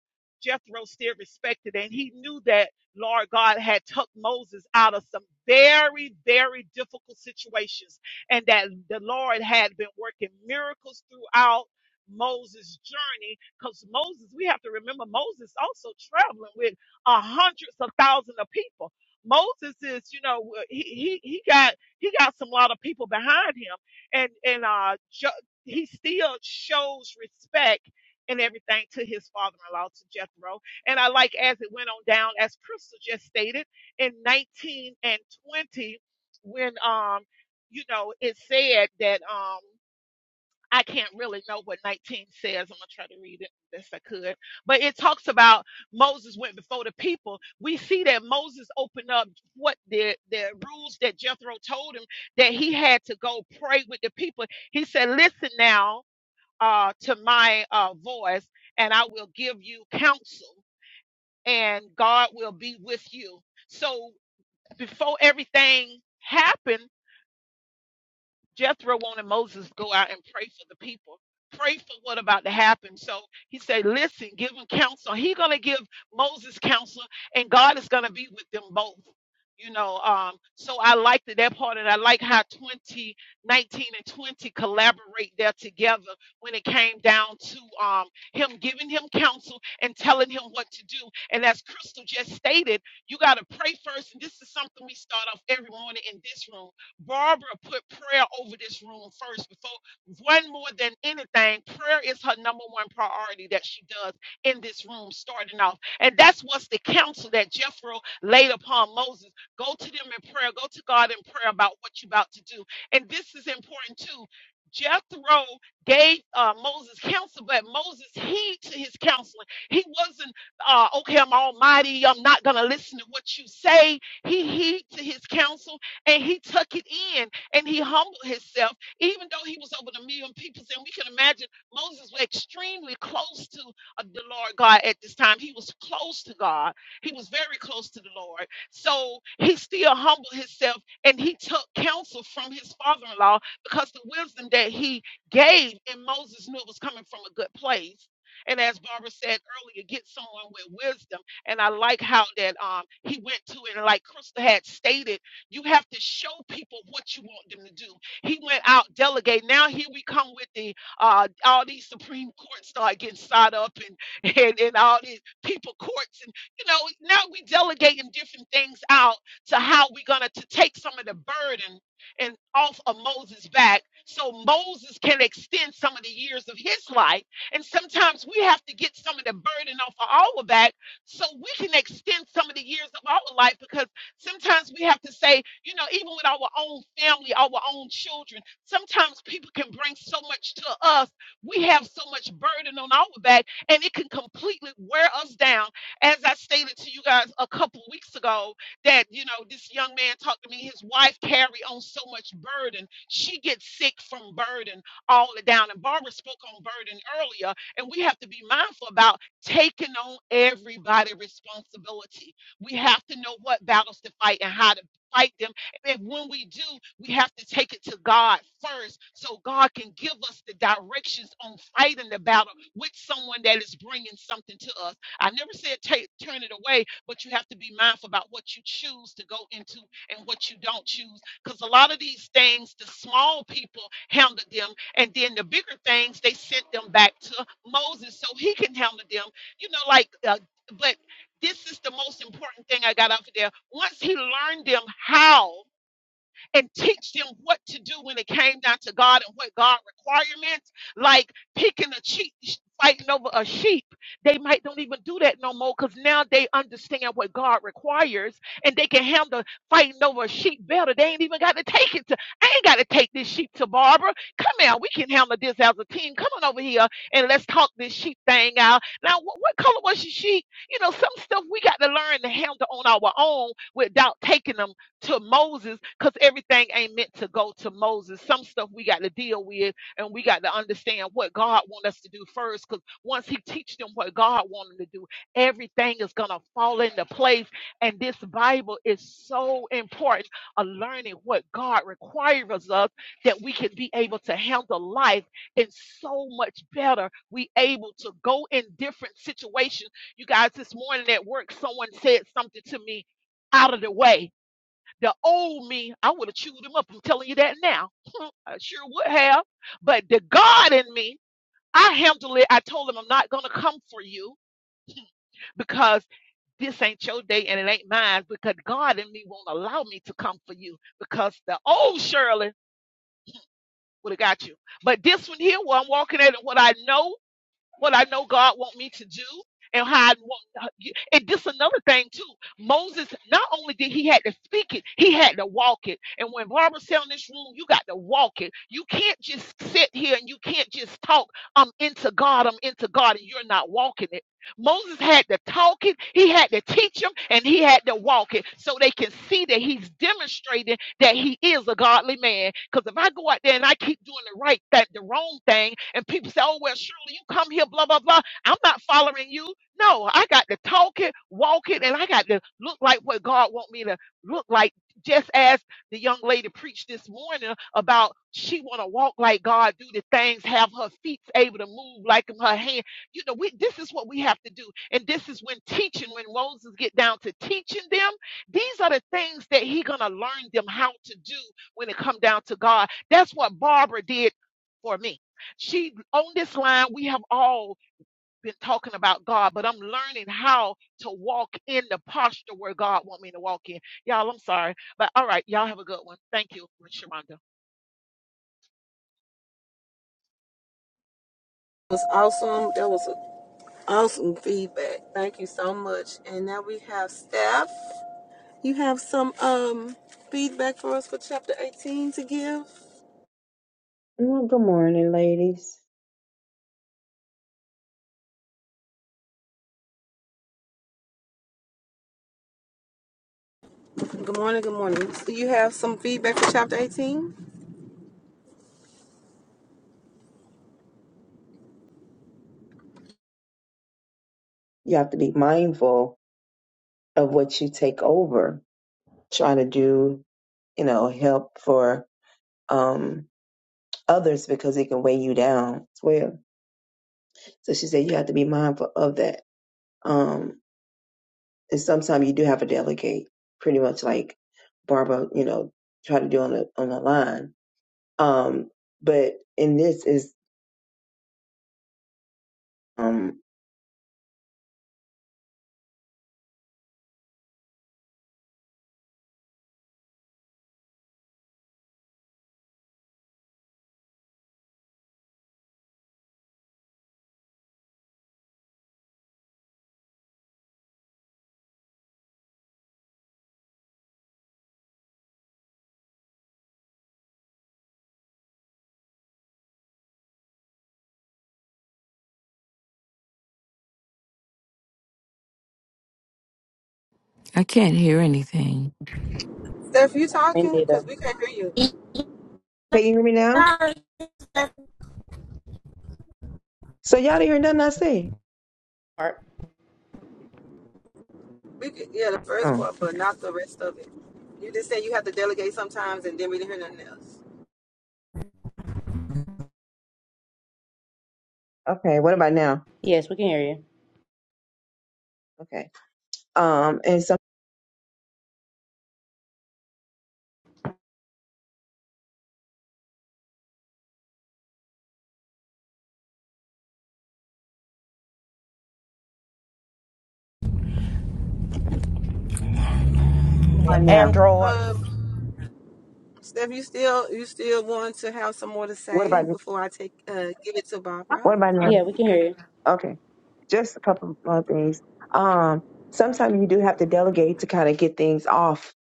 S7: Jethro still respected, and he knew that Lord God had took Moses out of some very, very difficult situations and that the Lord had been working miracles throughout Moses' journey. Because Moses, we have to remember, Moses also traveling with uh, hundreds of thousands of people. Moses is, you know, he he he got he got some lot of people behind him, and and uh, ju- he still shows respect and everything to his father-in-law to Jethro. And I like as it went on down, as Crystal just stated in 19 and 20, when um you know, it said that um I can't really know what 19 says. I'm gonna try to read it best I could. But it talks about Moses went before the people. We see that Moses opened up what the the rules that Jethro told him that he had to go pray with the people. He said, Listen now uh to my uh voice, and I will give you counsel, and God will be with you. So before everything happened Jethro wanted Moses to go out and pray for the people. Pray for what about to happen. So he said, listen, give him counsel. He gonna give Moses counsel, and God is gonna be with them both. You know, um, so I liked it, that part, and I like how 2019 and 20 collaborate there together when it came down to um, him giving him counsel and telling him what to do. And as Crystal just stated, you got to pray first. And this is something we start off every morning in this room Barbara put prayer over this room first before one more than anything. Prayer is her number one priority that she does in this room, starting off. And that's what's the counsel that Jethro laid upon Moses. Go to them in prayer, go to God in prayer about what you're about to do. And this is important too. Jethro gave uh, Moses counsel, but Moses heed to his counseling. He wasn't, uh, okay, I'm almighty. I'm not going to listen to what you say. He heed to his counsel and he took it in and he humbled himself, even though he was over a million people. And we can imagine Moses was extremely close to uh, the Lord God at this time. He was close to God, he was very close to the Lord. So he still humbled himself and he took counsel from his father in law because the wisdom that he gave and Moses knew it was coming from a good place. And as Barbara said earlier, get someone with wisdom. And I like how that um he went to it, and like Crystal had stated you have to show people what you want them to do. He went out, delegate. Now here we come with the uh, all these Supreme Courts start getting sawed up and, and and all these people courts and you know now we delegating different things out to how we're gonna to take some of the burden and off of Moses' back so Moses can extend some of the years of his life. And sometimes we have to get some of the burden off of our back so we can extend some of the years of our life because Sometimes we have to say, you know, even with our own family, our own children, sometimes people can bring so much to us. We have so much burden on our back, and it can completely wear us down. As I stated to you guys a couple weeks ago, that, you know, this young man talked to me, his wife carry on so much burden. She gets sick from burden all the down. And Barbara spoke on burden earlier, and we have to be mindful about taking on everybody' responsibility we have to know what battles to fight and how to fight them. And when we do, we have to take it to God first so God can give us the directions on fighting the battle with someone that is bringing something to us. I never said take, turn it away, but you have to be mindful about what you choose to go into and what you don't choose. Because a lot of these things, the small people handled them, and then the bigger things, they sent them back to Moses so he can handle them. You know, like, uh, but this is the most important thing I got out of there. Once he learned them how, and teach them what to do when it came down to God and what God requirements, like picking a cheat, fighting over a sheep. They might don't even do that no more because now they understand what God requires and they can handle fighting over a sheep better. They ain't even got to take it to, I ain't got to take this sheep to Barbara. Come on, we can handle this as a team. Come on over here and let's talk this sheep thing out. Now, what, what color was your sheep? You know, some stuff we got to learn to handle on our own without taking them to Moses because everything ain't meant to go to Moses. Some stuff we got to deal with and we got to understand what God want us to do first because once he teach them what God want them to do, everything is going to fall into place. And this Bible is so important of learning what God requires of us that we can be able to handle life and so much better. We able to go in different situations. You guys, this morning at work, someone said something to me out of the way the old me, I would have chewed him up. I'm telling you that now. I sure would have. But the God in me, I handled it. I told him I'm not gonna come for you because this ain't your day and it ain't mine. Because God in me won't allow me to come for you because the old Shirley would have got you. But this one here, where I'm walking at it, what I know what I know God want me to do and how I want and this another thing too. Moses not only did he had to speak it, he had to walk it. And when Barbara said in this room, you got to walk it. You can't just sit here and you can't just talk. I'm into God, I'm into God, and you're not walking it. Moses had to talk it, he had to teach them, and he had to walk it so they can see that he's demonstrating that he is a godly man. Because if I go out there and I keep doing the right that the wrong thing, and people say, "Oh well, surely you come here," blah blah blah. I'm not following you. No, I got to talk it, walk it, and I got to look like what God want me to look like. Just as the young lady preached this morning about she want to walk like God, do the things, have her feet able to move like him, her hand. You know, we this is what we have to do, and this is when teaching, when Moses get down to teaching them these are the things that he gonna learn them how to do when it come down to God. That's what Barbara did for me. She on this line, we have all been talking about God, but I'm learning how to walk in the posture where God want me to walk in. Y'all, I'm sorry, but all right, y'all have a good one. Thank you, Sharonda.
S6: was awesome. That was awesome feedback. Thank you so much. And now we have Steph. You have some um feedback for us for chapter 18 to give?
S8: Well, good morning, ladies.
S6: Good morning, good morning. So you have some feedback for chapter 18?
S8: You have to be mindful of what you take over. trying to do, you know, help for um, others because it can weigh you down as well. So she said you have to be mindful of that. Um, and sometimes you do have to delegate, pretty much like Barbara, you know, try to do on the on the line. Um, but in this is, um,
S3: I can't hear anything.
S6: Steph, you
S4: me
S6: talking?
S4: neither
S6: Because we can't hear you.
S8: can you hear me now? So y'all didn't hear nothing I say.
S4: Art?
S6: We could, yeah, the first
S8: Oh,
S6: part, but not the rest of it. You just said you have to delegate sometimes and then we didn't hear nothing else.
S8: okay. What about now?
S4: yes we can hear you
S8: Okay. Um, and so What
S1: Yeah,
S8: about now?
S1: Android.
S6: Um, Steph, you still you still want to have some more to
S8: What
S6: say
S8: about
S6: before I take uh give it to Barbara?
S8: what about now?
S4: I can hear you.
S8: Okay, just a couple more things. Um, sometimes you do have to delegate to kind of get things off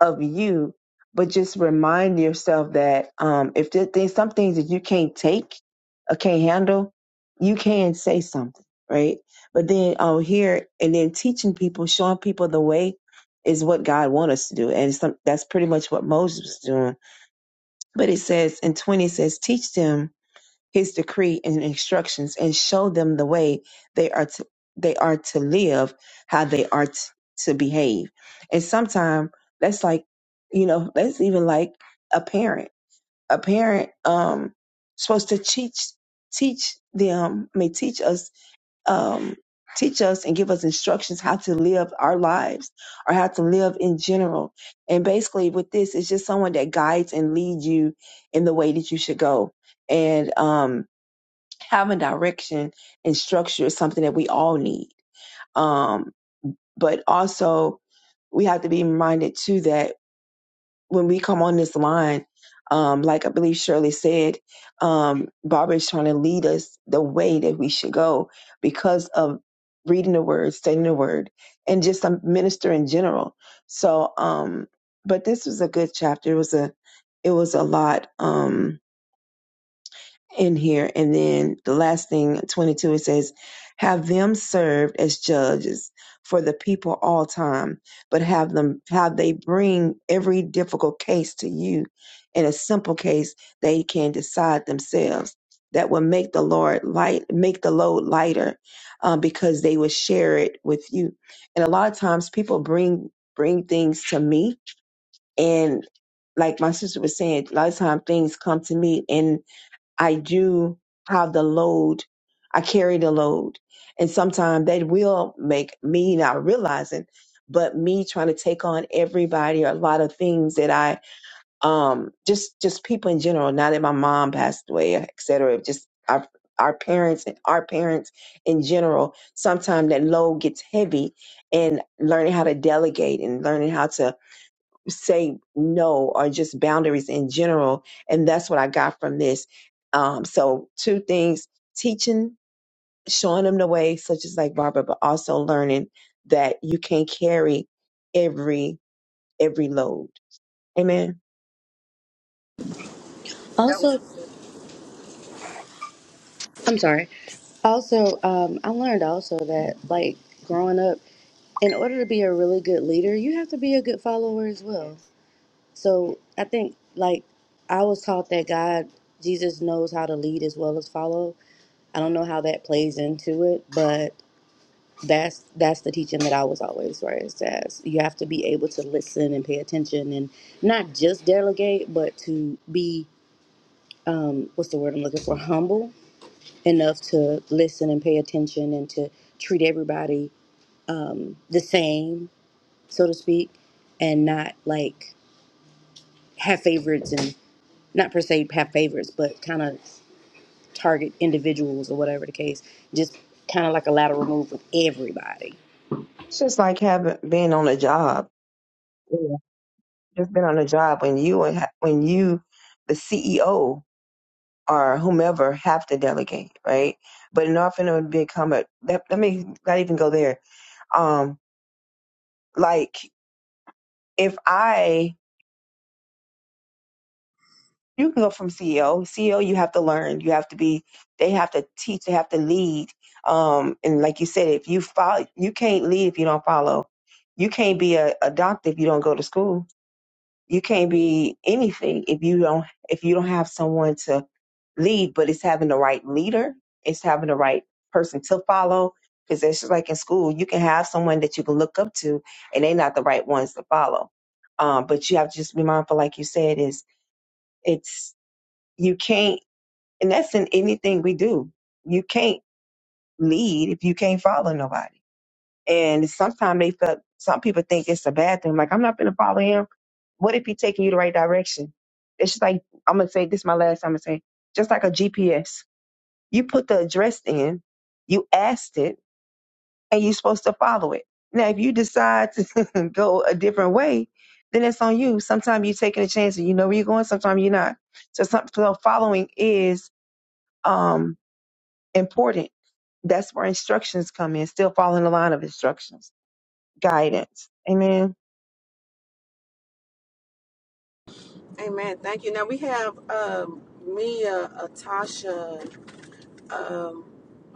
S8: of you, but just remind yourself that um, if there, there's some things that you can't take or can't handle, you can say something, right? But then um, here and then teaching people, showing people the way is what God wants us to do, and some, that's pretty much what Moses was doing. But it says in twenty it says teach them his decree and instructions and show them the way they are to they are to live, how they are t- to behave. And sometimes that's like, you know, that's even like a parent. A parent um supposed to teach teach them, I mean teach us um teach us and give us instructions how to live our lives or how to live in general. And basically with this it's just someone that guides and leads you in the way that you should go. And um having direction and structure is something that we all need. Um, but also, we have to be reminded too that when we come on this line, um, like I believe Shirley said, um, Barbara is trying to lead us the way that we should go because of reading the word, studying the word, and just a minister in general. So, um, but this was a good chapter. It was a, it was a lot. Um, in here. And then the last thing, 22, it says, have them served as judges for the people all time, but have them, have they bring every difficult case to you in a simple case they can decide themselves. That will make the Lord light, make the load lighter, um, because they will share it with you. And a lot of times people bring, bring things to me and like my sister was saying, a lot of times things come to me and. I do have the load. I carry the load. And sometimes that will make me not realizing, but me trying to take on everybody or a lot of things that I, um, just, just people in general, now that my mom passed away, et cetera, just our, our parents and our parents in general, sometimes that load gets heavy and learning how to delegate and learning how to say no or just boundaries in general. And that's what I got from this. Um, so two things, teaching, showing them the way, such as like Barbara, but also learning that you can not carry every, every load. Amen.
S6: That
S4: Also,
S6: was good.
S4: I'm sorry. Also, um, I learned also that like growing up, in order to be a really good leader, you have to be a good follower as well.
S8: Yes.
S4: So I think like I was taught that God, Jesus knows how to lead as well as follow. I don't know how that plays into it, but that's that's the teaching that I was always raised as. You have to be able to listen and pay attention and not just delegate, but to be um, what's the word I'm looking for? Humble enough to listen and pay attention and to treat everybody um, the same, so to speak, and not like have favorites and not per se have favorites, but kind of target individuals or whatever the case. Just kind of like a lateral move with everybody.
S8: It's just like having, been on a job, you know, just been on a job when you, and ha- when you, the CEO or whomever have to delegate, right? But in order for them to become a, let, let me not even go there Um, like if I, you can go from CEO, CEO, you have to learn, you have to be, they have to teach, they have to lead. Um, and like you said, if you follow, you can't lead if you don't follow. You can't be a, a doctor if you don't go to school You can't be anything if you don't if you don't have someone to lead, but it's having the right leader, it's having the right person to follow. Because it's just like in school, you can have someone that you can look up to and they're not the right ones to follow. Um, but you have to just be mindful, like you said, is it's you can't and that's in anything we do. You can't lead if you can't follow nobody. And sometimes they felt some people think it's a bad thing. Like I'm not gonna follow him what if he taking you the right direction? It's just like I'm gonna say this is my last time I'm gonna say just like a GPS. You put the address in, you asked it, and you're supposed to follow it. Now if you decide to go a different way, then it's on you. Sometimes you're taking a chance and you know where you're going, sometimes you're not. So some so following is um important. That's where instructions come in, still following the line of instructions. Guidance. Amen.
S6: Amen. Thank you. Now we have um Mia, uh, Tasha, um,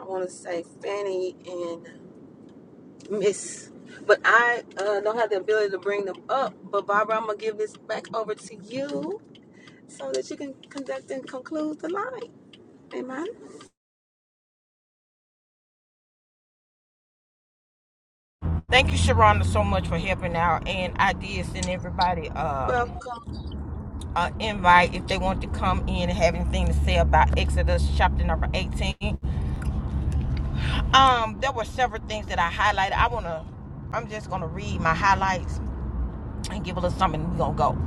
S6: I wanna say Fanny and. Miss. But I uh, don't have the ability to bring them up. But Barbara, I'm gonna give this back over to you so that you can conduct and conclude the line. Amen.
S1: Thank you, Sharonda, so much for helping out. And I did send everybody um
S6: Welcome.
S1: an invite if they want to come in and have anything to say about Exodus chapter number 18. Um, there were several things that I highlighted. I wanna, I'm just gonna read my highlights and give a little something. We're gonna go.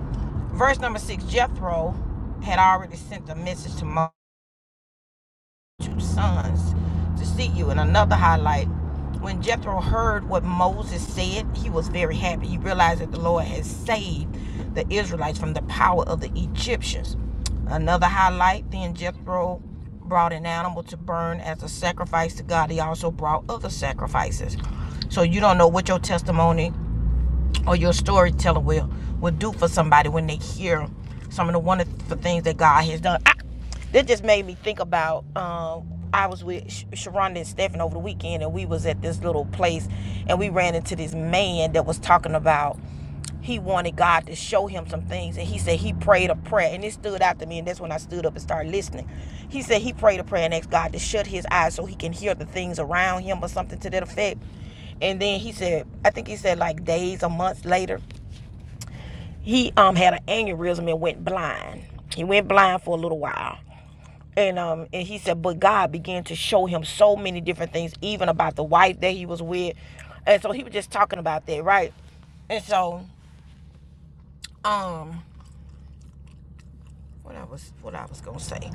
S1: Verse number six. Jethro had already sent a message to Moses two sons to see you. And another highlight, when Jethro heard what Moses said, he was very happy. He realized that the Lord had saved the Israelites from the power of the Egyptians. Another highlight, then Jethro brought an animal to burn as a sacrifice to God. He also brought other sacrifices. So you don't know what your testimony or your storyteller will will do for somebody when they hear some of the wonderful things that God has done. I, this just made me think about. Um, I was with Sharonda and Stephen over the weekend, and we was at this little place, and we ran into this man that was talking about he wanted God to show him some things, and he said he prayed a prayer, and it stood out to me, and that's when I stood up and started listening. He said he prayed a prayer and asked God to shut his eyes so he can hear the things around him or something to that effect and then he said, I think he said like days or months later, he um had an aneurysm and went blind. He went blind for a little while. And um and he said, but God began to show him so many different things, even about the wife that he was with. And so he was just talking about that, right? And so, um, what I was what I was gonna say.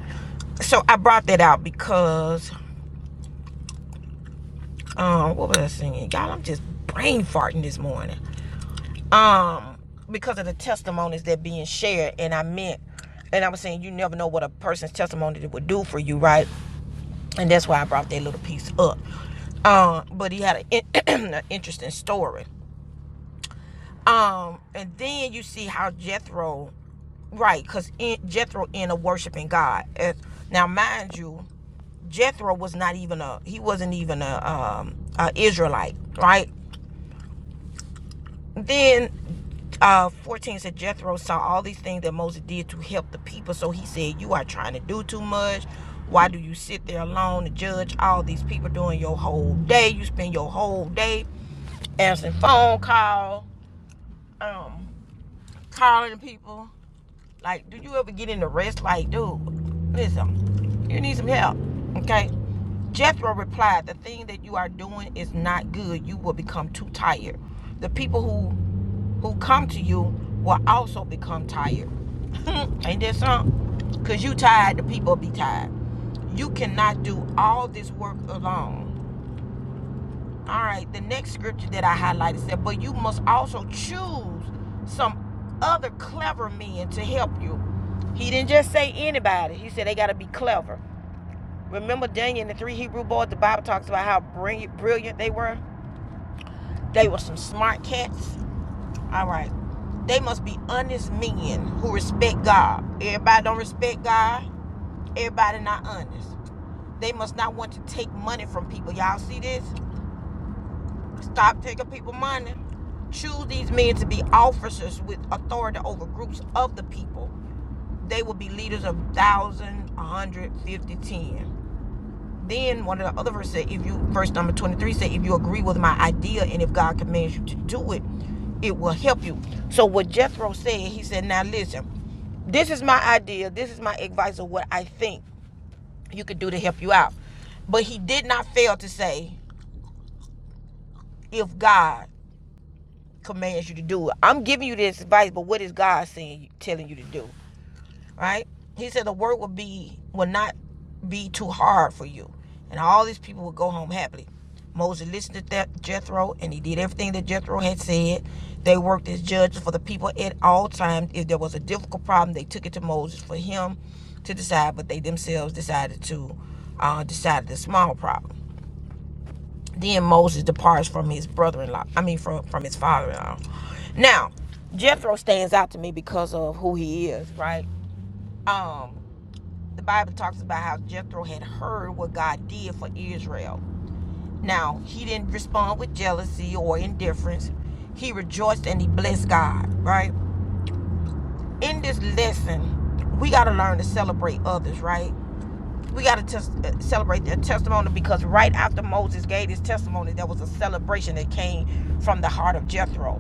S1: So I brought that out because um what was I saying? Y'all, I'm just brain farting this morning. um because of the testimonies that being shared and i meant and i was saying you never know what a person's testimony would do for you right and that's why i brought that little piece up um but he had an, an interesting story um and then you see how jethro right because jethro ended up worshiping god And now mind you jethro was not even a he wasn't even a um a israelite right then uh 14 said jethro saw all these things that moses did to help the people so he said you are trying to do too much why do you sit there alone and judge all these people during your whole day you spend your whole day answering phone call um calling people like do you ever get in the rest like dude listen you need some help okay jethro replied the thing that you are doing is not good you will become too tired the people who who come to you will also become tired Ain't that something? Cause you tired, the people be tired. You cannot do all this work alone. All right, the next scripture that I highlighted said, but you must also choose some other clever men to help you. He didn't just say anybody. He said they gotta be clever. Remember Daniel and the three Hebrew boys, the Bible talks about how brilliant brilliant they were? They were some smart cats. All right. They must be honest men who respect God. Everybody don't respect God. Everybody not honest. They must not want to take money from people. Y'all see this? Stop taking people money. Choose these men to be officers with authority over groups of the people. They will be leaders of thousand, a hundred, fifty, ten. Then one of the other verses, said, if you verse number twenty-three said, if you agree with my idea and if God commands you to do it, it will help you. So what Jethro said, he said, now listen, this is my idea, this is my advice of what I think you could do to help you out. But he did not fail to say, if God commands you to do it. I'm giving you this advice, but what is God saying telling you to do? Right? He said the work will be will not be too hard for you. And all these people will go home happily. Moses listened to that Jethro and he did everything that Jethro had said. They worked as judges for the people at all times. If there was a difficult problem, they took it to Moses for him to decide, but they themselves decided to uh, decide the small problem. Then Moses departs from his brother-in-law. I mean, from from his father-in-law. Now, Jethro stands out to me because of who he is, right? Um, the Bible talks about how Jethro had heard what God did for Israel. Now, he didn't respond with jealousy or indifference. He rejoiced and he blessed God, right? In this lesson, we got to learn to celebrate others, right? We got to tes- celebrate their testimony because right after Moses gave his testimony, there was a celebration that came from the heart of Jethro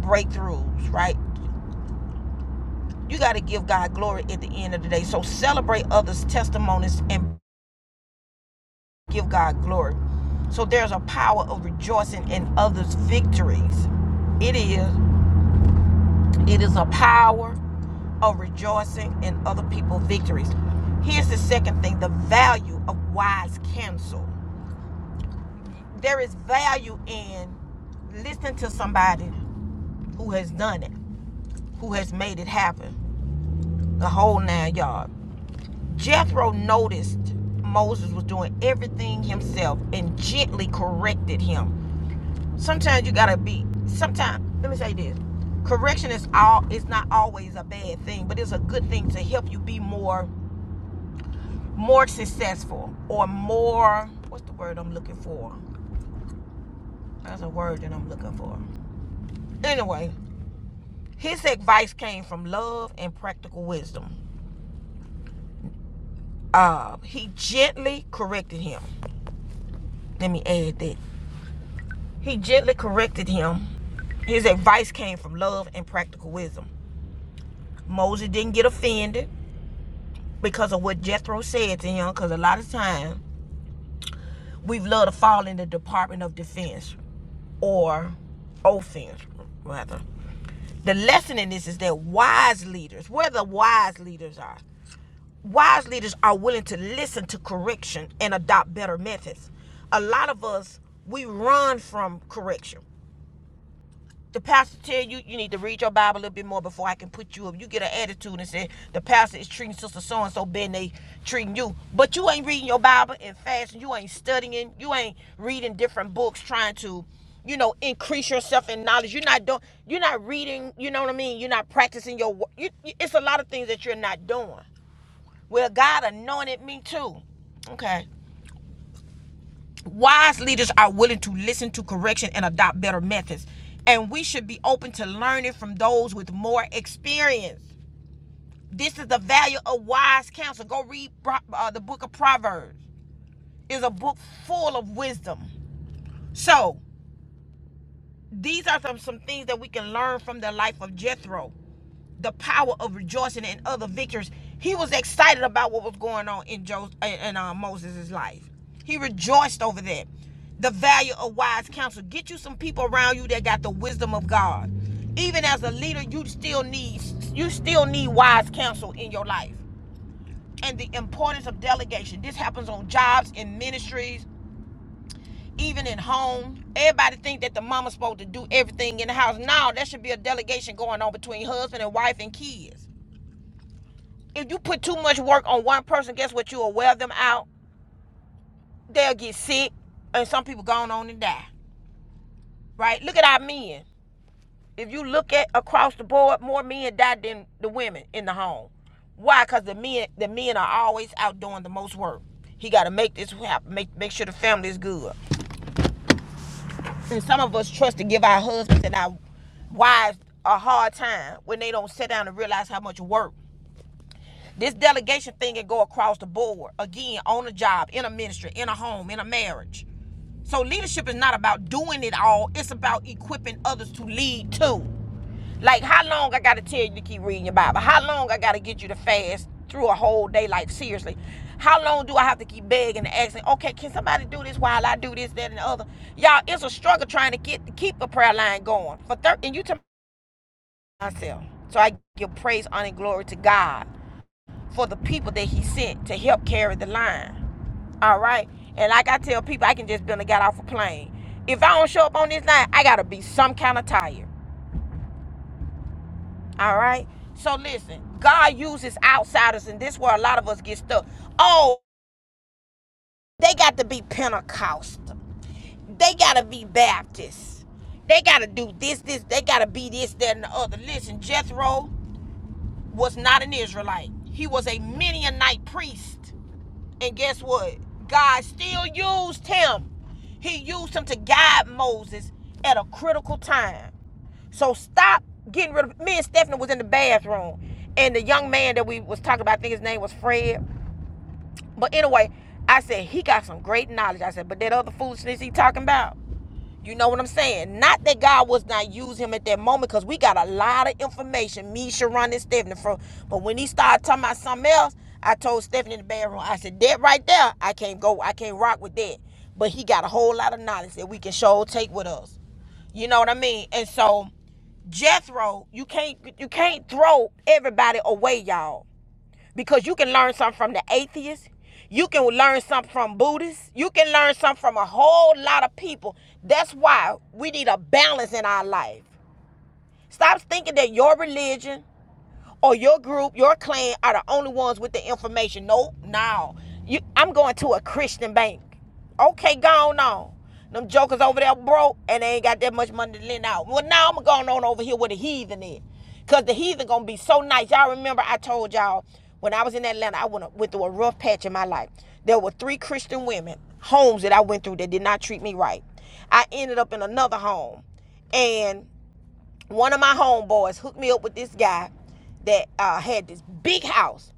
S1: breakthroughs, right? You got to give God glory at the end of the day. So celebrate others' testimonies and give God glory. So there's a power of rejoicing in others' victories. It is it is a power of rejoicing in other people's victories. Here's the second thing, the value of wise counsel. There is value in listening to somebody who has done it, who has made it happen, the whole nine yards. Jethro noticed Moses was doing everything himself and gently corrected him. Sometimes you gotta be. Sometimes let me say this: correction is all. It's not always a bad thing, but it's a good thing to help you be more, more successful or more. What's the word I'm looking for? That's a word that I'm looking for. Anyway, his advice came from love and practical wisdom. Uh, he gently corrected him. Let me add that He gently corrected him. His advice came from love and practical wisdom. Moses didn't get offended because of what Jethro said to him, because a lot of times we've loved to fall in the Department of Defense or offense, rather. The lesson in this is that wise leaders, where the wise leaders are, wise leaders are willing to listen to correction and adopt better methods. A lot of us, we run from correction. the pastor tell you you need to read your Bible a little bit more before I can put you up. You get an attitude and say the pastor is treating sister so and so better than they treating you, but you ain't reading your Bible and fasting. You ain't studying. You ain't reading different books trying to, you know, increase yourself in knowledge. You're not doing. You're not reading. You know what I mean. You're not practicing your. you- it's a lot of things that you're not doing. Well, God anointed me too. Okay. Wise leaders are willing to listen to correction and adopt better methods. And we should be open to learning from those with more experience. This is the value of wise counsel. Go read uh, the book of Proverbs. It's a book full of wisdom. So, these are some, some things that we can learn from the life of Jethro. the power of rejoicing and other victories. He was excited about what was going on in Joseph and uh, Moses' life. He rejoiced over that. The value of wise counsel. Get you some people around you that got the wisdom of God. Even as a leader, you still need you still need wise counsel in your life. And the importance of delegation. This happens on jobs, in ministries, even in home. Everybody think that the mama's supposed to do everything in the house. Now there should be a delegation going on between husband and wife and kids if you put too much work on one person, guess what? You'll wear them out. They'll get sick, and some people gone on and die. Right? Look at our men. If you look at across the board, more men die than the women in the home. Why? Because the men the men are always out doing the most work. He got to make this happen. Make make sure the family is good. And some of us trust to give our husbands and our wives a hard time when they don't sit down and realize how much work This delegation thing can go across the board. Again, on a job, in a ministry, in a home, in a marriage. So leadership is not about doing it all. It's about equipping others to lead too. Like how long I gotta tell you to keep reading your Bible? How long I gotta get you to fast through a whole day? Like seriously. How long do I have to keep begging and asking, okay, can somebody do this while I do this, that, and the other? Y'all, it's a struggle trying to get keep a prayer line going. For thir- and you tell myself. So I give praise, honor, and glory to God for the people that he sent to help carry the line. All right. And like I tell people, I can just barely got off a plane. If I don't show up on this line, I gotta be some kind of tired. All right. So listen, God uses outsiders, and this is where a lot of us get stuck. Oh, they got to be Pentecostal. They gotta be Baptist. They gotta do this, this. They gotta be this, that, and the other. Listen, Jethro was not an Israelite. He was a Midianite priest. And guess what? God still used him. He used him to guide Moses at a critical time. So stop getting rid of me and Stephanie was in the bathroom. And the young man that we was talking about, I think his name was Fred. But anyway, I said he got some great knowledge. I said, but that other foolishness he talking about, you know what I'm saying? Not that God was not use him at that moment, because we got a lot of information. Me, Sharon, and Stephanie from. But when he started talking about something else, I told Stephanie in the bedroom, I said, that right there, I can't go, I can't rock with that. But he got a whole lot of knowledge that we can sure take with us. You know what I mean? And so Jethro, you can't you can't throw everybody away, y'all because you can learn something from the atheists, you can learn something from buddhists you can learn something from a whole lot of people that's why we need a balance in our life stop thinking that your religion or your group, your clan are the only ones with the information. Nope, no. You, I'm going to a Christian bank. Okay, gone on. Them jokers over there broke and they ain't got that much money to lend out. Well, now I'm going on over here with the heathen is. Because the heathen going to be so nice. Y'all remember I told y'all when I was in Atlanta, I went, went through a rough patch in my life. There were three Christian women, homes that I went through that did not treat me right. I ended up in another home and one of my homeboys hooked me up with this guy that uh, had this big house.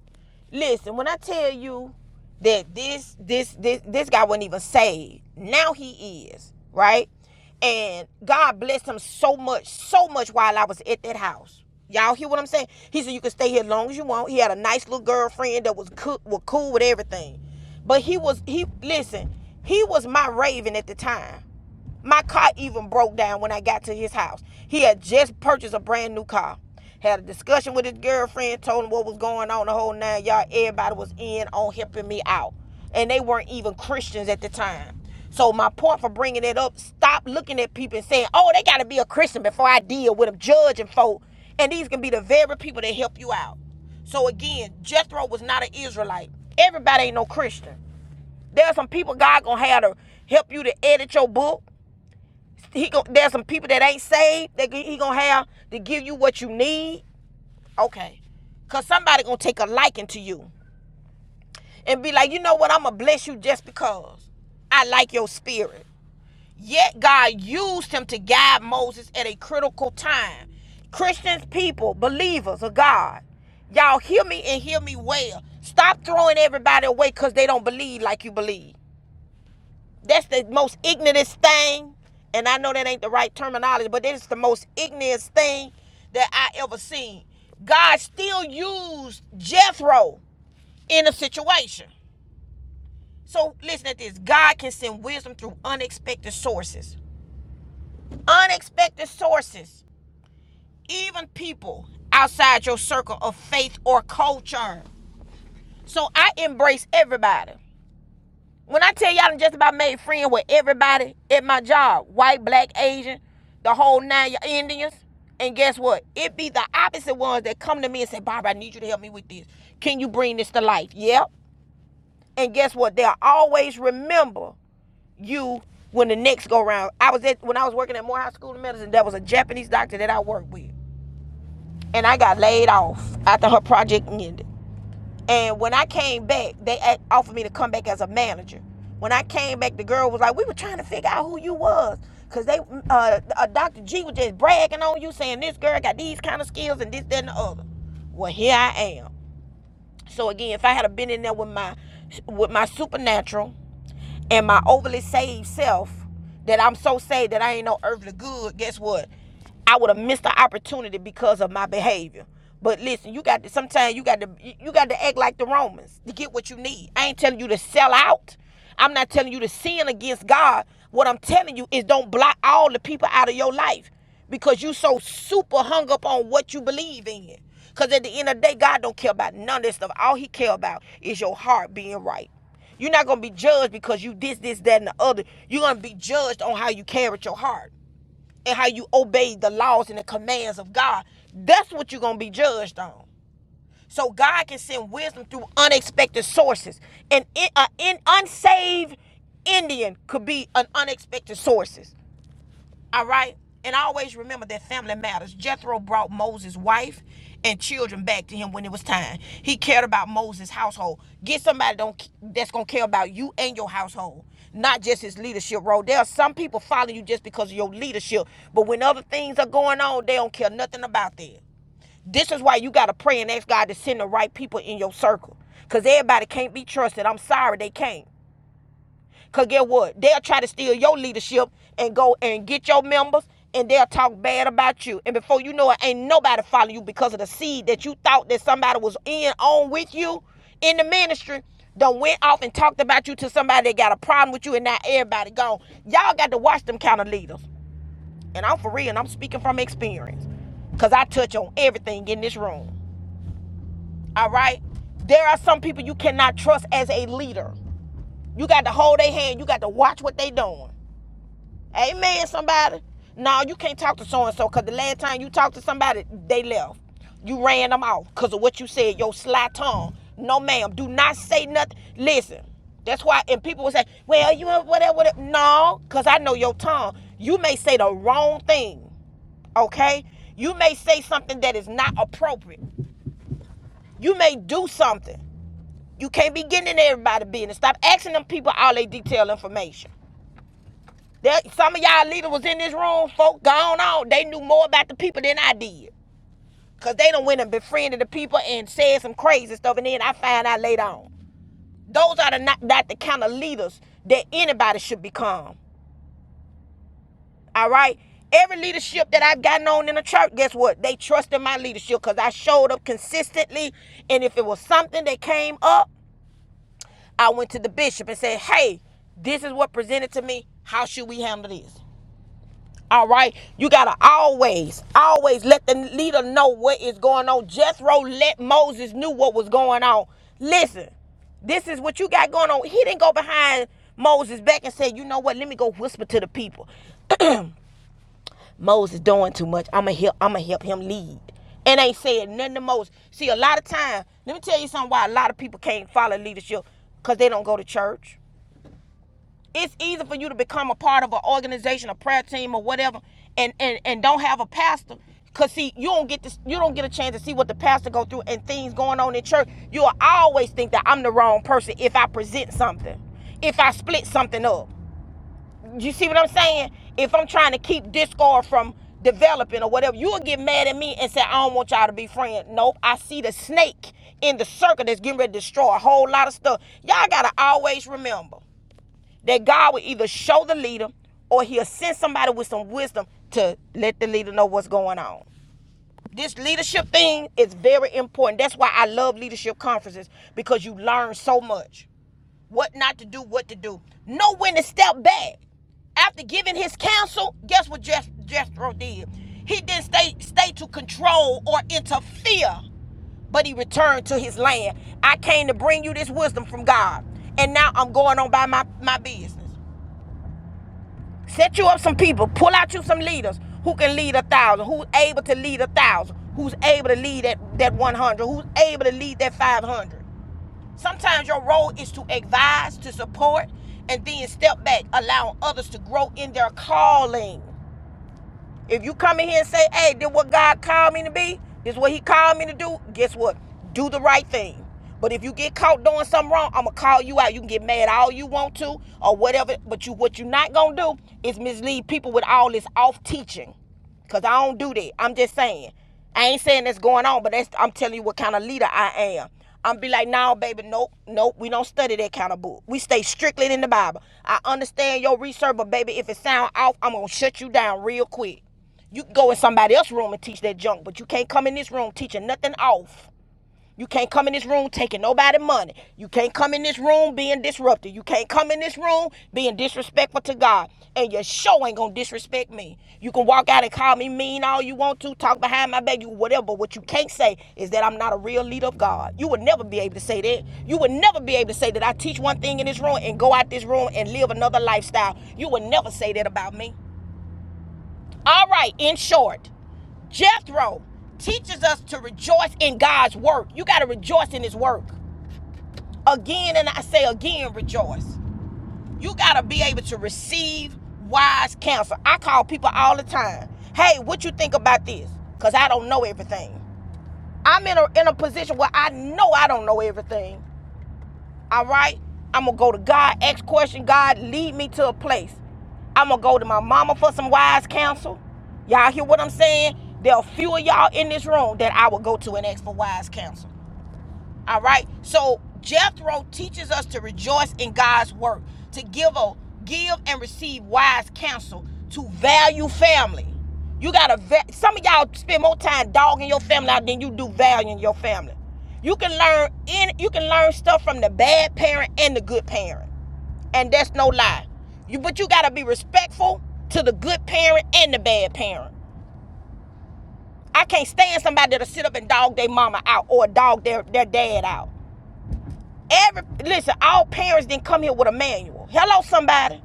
S1: Listen, when I tell you that this this this this guy wasn't even saved, now he is right, and God blessed him so much, so much while I was at that house. Y'all hear what I'm saying? He said you can stay here as long as you want. He had a nice little girlfriend that was cook, was cool with everything, but he was he listen, he was my raven at the time. My car even broke down when I got to his house. He had just purchased a brand new car. Had a discussion with his girlfriend, told him what was going on, the whole nine yard. Everybody was in on helping me out. And they weren't even Christians at the time. So my point for bringing it up, stop looking at people and saying, oh, they got to be a Christian before I deal with them, judging folk. And these can be the very people that help you out. So again, Jethro was not an Israelite. Everybody ain't no Christian. There are some people God gonna have to help you to edit your book, he go, there's some people that ain't saved that he gonna have to give you what you need. Okay, cause somebody gonna take a liking to you and be like, you know what? I'm gonna bless you just because I like your spirit. Yet God used him to guide Moses at a critical time. Christians, people, believers of God, y'all hear me and hear me well. Stop throwing everybody away because they don't believe like you believe. That's the most ignorantest thing. And I know that ain't the right terminology, but that is the most ignorantest thing that I ever seen. God still used Jethro in a situation. So listen at this. God can send wisdom through unexpected sources. Unexpected sources. Even people outside your circle of faith or culture. So I embrace everybody. When I tell y'all, I just about made friends with everybody at my job white, black, Asian, the whole nine Indians. And guess what? It be the opposite ones that come to me and say, Barbara, I need you to help me with this. Can you bring this to life? Yep. And guess what? They'll always remember you when the next go round. I was at when I was working at Morehouse School of Medicine, there was a Japanese doctor that I worked with. And I got laid off after her project ended. And when I came back, they offered me to come back as a manager. When I came back, the girl was like, "We were trying to figure out who you was, cause they, mm, uh, uh, Dr. G was just bragging on you, saying this girl got these kind of skills and this, that, and the other." Well, here I am. So again, if I had a been in there with my, with my supernatural and my overly saved self that I'm so saved that I ain't no earthly good, guess what? I would have missed the opportunity because of my behavior. But listen, you got to sometimes you got to you got to act like the Romans to get what you need. I ain't telling you to sell out. I'm not telling you to sin against God. What I'm telling you is don't block all the people out of your life because you so super hung up on what you believe in. Because at the end of the day, God don't care about none of this stuff. All he care about is your heart being right. You're not gonna be judged because you this, this, that, and the other. You're gonna be judged on how you carried your heart and how you obeyed the laws and the commands of God. That's what you're gonna be judged on. So God can send wisdom through unexpected sources. And an unsaved Indian could be an unexpected sources. All right? And always remember that family matters. Jethro brought Moses' wife and children back to him when it was time. He cared about Moses' household. Get somebody don't that's gonna care about you and your household, not just his leadership role. There are some people following you just because of your leadership, but when other things are going on, they don't care nothing about that. This is why you gotta pray and ask God to send the right people in your circle. Cause everybody can't be trusted. I'm sorry they can't. Cause guess what? They'll try to steal your leadership and go and get your members and they'll talk bad about you. And before you know it, ain't nobody follow you because of the seed that you thought that somebody was in on with you in the ministry. Done went off and talked about you to somebody that got a problem with you and now everybody gone. Y'all got to watch them kind of leaders. And I'm for real and I'm speaking from experience. Cause I touch on everything in this room. All right? There are some people you cannot trust as a leader. You got to hold their hand. You got to watch what they doing. Amen, somebody. No, you can't talk to so and so because the last time you talked to somebody, they left. You ran them off because of what you said, your sly tongue. No, ma'am. Do not say nothing. Listen, that's why, and people will say, well, you know, whatever, whatever. No, because I know your tongue. You may say the wrong thing, okay? You may say something that is not appropriate. You may do something. You can't be getting in everybody's business. Stop asking them people all their detailed information. That some of y'all leaders was in this room, folk gone on. They knew more about the people than I did. Cause they done went and befriended the people and said some crazy stuff, and then I find out later on. Those are the not, not the kind of leaders that anybody should become. All right. Every leadership that I've gotten on in the church, guess what? They trusted my leadership because I showed up consistently. And if it was something that came up, I went to the bishop and said, hey, this is what presented to me. How should we handle this? All right, you gotta always, always let the leader know what is going on. Jethro let Moses knew what was going on. Listen, this is what you got going on. He didn't go behind Moses back and say, you know what? Let me go whisper to the people. Moses doing too much. I'ma help. I'ma help him lead. And ain't said nothing to Moses. See, a lot of time. Let me tell you something. Why a lot of people can't follow leadership because they don't go to church. It's easy for you to become a part of an organization, a prayer team, or whatever, and and and don't have a pastor. Cause see, you don't get this, you don't get a chance to see what the pastor go through and things going on in church. You'll always think that I'm the wrong person if I present something, if I split something up. You see what I'm saying? If I'm trying to keep discord from developing or whatever, you'll get mad at me and say, I don't want y'all to be friends. Nope. I see the snake in the circle that's getting ready to destroy a whole lot of stuff. Y'all gotta always remember that God will either show the leader or he'll send somebody with some wisdom to let the leader know what's going on. This leadership thing is very important. That's why I love leadership conferences because you learn so much. What not to do, what to do. Know when to step back. After giving his counsel, guess what Jes- Jethro did? He didn't stay stay to control or interfere, but he returned to his land. I came to bring you this wisdom from God, and now I'm going on by my, my business. Set you up some people. Pull out you some leaders who can lead a thousand, who's able to lead a thousand, who's able to lead that, that 100, who's able to lead that 500. Sometimes your role is to advise, to support, and then step back, allowing others to grow in their calling. If you come in here and say, hey, did what God called me to be, this is what he called me to do, guess what? Do the right thing. But if you get caught doing something wrong, I'ma call you out. You can get mad all you want to or whatever. But you what you are not gonna do is mislead people with all this off teaching. Cause I don't do that. I'm just saying. I ain't saying that's going on, but that's I'm telling you what kind of leader I am. I'm be like, nah, baby, nope, nope. We don't study that kind of book. We stay strictly in the Bible. I understand your research, but baby, if it sound off, I'm gonna shut you down real quick. You can go in somebody else's room and teach that junk, but you can't come in this room teaching nothing off. You can't come in this room taking nobody money. You can't come in this room being disruptive. You can't come in this room being disrespectful to God. And your show ain't gonna disrespect me. You can walk out and call me mean all you want to, talk behind my back, you whatever. But what you can't say is that I'm not a real leader of God. You would never be able to say that. You would never be able to say that I teach one thing in this room and go out this room and live another lifestyle. You would never say that about me. All right, in short, Jethro teaches us to rejoice in God's work. You got to rejoice in his work. Again, and I say again, rejoice. You got to be able to receive wise counsel. I call people all the time. Hey, what you think about this? Cuz I don't know everything. I'm in a in a position where I know I don't know everything. All right? I'm going to go to God, ask question. God, lead me to a place. I'm going to go to my mama for some wise counsel. Y'all hear what I'm saying? There are few of y'all in this room that I would go to and ask for wise counsel. All right. So Jethro teaches us to rejoice in God's work, to give a give and receive wise counsel, to value family. You gotta some of y'all spend more time dogging your family out than you do valuing your family. You can learn in you can learn stuff from the bad parent and the good parent. And that's no lie. You but you gotta be respectful to the good parent and the bad parent. I can't stand somebody that'll sit up and dog their mama out or dog their, their dad out. Every listen, all parents didn't come here with a manual. Hello, somebody.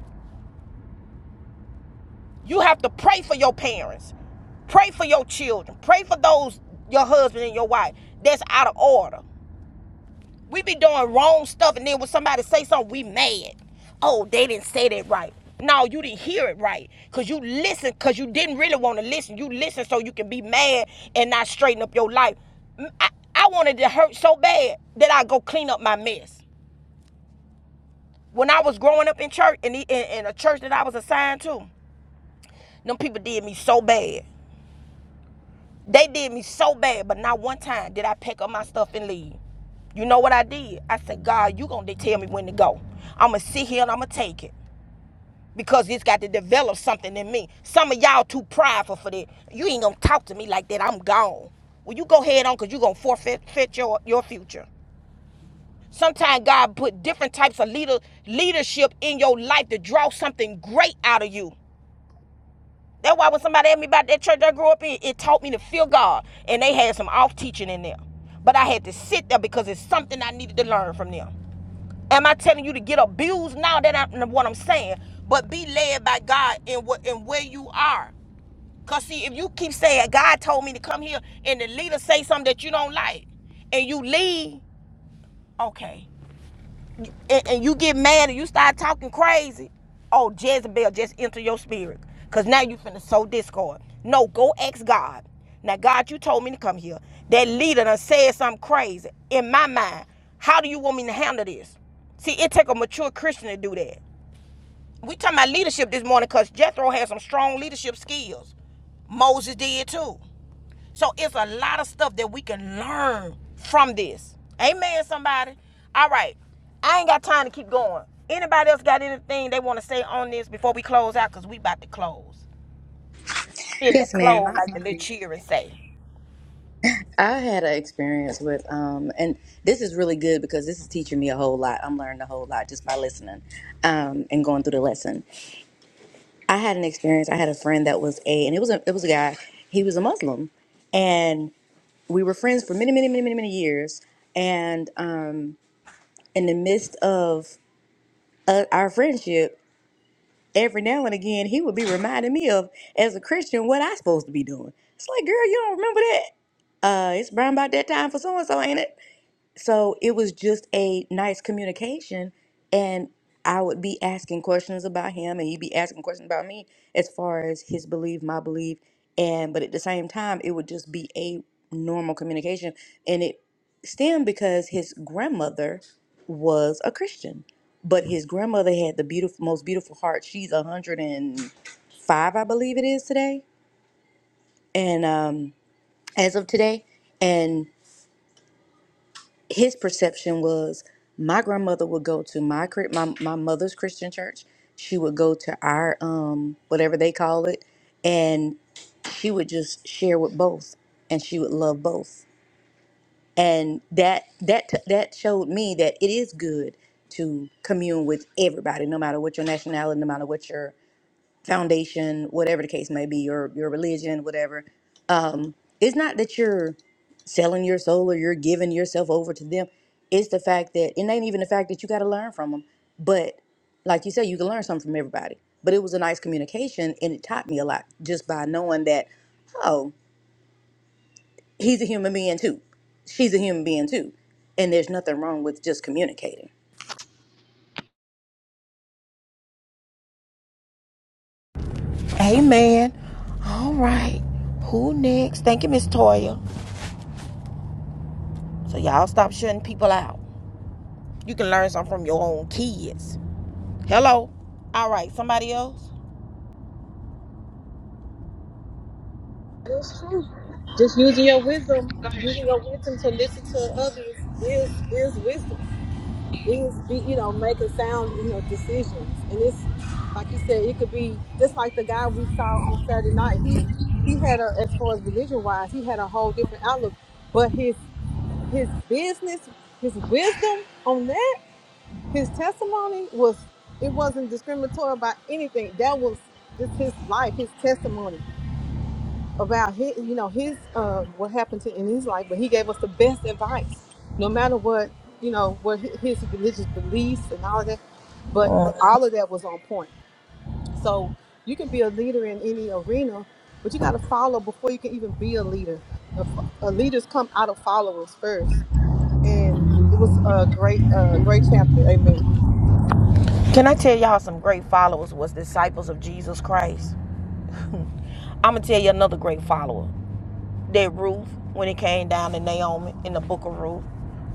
S1: You have to pray for your parents. Pray for your children. Pray for those your husband and your wife. That's out of order. We be doing wrong stuff, and then when somebody say something, we mad. Oh, they didn't say that right. No, you didn't hear it right. Cause you listen, cause you didn't really want to listen. You listen so you can be mad and not straighten up your life. I, I wanted to hurt so bad that I go clean up my mess. When I was growing up in church, in, the, in, in a church that I was assigned to, them people did me so bad. They did me so bad, but not one time did I pack up my stuff and leave. You know what I did? I said, God, you gonna tell me when to go. I'ma sit here and I'ma take it. Because it's got to develop something in me. Some of y'all too prideful for that. You ain't gonna talk to me like that. I'm gone. Well, you go head on because you gonna forfeit your, your future. Sometimes God put different types of leader leadership in your life to draw something great out of you. That's why when somebody asked me about that church I grew up in, it taught me to fear God. And they had some off teaching in there. But I had to sit there because it's something I needed to learn from them. Am I telling you to get abused? now? that ain't what I'm saying. But be led by God in what in where you are. Cause see, if you keep saying God told me to come here and the leader say something that you don't like and you leave, okay and, and you get mad and you start talking crazy, oh Jezebel just enter your spirit. Cause now you finna sow discord. No, go ask God. Now God, you told me to come here. That leader done said something crazy in my mind. How do you want me to handle this? See, it take a mature Christian to do that. We talking about leadership this morning because Jethro had some strong leadership skills. Moses did too. So it's a lot of stuff that we can learn from this. Amen, somebody. All right. I ain't got time to keep going. Anybody else got anything they want to say on this before we close out? Because we about to close. In the
S4: Yes, ma'am. I,
S1: close, like the little
S4: um,
S1: cheer and say.
S4: I had an experience with, um, and this is really good because this is teaching me a whole lot. I'm learning a whole lot just by listening um, and going through the lesson. I had an experience. I had a friend that was a, and it was a, it was a guy. He was a Muslim, and we were friends for many, many, many, many, many years. And um, in the midst of uh, our friendship, every now and again, he would be reminding me of, as a Christian, what I supposed to be doing. It's like, girl, you don't remember that? Uh, it's around about that time for so and so, ain't it? So it was just a nice communication, and I would be asking questions about him, and he'd be asking questions about me as far as his belief, my belief, and but at the same time, it would just be a normal communication, and it stemmed because his grandmother was a Christian, but his grandmother had the beautiful, most beautiful heart. She's a hundred and five, I believe it is today, and um, as of today, and his perception was my grandmother would go to my Chri- my my mother's Christian church. She would go to our um whatever they call it, and she would just share with both, and she would love both. And that that that showed me that it is good to commune with everybody, no matter what your nationality, no matter what your foundation, whatever the case may be, your your religion, whatever. Um, it's not that you're selling your soul or you're giving yourself over to them. It's the fact that it ain't even the fact that you got to learn from them. But like you said, you can learn something from everybody. But it was a nice communication, and it taught me a lot just by knowing that, oh, he's a human being too, she's a human being too, and there's nothing wrong with just communicating.
S1: Amen. All right. Who next? Thank you, Miss Toya. So y'all stop shutting people out. You can learn something from your own kids. Hello. All right. Somebody else?
S6: That's true. Just using your wisdom,
S7: Go ahead, Sharonda.
S6: using your wisdom to listen to others is is wisdom. Is be you know making sound you know decisions, and it's like you said, it could be just like the guy we saw on Saturday night. He he had a as far as religion wise, he had a whole different outlook, but his his business, his wisdom on that, his testimony was it wasn't discriminatory about anything. That was just his life, his testimony about his, you know, his uh, what happened to in his life. But he gave us the best advice, no matter what you know, what hi- his religious beliefs and all of that. But all of that was on point. So you can be a leader in any arena, but you got to follow before you can even be a leader. A a leaders come out of followers first. and it was a great, uh, great chapter. Amen.
S1: Can I tell y'all some great followers was disciples of Jesus Christ? I'm gonna tell you another great follower. That Ruth, when it came down to Naomi in the book of Ruth,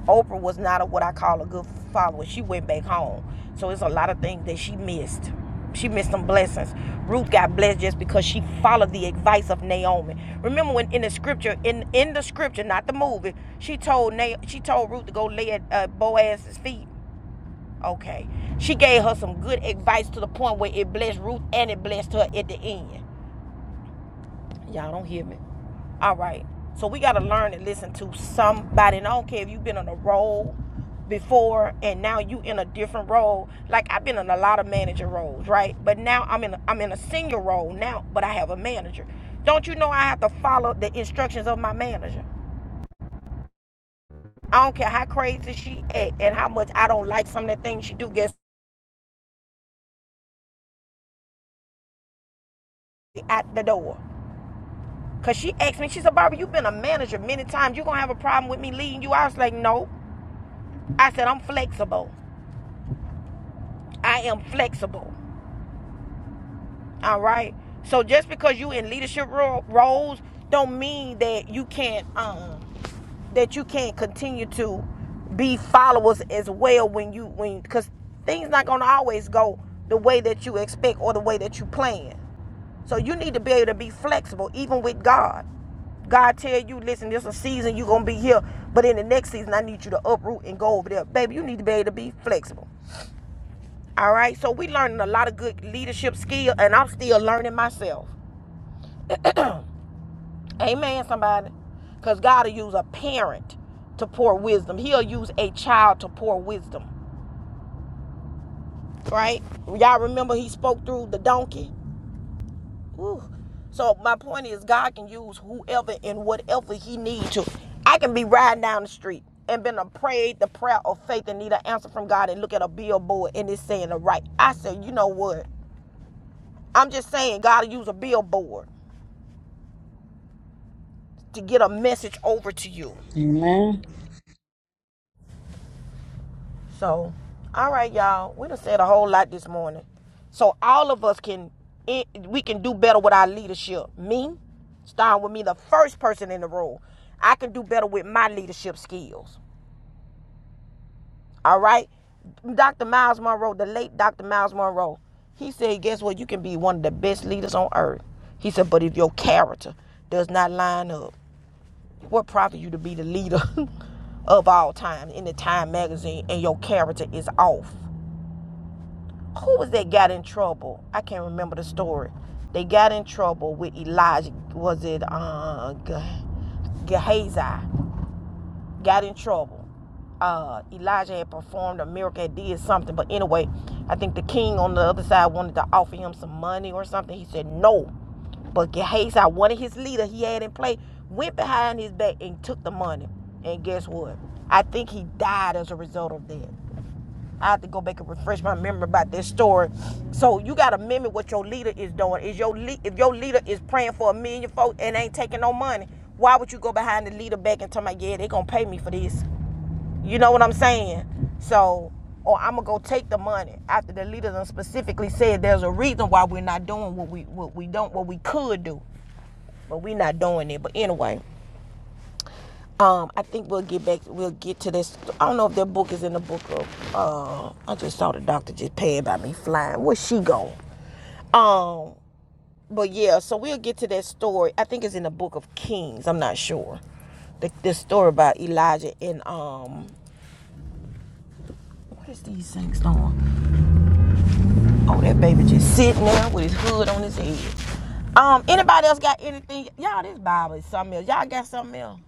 S1: Oprah was not a, what I call a good follower. She went back home, so it's a lot of things that she missed. She missed some blessings. Ruth got blessed just because she followed the advice of Naomi. Remember when in the scripture, in in the scripture, not the movie, she told Na- she told Ruth to go lay at uh, Boaz's feet Okay. She gave her some good advice to the point where it blessed Ruth and it blessed her at the end. Y'all don't hear me. All right. So we got to learn and listen to somebody. And I don't care if you've been on a roll before and now you in a different role. Like I've been in a lot of manager roles, right? But now I'm in a, I'm in a senior role now, but I have a manager. Don't you know I have to follow the instructions of my manager? I don't care how crazy she act and how much I don't like some of the things she do gets out the door. Cause she asked me, she said, Barbara, you've been a manager many times. You are gonna have a problem with me leading you? I was like, no. I said, I'm flexible. I am flexible. All right. So just because you in leadership ro- roles don't mean that you can't um that you can't continue to be followers as well when you when because things not gonna always go the way that you expect or the way that you plan. So you need to be able to be flexible, even with God. God tell you, listen, this is a season you're gonna be here, but in the next season I need you to uproot and go over there. Baby, you need to be able to be flexible. All right. So we learning a lot of good leadership skill, and I'm still learning myself. Amen, somebody. Cause God will use a parent to pour wisdom. He'll use a child to pour wisdom. Right? Y'all remember he spoke through the donkey? Whew. So my point is, God can use whoever and whatever He needs to. I can be riding down the street and been a prayed the prayer of faith and need an answer from God and look at a billboard and it's saying the right. I said, you know what? I'm just saying God will use a billboard to get a message over to you. So, all right, y'all. We done said a whole lot this morning. So all of us can eh, we can do better with our leadership. Me, starting with me, the first person in the role. I can do better with my leadership skills. All right. Dr. Miles Monroe, the late Dr. Miles Monroe, he said, guess what? You can be one of the best leaders on earth. He said, but if your character does not line up, what profit you to be the leader of all time in the Time magazine and your character is off? Who was that got in trouble? I can't remember the story. They got in trouble with Elijah. Was it uh, Gehazi? got in trouble. Uh, Elijah had performed a miracle, had did something, but anyway, I think the king on the other side wanted to offer him some money or something. He said no, but Gehazi, one of his leader he had in play, went behind his back and took the money. And guess what? I think he died as a result of that. I have to go back and refresh my memory about this story. So you gotta mimic what your leader is doing. Is your lead if your leader is praying for a million folks and ain't taking no money, why would you go behind the leader back and tell me, yeah, they gonna pay me for this? You know what I'm saying? So, or I'm gonna go take the money after the leader done specifically said there's a reason why we're not doing what we what we don't what we could do, but we're not doing it. But anyway. Um, I think we'll get back. We'll get to this. I don't know if that book is in the book of. Uh, I just saw the doctor just paying by me flying. Where's she going? Um, but yeah. So we'll get to that story. I think it's in the book of Kings. I'm not sure. The, the story about Elijah and um, what is these things on? Oh, that baby just sitting there with his hood on his head. Um, anybody else got anything? Y'all, this Bible is something else. Y'all got something else?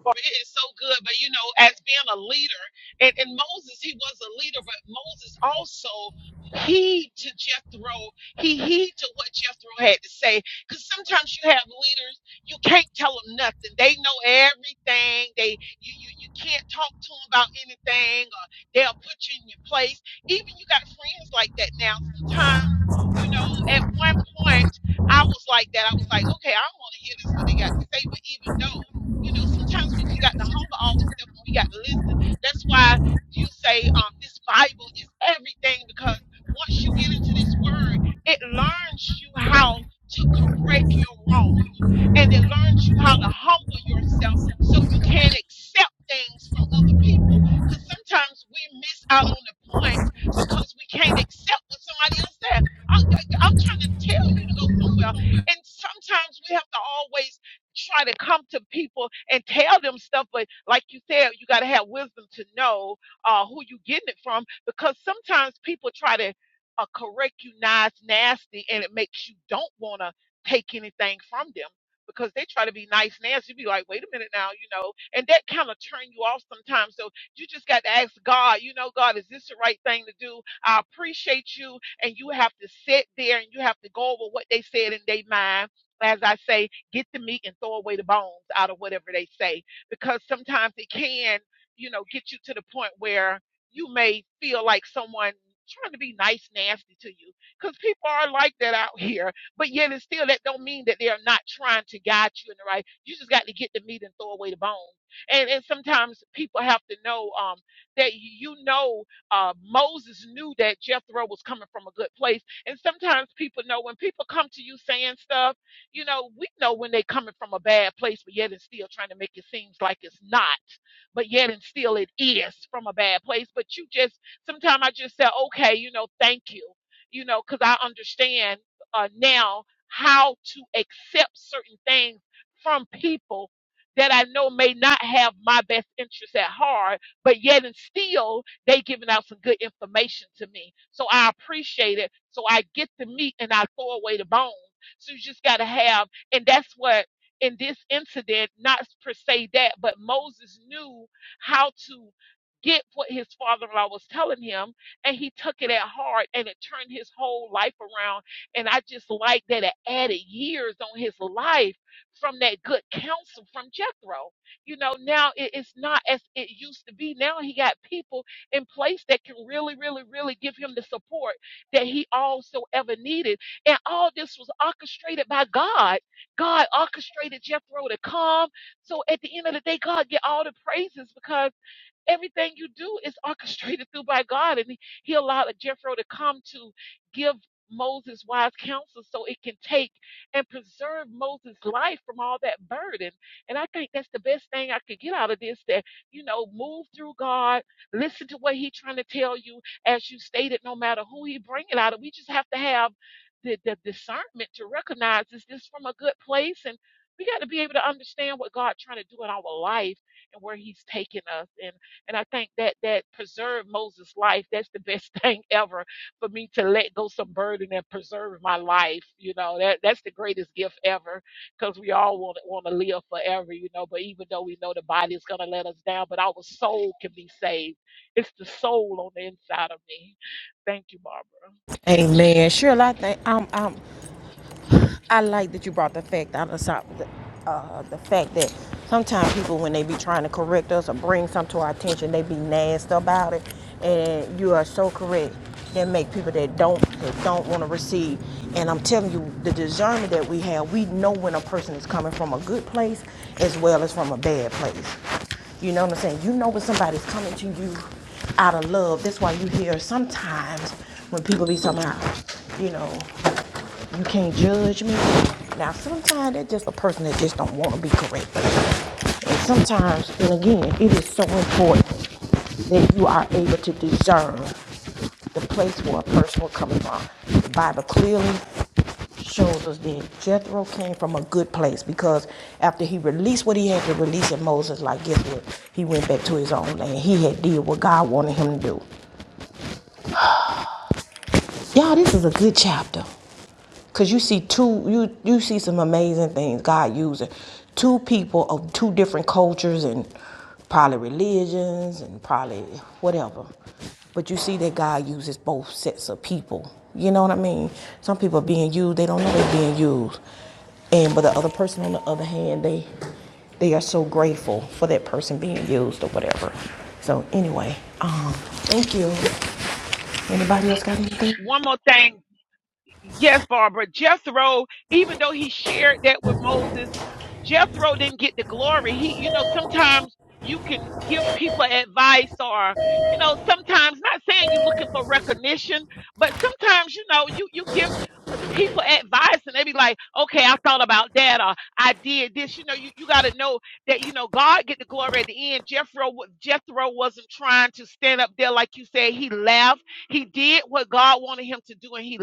S7: for it is so good. But you know, as being a leader, and, and Moses, he was a leader, but Moses also heed to Jethro. He heed to what Jethro had to say. Because sometimes you have leaders, you can't tell them nothing. They know everything. They you you, you can't talk to them about anything, or they'll put you in your place. Even you got friends like that now. Sometimes. You know, at one point, I was like that. I was like, okay, I want to hear this what they got to say. But even though you know, sometimes we just got to hunger on with stuff and we got to listen. That's why you say um, this Bible is everything because once you get into this word, it learns you how to correct your wrong and it learns you how to humble yourself so you can accept things from other people. Because sometimes we miss out on the point because we can't accept what somebody else said. I'm, I'm trying to tell you to go somewhere. And sometimes we have to always try to come to people and tell them stuff. But like you said, you got to have wisdom to know uh, who you getting it from because sometimes people try to uh, correct you nice, nasty, and it makes you don't want to take anything from them because they try to be nice, nasty. You be like, wait a minute now, you know, and that kind of turn you off sometimes. So you just got to ask God, you know, God, is this the right thing to do? I appreciate you. And you have to sit there and you have to go over what they said in their mind. As I say, Get the meat and throw away the bones out of whatever they say, because sometimes it can, you know, get you to the point where you may feel like someone trying to be nice, nasty to you, because people are like that out here. But yet, and still, that don't mean that they're not trying to guide you in the right. You just got to get the meat and throw away the bones. And and sometimes people have to know um, that you know uh, Moses knew that Jethro was coming from a good place. And sometimes people know when people come to you saying stuff you know, we know when they coming from a bad place, but yet and still trying to make it seems like it's not, but yet and still it is from a bad place. But you just, sometimes I just say, okay, you know, thank you, you know, because I understand uh, now how to accept certain things from people that I know may not have my best interests at heart, but yet and still they giving out some good information to me. So I appreciate it. So I get the meat and I throw away the bones so you just got to have, and that's what in this incident, not per se that, but Moses knew how to get what his father in law was telling him, and he took it at heart and it turned his whole life around. And I just like that it added years on his life from that good counsel from Jethro. You know, now it- it's not as it used to be. Now he got people in place that can really, really, really give him the support that he also ever needed and all this was orchestrated by God. God orchestrated Jethro to come. So at the end of the day, God get all the praises because Everything you do is orchestrated through by God. And he he allowed Jethro to come to give Moses wise counsel so it can take and preserve Moses' life from all that burden. And I think that's the best thing I could get out of this that, you know, move through God, listen to what He's trying to tell you. As you stated, no matter who He bring it out of, we just have to have the, the discernment to recognize is this from a good place and we got to be able to understand what God's trying to do in our life and where He's taking us. and and I think that that preserved Moses' life. That's the best thing ever for me to let go some burden and preserve my life. You know, that that's the greatest gift ever because we all want to want to live forever, you know, but even though we know the body is going to let us down, but our soul can be saved. It's the soul on the inside of me. Thank you, Barbara.
S1: Amen. Sure, I think I'm. I'm I like that you brought the fact out of the, uh, the fact that sometimes people, when they be trying to correct us or bring something to our attention, they be nasty about it. And you are so correct. That make people that don't that don't want to receive. And I'm telling you, the discernment that we have, we know when a person is coming from a good place as well as from a bad place. You know what I'm saying? You know when somebody's coming to you out of love. That's why you hear sometimes when people be somehow, you know. You can't judge me. Now, sometimes that's just a person that just don't want to be correct. And sometimes, and again, it is so important that you are able to discern the place where a person will come from. The Bible clearly shows us that Jethro came from a good place because after he released what he had to release in Moses, like guess what? He went back to his own land. He had did what God wanted him to do. Y'all, this is a good chapter. Cause you see two, you you see some amazing things God using two people of two different cultures and probably religions and probably whatever. But you see that God uses both sets of people. You know what I mean? Some people are being used, they don't know they're being used. And but the other person on the other hand, they they are so grateful for that person being used or whatever. So anyway, um, thank you. Anybody else got anything?
S7: One more thing Yes, Barbara. Jethro, even though he shared that with Moses, Jethro didn't get the glory. He, you know, sometimes you can give people advice or, you know, sometimes not saying you're looking for recognition, but sometimes, you know, you, you give uh, people advice and they be like, okay, I thought about that or I did this. You know, you, you got to know that, you know, God get the glory at the end. Jethro, wa- Jethro wasn't trying to stand up there. Like you said, he laughed. He did what God wanted him to do and he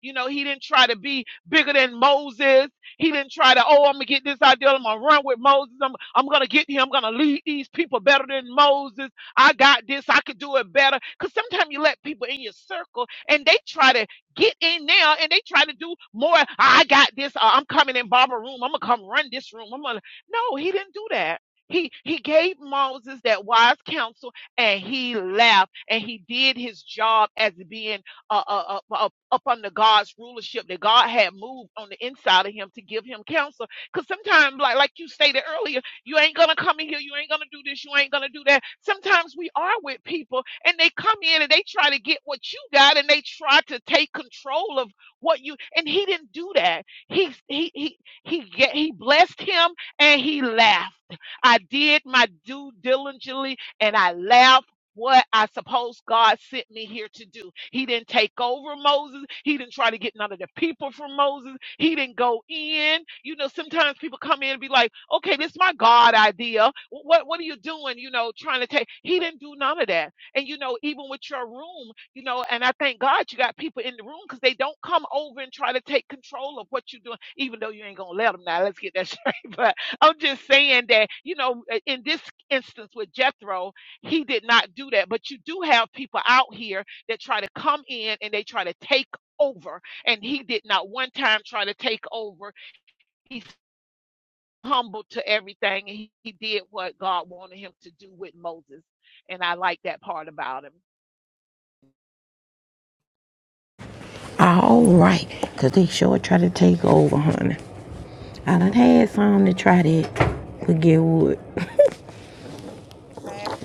S7: you know, he didn't try to be bigger than Moses. He didn't try to, oh, I'm going to get this idea. I'm going to run with Moses. I'm, I'm going to get him. I'm going to lead these people better than Moses. I got this. I could do it better. Because sometimes you let people in your circle and they try to get in there and they try to do more. I got this. Uh, I'm coming in Barbara room. I'm going to come run this room. I'm gonna... No, he didn't do that. He, he gave Moses that wise counsel and he left and he did his job as being a a a, up under God's rulership that God had moved on the inside of him to give him counsel. Because sometimes, like like you stated earlier, you ain't gonna come in here, you ain't gonna do this, you ain't gonna do that. Sometimes we are with people and they come in and they try to get what you got and they try to take control of what you and he didn't do that. He he he he get, he blessed him and he laughed. I did my due diligently and I laughed what I suppose God sent me here to do. He didn't take over Moses. He didn't try to get none of the people from Moses. He didn't go in. You know, sometimes people come in and be like, okay, this is my God idea. What, what are you doing? You know, trying to take. He didn't do none of that. And, you know, even with your room, you know, and I thank God you got people in the room because they don't come over and try to take control of what you're doing, even though you ain't going to let them now. Let's get that straight. But I'm just saying that, you know, in this instance with Jethro, he did not do that. But you do have people out here that try to come in and they try to take over. And he did not one time try to take over. He's humble to everything and he, he did what God wanted him to do with Moses. And I like that part about him.
S1: All right, because they sure try to take over, honey. I done had some to try that, but get what?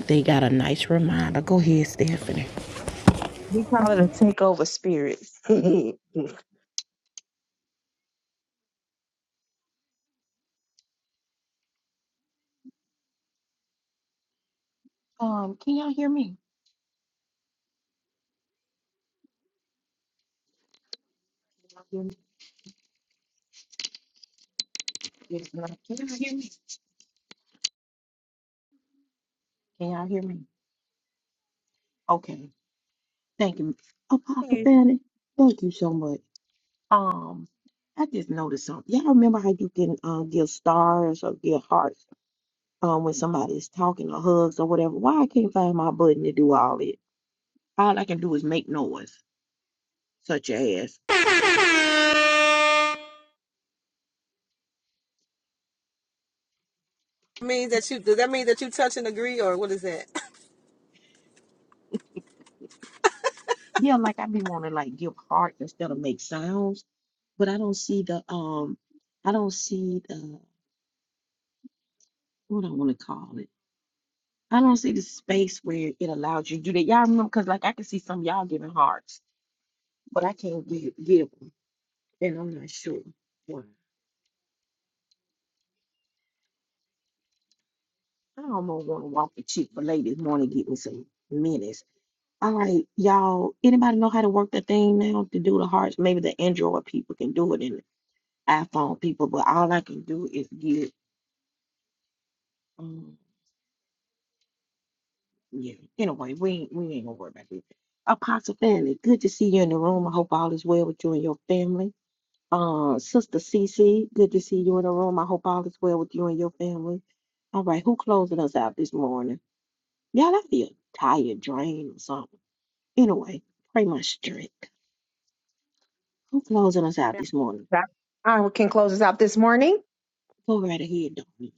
S1: They got a nice reminder. Go ahead, Stephanie.
S8: We call it a takeover spirit.
S1: Um, can y'all hear me? Can y'all hear me? Yes, ma'am. Can y'all hear me? Can y'all hear me? Okay. Thank you. Apostle Fanny, thank you so much. Um, I just noticed something. Y'all remember how you can uh, give stars or give hearts um, when somebody's talking or hugs or whatever? Why I can't find my button to do all it? All I can do is make noise. such as
S6: Means that you does that mean that you touch and agree or what is that?
S1: yeah, like I be wanting to like give hearts instead of make sounds, but I don't see the um, I don't see the what I want to call it. I don't see the space where it allows you to do that. Y'all remember because like I can see some of y'all giving hearts, but I can't give give 'em, and I'm not sure. why. I almost want to walk the cheek for ladies morning get me some minutes. All right, y'all. Anybody know how to work the thing now to do the hearts? Maybe the Android people can do it and the iPhone people, but all I can do is give. Um, yeah. Anyway, we ain't we ain't gonna worry about this. Apostle Fanny, good to see you in the room. I hope all is well with you and your family. Uh, Sister Cece, good to see you in the room. I hope all is well with you and your family. All right, who closing us out this morning? Y'all, I feel tired, drained, or something. Anyway, pray my strength. Who closing us out this morning?
S8: that I can close us out this morning.
S1: Go right ahead, darling.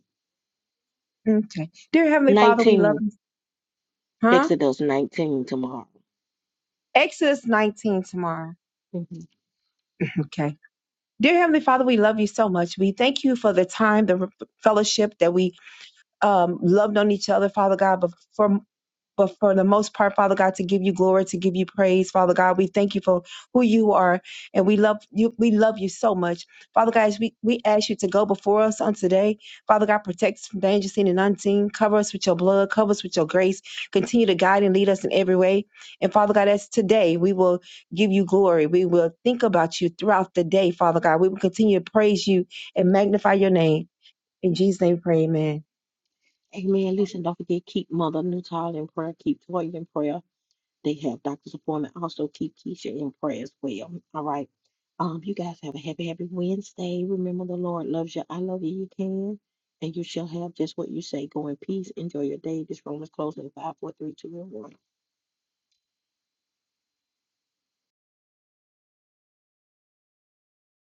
S8: Okay. Dear Heavenly Father, we love
S1: 19,
S8: you. Huh?
S1: Exodus 19 tomorrow.
S8: Exodus 19 tomorrow.
S1: Mhm.
S8: Okay. Dear Heavenly Father, we love you so much. We thank you for the time, the fellowship that we um, loved on each other, Father God, But before But for the most part, Father God, to give you glory, to give you praise, Father God, we thank you for who you are, and we love you. We love you so much, Father God. As we we ask you to go before us on today, Father God, protect us from danger seen and unseen. Cover us with your blood. Cover us with your grace. Continue to guide and lead us in every way. And Father God, as today we will give you glory. We will think about you throughout the day, Father God. We will continue to praise you and magnify your name. In Jesus' name, we pray. Amen.
S1: Amen. Listen, don't forget, keep Mother Newtall in prayer, keep Toya in prayer. They have doctor's appointment. Also keep Keisha in prayer as well. All right. Um, you guys have a happy, happy Wednesday. Remember the Lord loves you. I love you. You can. And you shall have just what you say. Go in peace. Enjoy your day. This room is closing in five, four, three, two, and one.